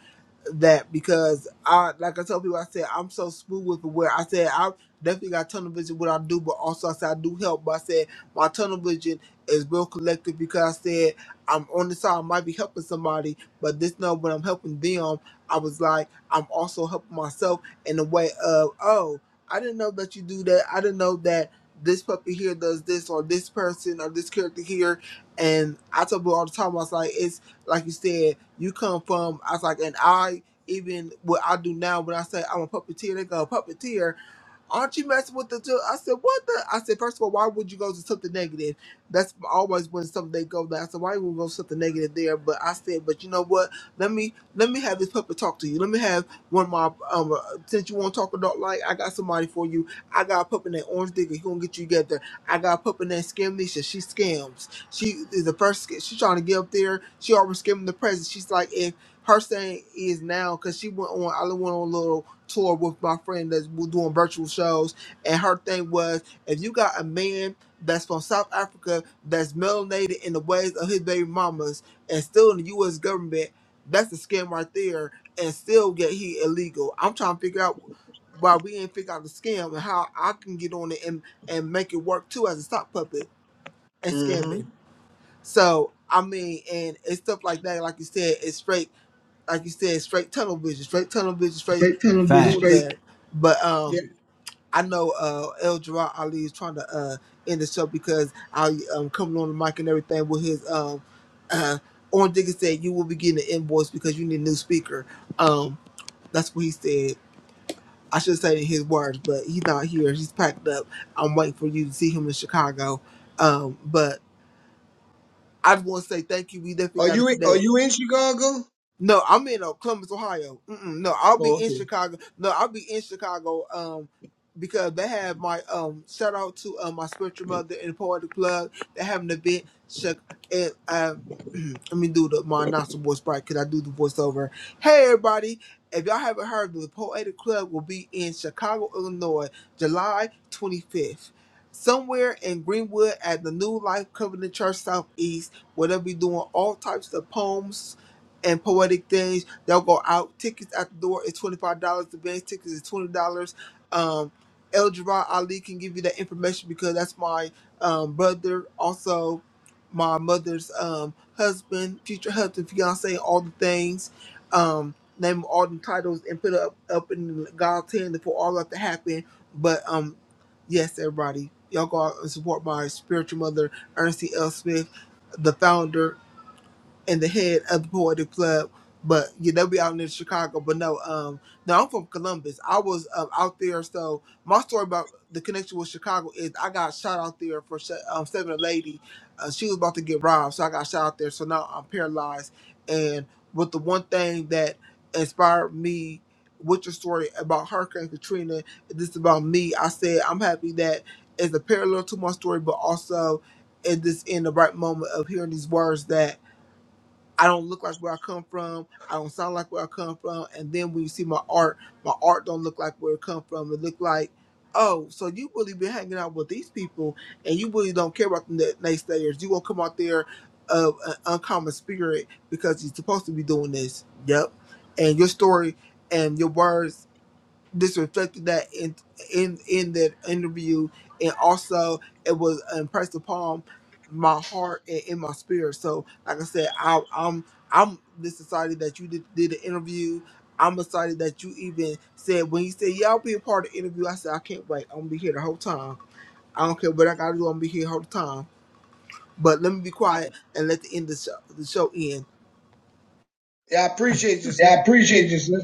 Speaker 5: that because I like I told people I said I'm so smooth with it where I said I definitely got tunnel vision what I do, but also I said I do help. But I said my tunnel vision is real collective because I said I'm on the side, I might be helping somebody, but this know when I'm helping them, I was like I'm also helping myself in the way of oh I didn't know that you do that. I didn't know that this puppy here does this or this person or this character here and I tell people all the time I was like it's like you said you come from I was like an I even what I do now when I say I'm a puppeteer, they go puppeteer. Aren't you messing with the two? I said, what the? I said, first of all, why would you go to something negative? That's always when something they go there. I said, why would you go to something negative there? But I said, but you know what? Let me let me have this puppet talk to you. Let me have one of my um. uh, Since you want to talk adult like, I got somebody for you. I got a puppet named Orange Digger. He gonna get you together. I got a puppet named Scamnesha. She scams. She is the first. sc- She trying to get up there. She already scamming the president. She's like, if her saying is now because she went on. I went on a little tour with my friend that's w- doing virtual shows, and her thing was if you got a man that's from South Africa that's melanated in the ways of his baby mamas and still in the U.S. government, that's a scam right there, and still get he illegal. I'm trying to figure out why we ain't figure out the scam and how I can get on it and and make it work too as a sock puppet and
Speaker 2: Mm-hmm.
Speaker 5: scamming. So I mean, and it's stuff like that. Like you said, it's straight like you said, straight tunnel vision, straight tunnel vision, straight
Speaker 1: Straight, tell them just
Speaker 5: doing
Speaker 1: straight.
Speaker 5: that. But
Speaker 2: Yeah.
Speaker 5: um, I know uh, El Gerard Ali is trying to uh, end the show because I um coming on the mic and everything with his um uh, Orange Digger said you will be getting an invoice because you need a new speaker. Um, that's what he said. I should say in his words, but he's not here. He's packed up. I'm waiting for you to see him in Chicago. Um, but I just want to say thank you. We definitely
Speaker 2: Are
Speaker 5: got to
Speaker 2: you in, are
Speaker 5: connect.
Speaker 2: you in Chicago?
Speaker 5: No, I'm in uh, Columbus, Ohio. Mm-mm, no, I'll be
Speaker 2: Oh,
Speaker 5: in
Speaker 2: okay.
Speaker 5: Chicago. No, I'll be in Chicago. Um, because they have my um shout out to uh, my spiritual mother and poetic plug. They have an event. Check and um. Let me do the my announcer voice right because I do the voiceover. Hey everybody! If y'all haven't heard, the Poetic Club will be in Chicago, Illinois, July 25th, somewhere in Greenwood at the New Life Covenant Church Southeast, where they'll be doing all types of poems, and poetic things. They'll go out. Tickets at the door is twenty five dollars. The band tickets is twenty dollars. Um, El Jabbar Ali can give you that information because that's my um, brother, also my mother's um, husband, future husband, fiance, all the things. Um, name all the titles and put it up up in God's hand for all that to happen. But um, yes, everybody, y'all go out and support my spiritual mother, Ernestine L. Smith, the founder and the head of the poetic club. But yeah, they'll be out in Chicago. But no, um, no, I'm from Columbus. I was um, out there, so my story about the connection with Chicago is I got shot out there for se- um, saving a lady. Uh, she was about to get robbed, so I got shot out there. So now I'm paralyzed. And but the one thing that inspired me with your story about Hurricane Katrina, this is about me. I said I'm happy that it's a parallel to my story, but also it is in the right moment of hearing these words that. I don't look like where I come from. I don't sound like where I come from. And then when you see my art, my art don't look like where it come from. It look like, oh, so you really been hanging out with these people, and you really don't care about the na- naysayers. You won't come out there of an uncommon spirit because you're supposed to be doing this. Yep. And your story and your words this reflected that in in in that interview, and also it was impressed upon my heart and in my spirit. So, like I said, I, I'm I'm this excited that you did, did the interview. I'm excited that you even said when you said, "Yeah, I'll be a part of the interview." I said, "I can't wait. I'm gonna be here the whole time. I don't care what I gotta do. I'm gonna be here the whole time." But let me be quiet and let the end of the show, the show end.
Speaker 2: Yeah, I appreciate you,
Speaker 1: Yeah, I
Speaker 2: sister.
Speaker 1: appreciate you, sis.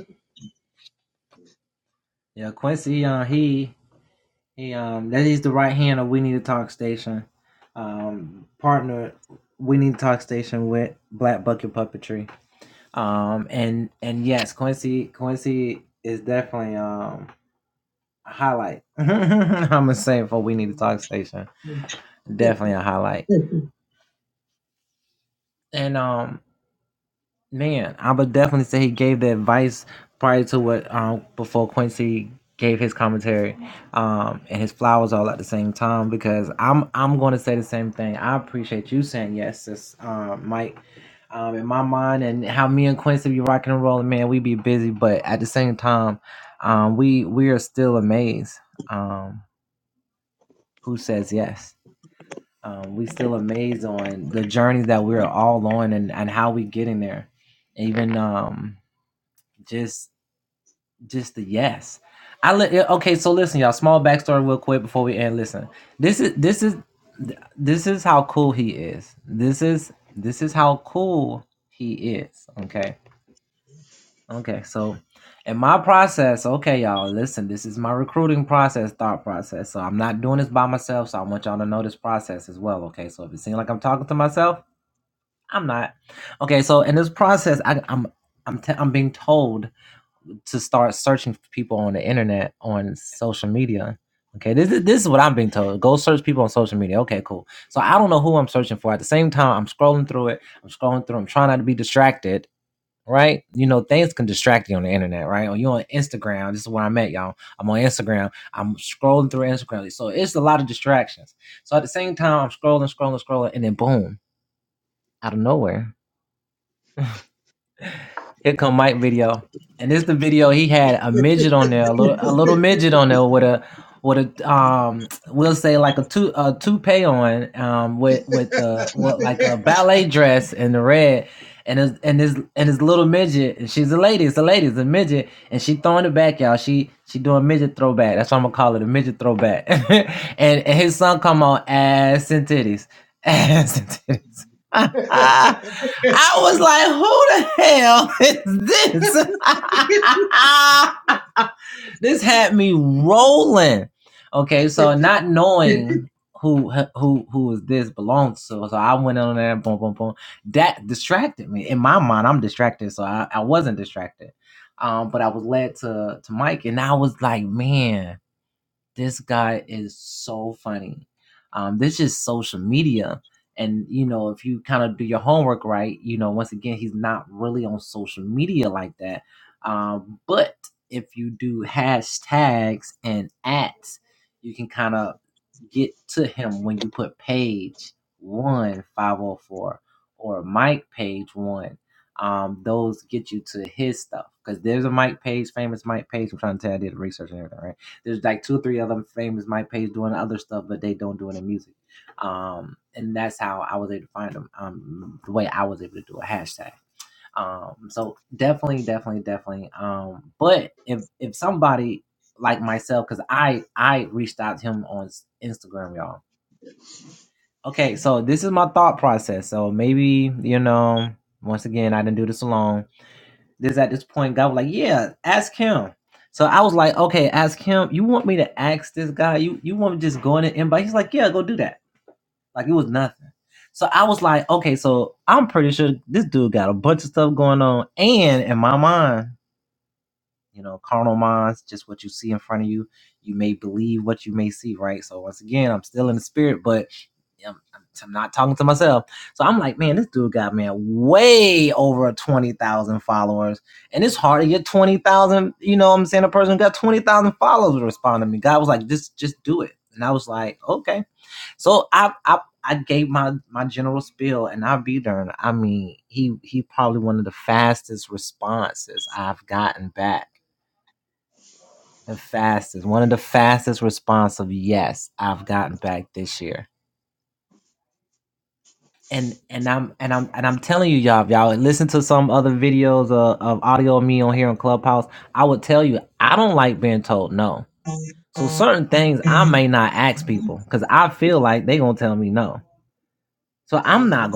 Speaker 2: hmm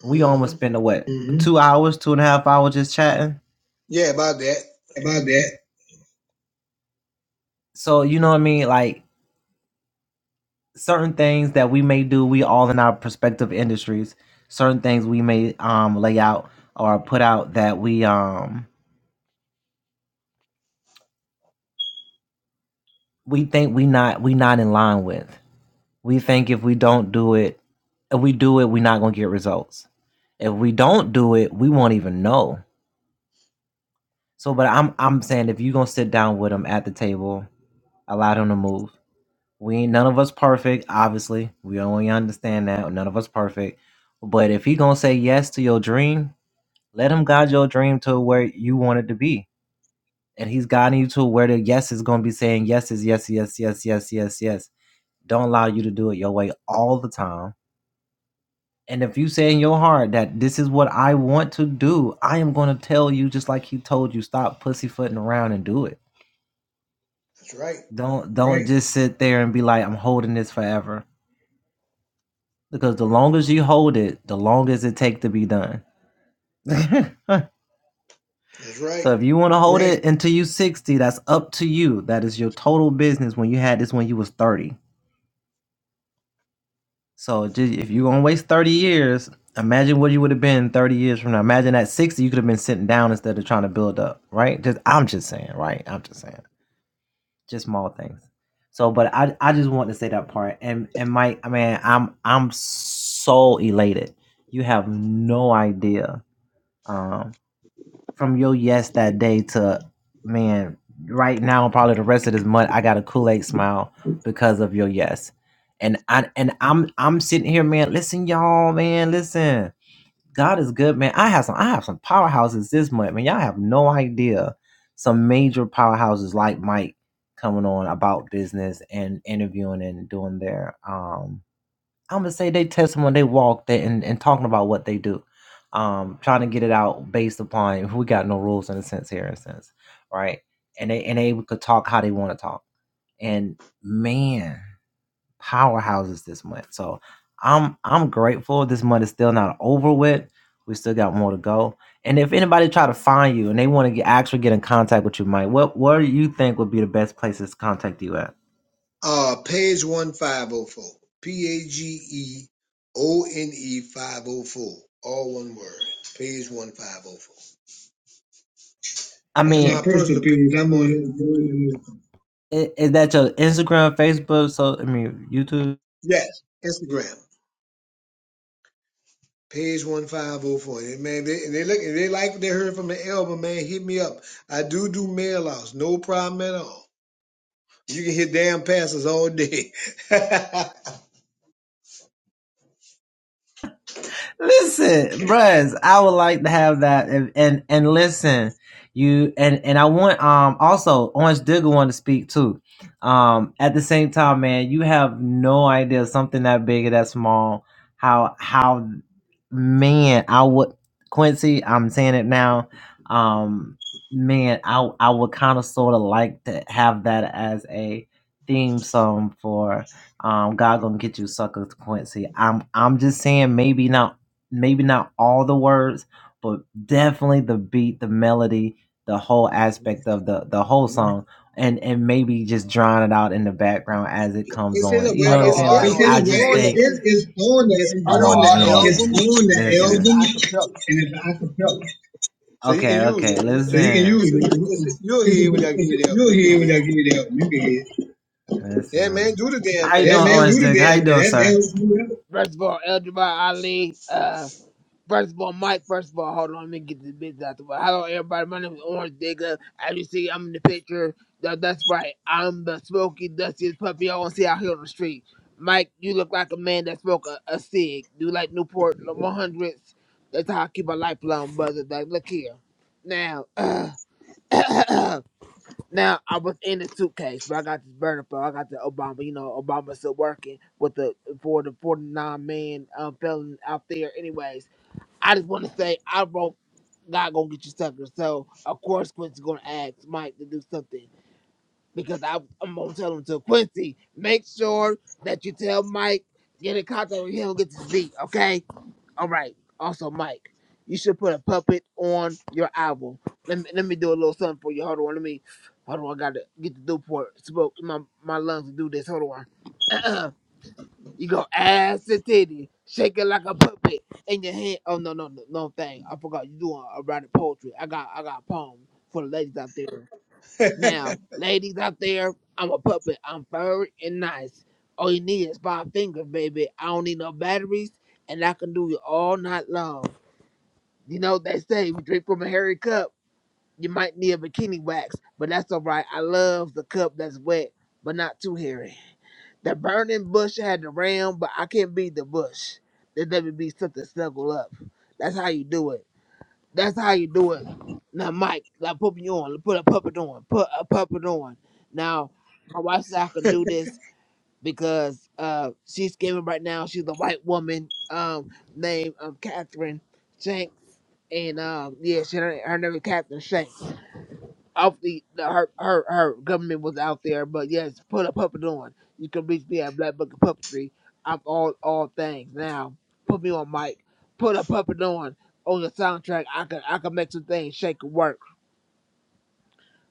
Speaker 2: hmm
Speaker 1: Mhm.
Speaker 2: Yeah, about that. That's right. That's right. Uh, page one five oh four. P A G E O N E five oh four. All one word. Page one five oh four. That's my
Speaker 1: Personal
Speaker 2: personal
Speaker 1: opinions.
Speaker 2: page.
Speaker 1: I'm
Speaker 2: I'm on
Speaker 1: on
Speaker 2: it.
Speaker 1: it.
Speaker 2: Yes, Instagram. Page one five oh four. And man, they, and they look and they like what they heard from the album. Man, hit me up. I do do mail outs. No problem at all. You can hit damn passes all day. it's in the well,
Speaker 3: Hold on,
Speaker 2: it's, it's
Speaker 3: hold on.
Speaker 2: it's on
Speaker 1: It's,
Speaker 2: the
Speaker 1: on
Speaker 2: it's
Speaker 1: the
Speaker 2: on the album
Speaker 1: on the
Speaker 2: and it's
Speaker 1: and it's
Speaker 2: acapella.
Speaker 1: an acapella.
Speaker 2: So you can use it. It's, it's, a- it's, a-
Speaker 1: It's,
Speaker 2: you'll
Speaker 1: it's,
Speaker 2: hear when I give
Speaker 1: it's, a,
Speaker 2: you the help.
Speaker 1: you'll
Speaker 2: You can
Speaker 1: hear
Speaker 2: hear.
Speaker 1: when
Speaker 2: it.
Speaker 1: I give you that. You can hear.
Speaker 2: Yeah, man, do the damn thing. That's
Speaker 3: First of all, Elder Ali, uh, First of all, Mike, first of all, hold on, let me get this bitch out the way. Hello, everybody. My name is Orange Digger. As you see, I'm in the picture. That, that's right. I'm the smoky, dustiest puppy I want to see out here on the street. Mike, you look like a man that smoked a, a cig. Do like Newport 100s. That's how I keep my life long, brother. Like, look here. Now, now I was in the suitcase, but I got this burner phone. I got the Obama. You know, Obama's still working with the for the 49 man um, felon out there. Anyways. I just want to say I wrote God gonna get you suckers. So of course Quincy's gonna ask Mike to do something because I, I'm gonna tell him to Quincy. Make sure that you tell Mike get in contact with him get this beat. Okay. All right. Also Mike, you should put a puppet on your album. Let me let me do a little something for you. Hold on. Let me. Hold on. I gotta get the Newport smoke in my my lungs to do this. Hold on. You go ass to titty, shake it like a puppet in your hand. Oh no no no no thing. I forgot you doing a writing poetry. I got I got a poem for the ladies out there. Now, ladies out there, I'm a puppet. I'm furry and nice. All you need is five fingers, baby. I don't need no batteries, and I can do it all night long. You know they say we drink from a hairy cup. You might need a bikini wax, but that's all right. I love the cup that's wet, but not too hairy. The burning bush had the ram, but I can't be the bush. There never be something snuggle up. That's how you do it. That's how you do it. Now, Mike, like put me on. Put a puppet on. Put a puppet on. Now, my wife said I can do this because uh, she's giving right now. She's a white woman um, named um, Catherine Shanks. And um, yeah, she, her name is Catherine Shanks off the, the her, her her government was out there, but yes, put a puppet on. You can reach me at Black Bucket Puppetry. I'm all all things now. Put me on mic. Put a puppet on on your soundtrack. I can I can make some things shake and work,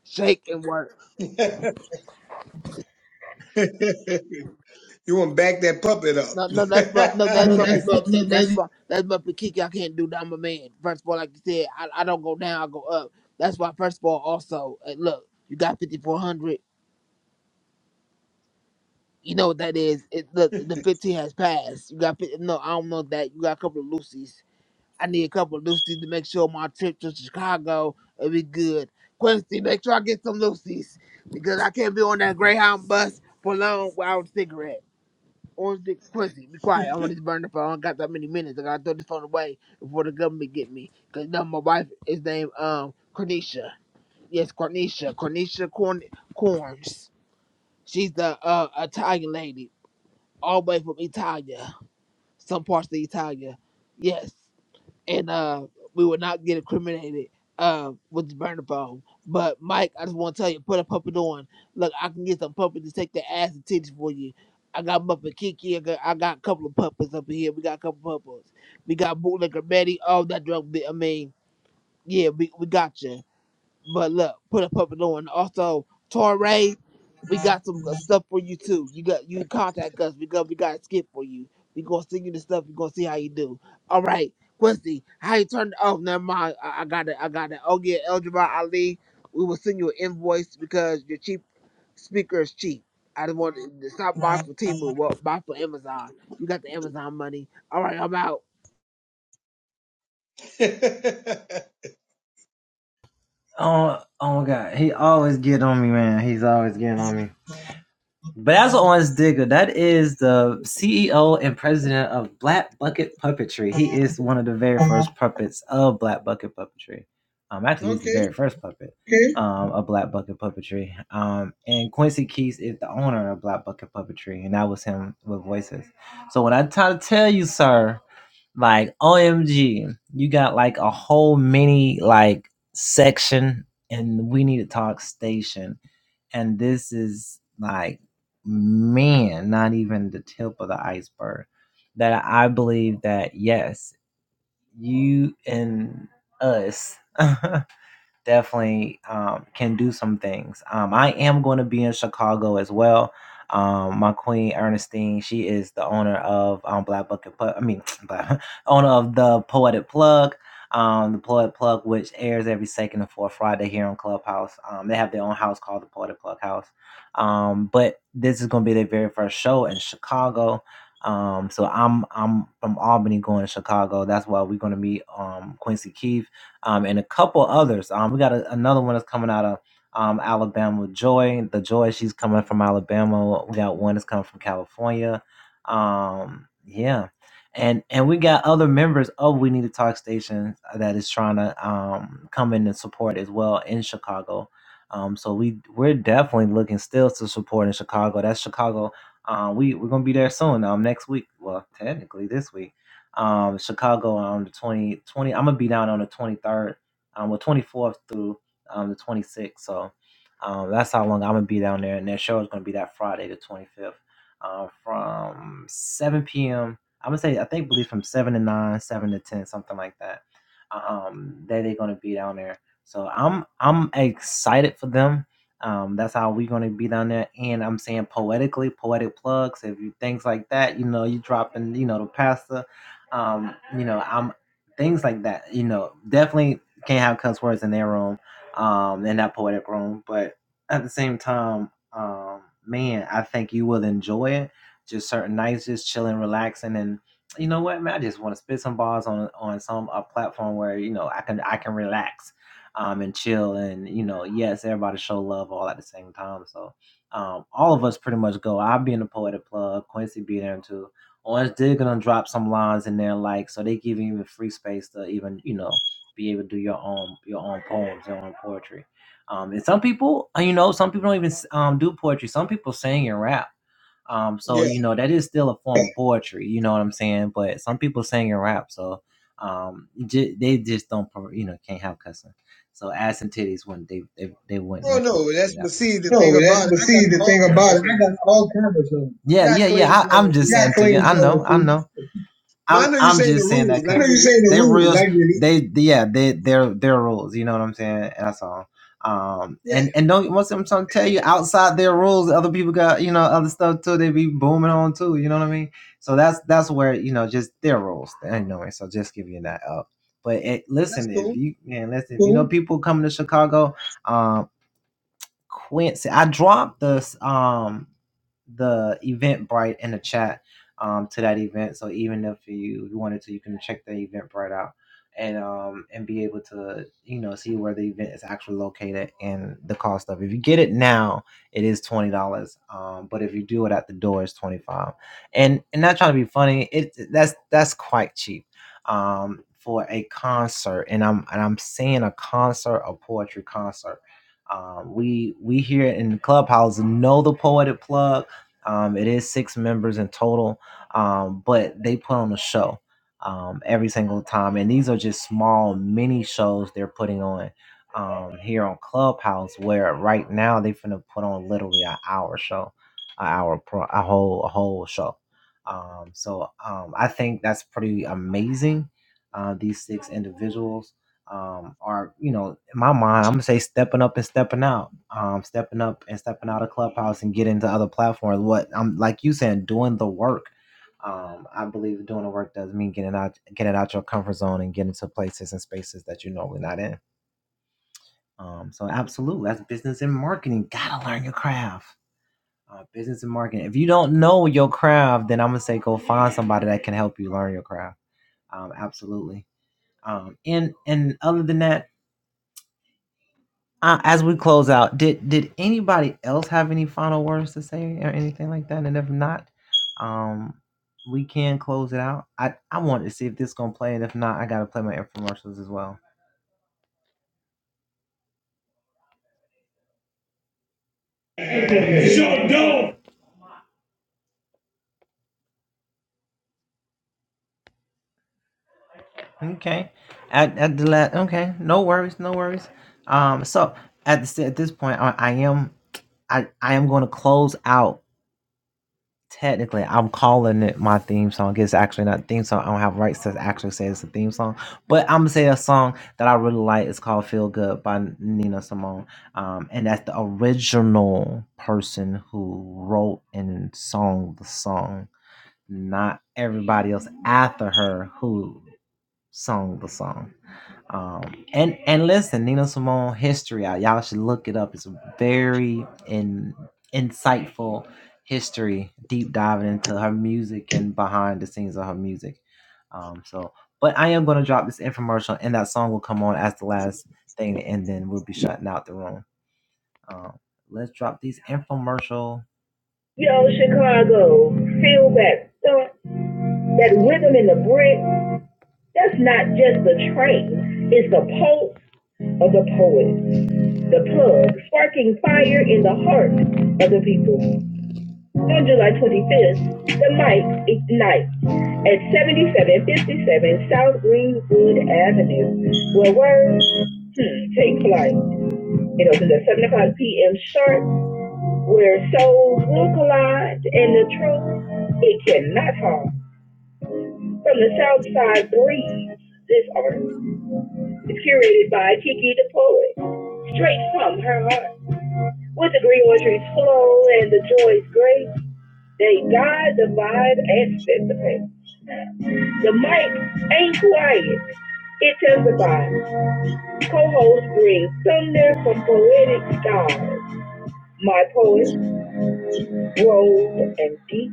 Speaker 3: shake and work.
Speaker 2: that helps you. want to back that puppet up.
Speaker 3: No, no, that's but no,
Speaker 1: I
Speaker 3: that's
Speaker 1: don't- know. that's
Speaker 3: Muppet
Speaker 1: not-
Speaker 3: Kiki.
Speaker 1: not-
Speaker 3: That's
Speaker 1: not-
Speaker 3: but that's Muppet Kiki. I can't do that. I'm a man. First of all, like you said, I, I don't go down. I go up. That's why. First of all, also uh, look, you got 5400. You know what that is? It, look, the 15 has passed. You got fif- no. I don't know that. You got a couple of Lucy's. I need a couple of Lucy's to make sure my trip to Chicago will be good. Quincy, make sure I get some Lucy's because I can't be on that Greyhound bus for long without a cigarette. Or is it- Quincy, be quiet. I want to burn the phone. I don't got that many minutes. I gotta throw this phone away before the government get me. Cause now my wife is named um Cornisha. Yes, Cornisha. Cornisha Corn Corns. She's the uh Italian lady all the way from Italia, some parts of Italia. Yes. And uh we will not get incriminated uh with the burner phone. But Mike, I just wanna tell you, put a puppet on. Look, I can get some puppets to take the ass and titties for you. I got Muppet Kiki, I got, I got a couple of puppets up in here. We got a couple of puppets. We got bootlegger Betty, all that drug bi- I mean, yeah, we, we got you. But look, put a puppet on. Also, Torrey, we got some good stuff for you too. You got you contact us because we got a skit for you. We gonna send you the stuff. We gonna see how you do. All right, Quincy, how you turn? Oh, never mind. I, I got it. I got it. Oh yeah, Eljabar Ali, we will send you an invoice because your cheap speaker is cheap. I just want to stop by for Timu. Well, buy for Amazon. You got the Amazon money. All right, I'm out.
Speaker 2: okay. Yeah. Oh no, that's but see the thing
Speaker 1: No, that's
Speaker 2: about it.
Speaker 1: but
Speaker 2: I got
Speaker 1: see the
Speaker 2: all
Speaker 1: thing
Speaker 2: kinds
Speaker 1: about
Speaker 2: of
Speaker 1: it. I
Speaker 2: stuff.
Speaker 1: got all kinds of stuff. What
Speaker 2: I got clean slow shoes. But I know you are saying the rules. I get
Speaker 1: you
Speaker 2: it.
Speaker 1: saying? That?
Speaker 2: Yeah, that's cool.
Speaker 1: Shut up. Yo, Chicago, feel that thump, that rhythm in the brick. That's not just the train, it's the pulse of the poet, the plug, sparking fire in the heart of the people. On July 25th, the mic ignites at 7757 South Greenwood Avenue, where words hmm, take flight. It opens at 7 o'clock p.m. sharp, where souls will collide and the truth it cannot harm. From the South Side Breeze, this art is curated by Kiki the Poet, straight from her heart. With the greenwood trees flow and the joy is great, they guide the vibe and set the pace. The mic ain't quiet, it testifies. Co-host brings thunder from Poetic Stars, my poet, Rose and Deep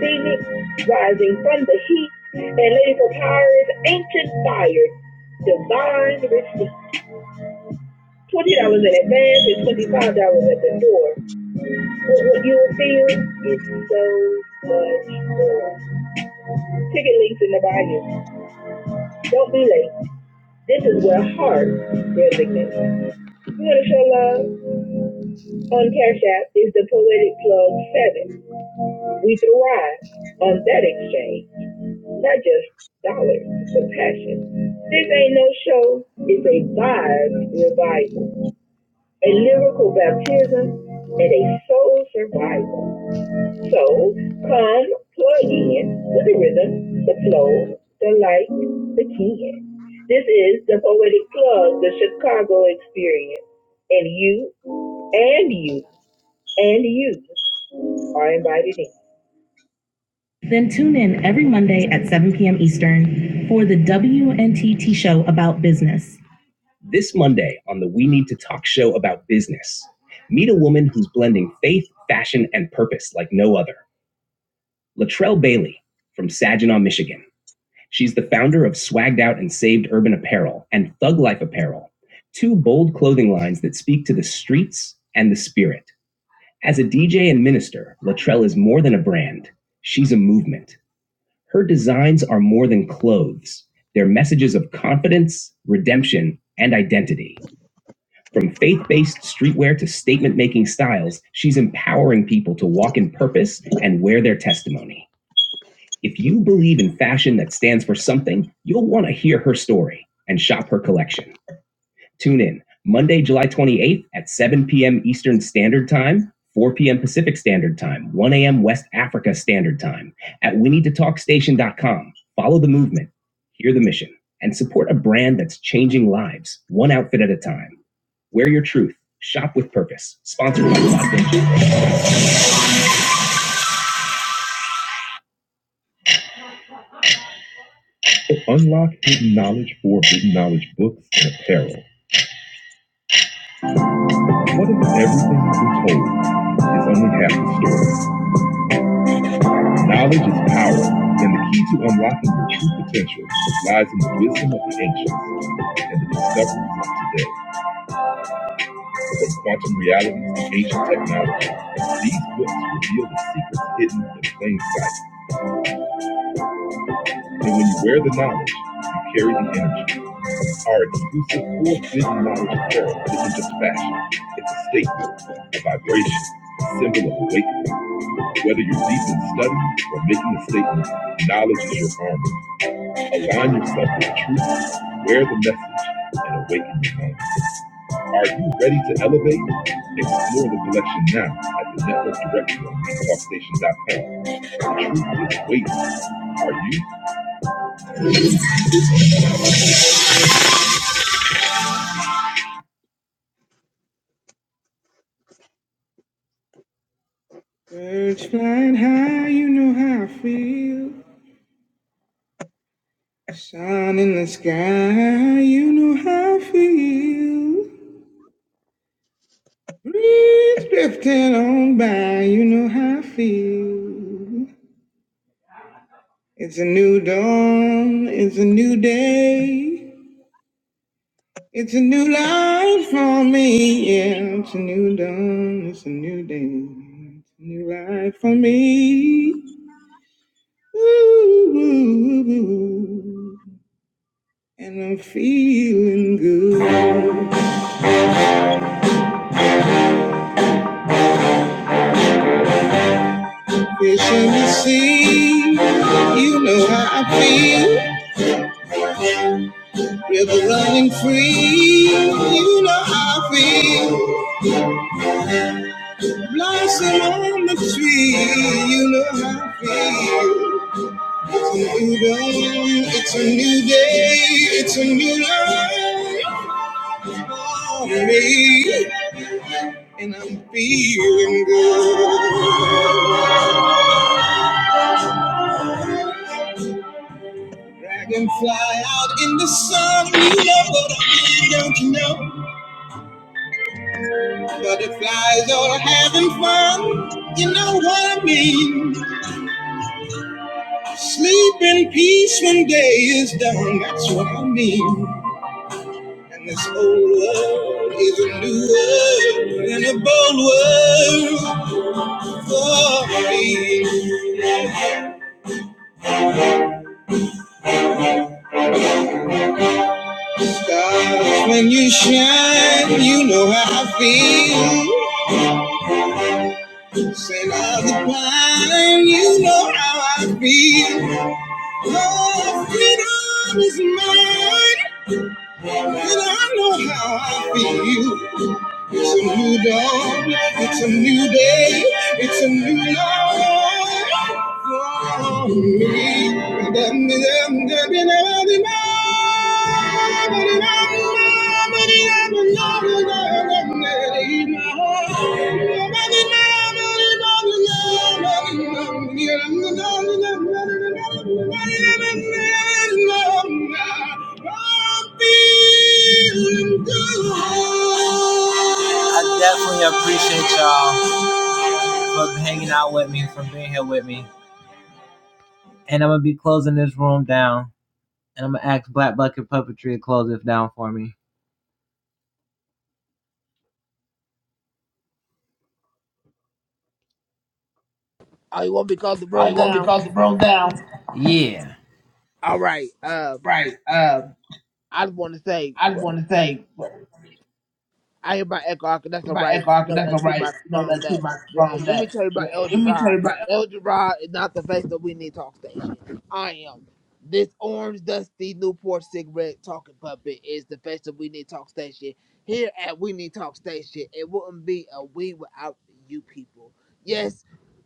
Speaker 1: Phoenix, rising from the heat, and Lady Papyrus, ancient fire, divine receipt. Twenty dollars in advance and twenty five dollars at the door. What would you feel is so much more. Ticket links in the bio. Don't be late. This is where heart resonates. You want to show love on Cash App is the Poetic Plug Seven. We thrive on that exchange, not just dollars, but passion. This ain't no show. It's a vibe revival, a lyrical baptism, and a soul survival. So come plug in with the rhythm, the flow, the light, the kin. This is the poetic plug, the Chicago experience, and you, and you, and you are invited in. Then tune in every Monday at 7 p.m. Eastern for the WNTT show about business. This Monday on the We Need to Talk show about business, meet a woman who's blending faith, fashion, and purpose like no other. Latrell Bailey from Saginaw, Michigan. She's the founder of Swagged Out and Saved Urban Apparel and Thug Life Apparel, two bold clothing lines that speak to the streets and the spirit. As a DJ and minister, Latrell is more than a brand. She's a movement. Her designs are more than clothes. They're messages of confidence, redemption, and identity. From faith based streetwear to statement making styles, she's empowering people to walk in purpose and wear their testimony. If you believe in fashion that stands for something, you'll want to hear her story and shop her collection. Tune in Monday, July 28th at 7 p.m. Eastern Standard Time, 4 p.m. Pacific Standard Time, 1 a.m. West Africa Standard Time at we need to talk station.com. Follow the movement, hear the mission, and support a brand that's changing lives, one outfit at a time. Wear your truth. Shop with purpose. Sponsored by Locked In. Unlock hidden knowledge today. of quantum reality and ancient technology. These books reveal the secrets hidden in plain sight. And when you wear the knowledge, you carry the energy. Our exclusive full vision knowledge of world isn't just fashion. It's a statement, a vibration, a symbol of awakening. Whether you're deep in study or making a statement, knowledge is your armor. Align yourself with the truth, wear the message, and awaken your mind. Are you ready to elevate? Explore the collection now at the network directory on talkstation.com. The truth is waiting. Are you? Get on by, you know how I feel. It's a new dawn, it's a new day. It's a new life for me, yeah. It's a new dawn, it's a new day. It's a new life for me. Ooh, ooh, ooh, ooh. And I'm feeling good. See, are running free, you know how I feel. Blossom on the tree, you know how I feel. It's a new dawn, it's a new day, it's a new life for me. And I'm feeling good. Dragonfly out in the sun, you know what I mean, don't you know? Butterflies all having fun, you know what I mean. Sleep in peace when day is done, that's what I mean. And this old world is a new world, and a bold world for me. Stars, when you shine, you know how I feel. Scent of the pine, you know how I feel. Oh, freedom is mine. And I know how I feel. It's a new dawn. It's a new day. It's a new love for me.
Speaker 3: Oh, you want me to close the room down? All right. Um,
Speaker 1: Right. Um,
Speaker 3: I just want to say.
Speaker 1: I just want to say,
Speaker 3: I hear about Echo Arc, that's
Speaker 1: if
Speaker 3: all
Speaker 1: I
Speaker 3: right.
Speaker 1: echo, I
Speaker 3: You
Speaker 1: can-
Speaker 3: know
Speaker 1: that's
Speaker 3: that
Speaker 1: all
Speaker 3: too
Speaker 1: right.
Speaker 3: much
Speaker 1: No,
Speaker 3: from
Speaker 1: that's too
Speaker 3: that.
Speaker 1: much
Speaker 3: J-
Speaker 1: from
Speaker 3: Let me
Speaker 1: that.
Speaker 3: tell you about El
Speaker 1: Let me tell you
Speaker 3: Gerard.
Speaker 1: about
Speaker 3: El Gerard is not the face that we need talk station. I am. This orange dusty Newport cigarette talking puppet is the face that we need talk station. Here at We Need Talk Station, it wouldn't be a we without you people. Yes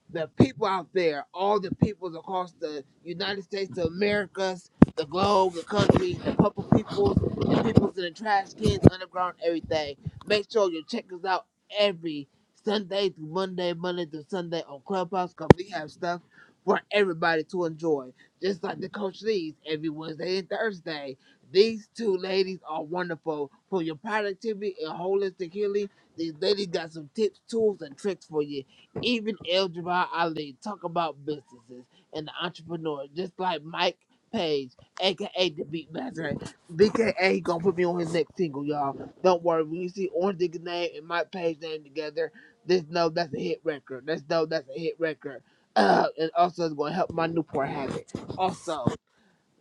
Speaker 3: the people out there, all the peoples across the United States of Americas, the globe, the country, the purple peoples, the peoples in the trash cans, underground, everything. Make sure you check us out every Sunday through Monday, Monday through Sunday on Clubhouse because we have stuff for everybody to enjoy. Just like the Coach Lee's every Wednesday and Thursday. These two ladies are wonderful for your productivity and holistic healing. These ladies got some tips, tools, and tricks for you even El Jabbar Ali talk about businesses and the entrepreneur, just like Mike Page, aka the Beatmaster, BKA gonna put me on his next single, y'all. Don't worry, when you see Orange Digga's name and Mike Page name together, just know that's a hit record. Let's know that's a hit record. Uh, and also it's gonna help my Newport habit. Also.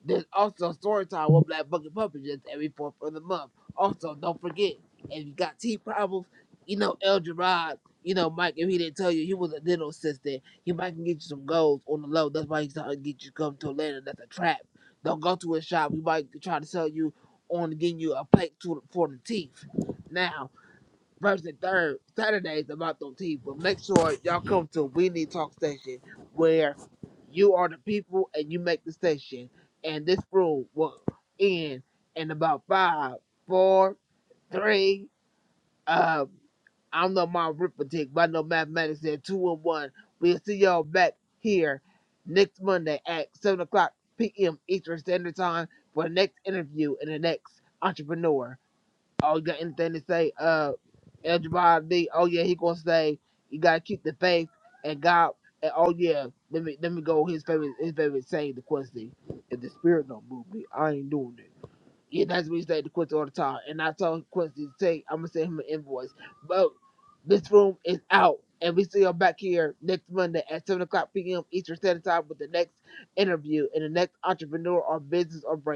Speaker 3: There's also story time with Black Bucket Puppet just every fourth of the month. Also, don't forget, if you got teeth problems, you know, El Gerard, you know, Mike, if he didn't tell you he was a dental assistant, he might can get you some goals on the low. That's why he's trying to get you to come to Atlanta. That's a trap. Don't go to a shop. He might try to sell you on getting you a plate to, for the teeth. Now, first and third Saturdays about them tea. But make sure y'all come to We Need Talk Station where you are the people and you make the station. And this room will end in about five, four, three. Um, I don't know my arithmetic, but I know mathematics said two and one. We'll see y'all back here next Monday at seven o'clock p.m. Eastern Standard Time for the next interview and the next entrepreneur. Oh, you got anything to say? Uh, Eljabar D. Oh yeah, he gonna say you gotta keep the faith and God. And oh yeah, let me let me go. His favorite his favorite saying the Quincy. If the spirit don't move me, I ain't doing it. Yeah, that's what he say to Quincy all the time. And I told Quincy to say I'm gonna send him an invoice. But this room is out, and we see you back here next Monday at seven o'clock p.m. Eastern Standard Time with the next interview and the next entrepreneur or business or brand.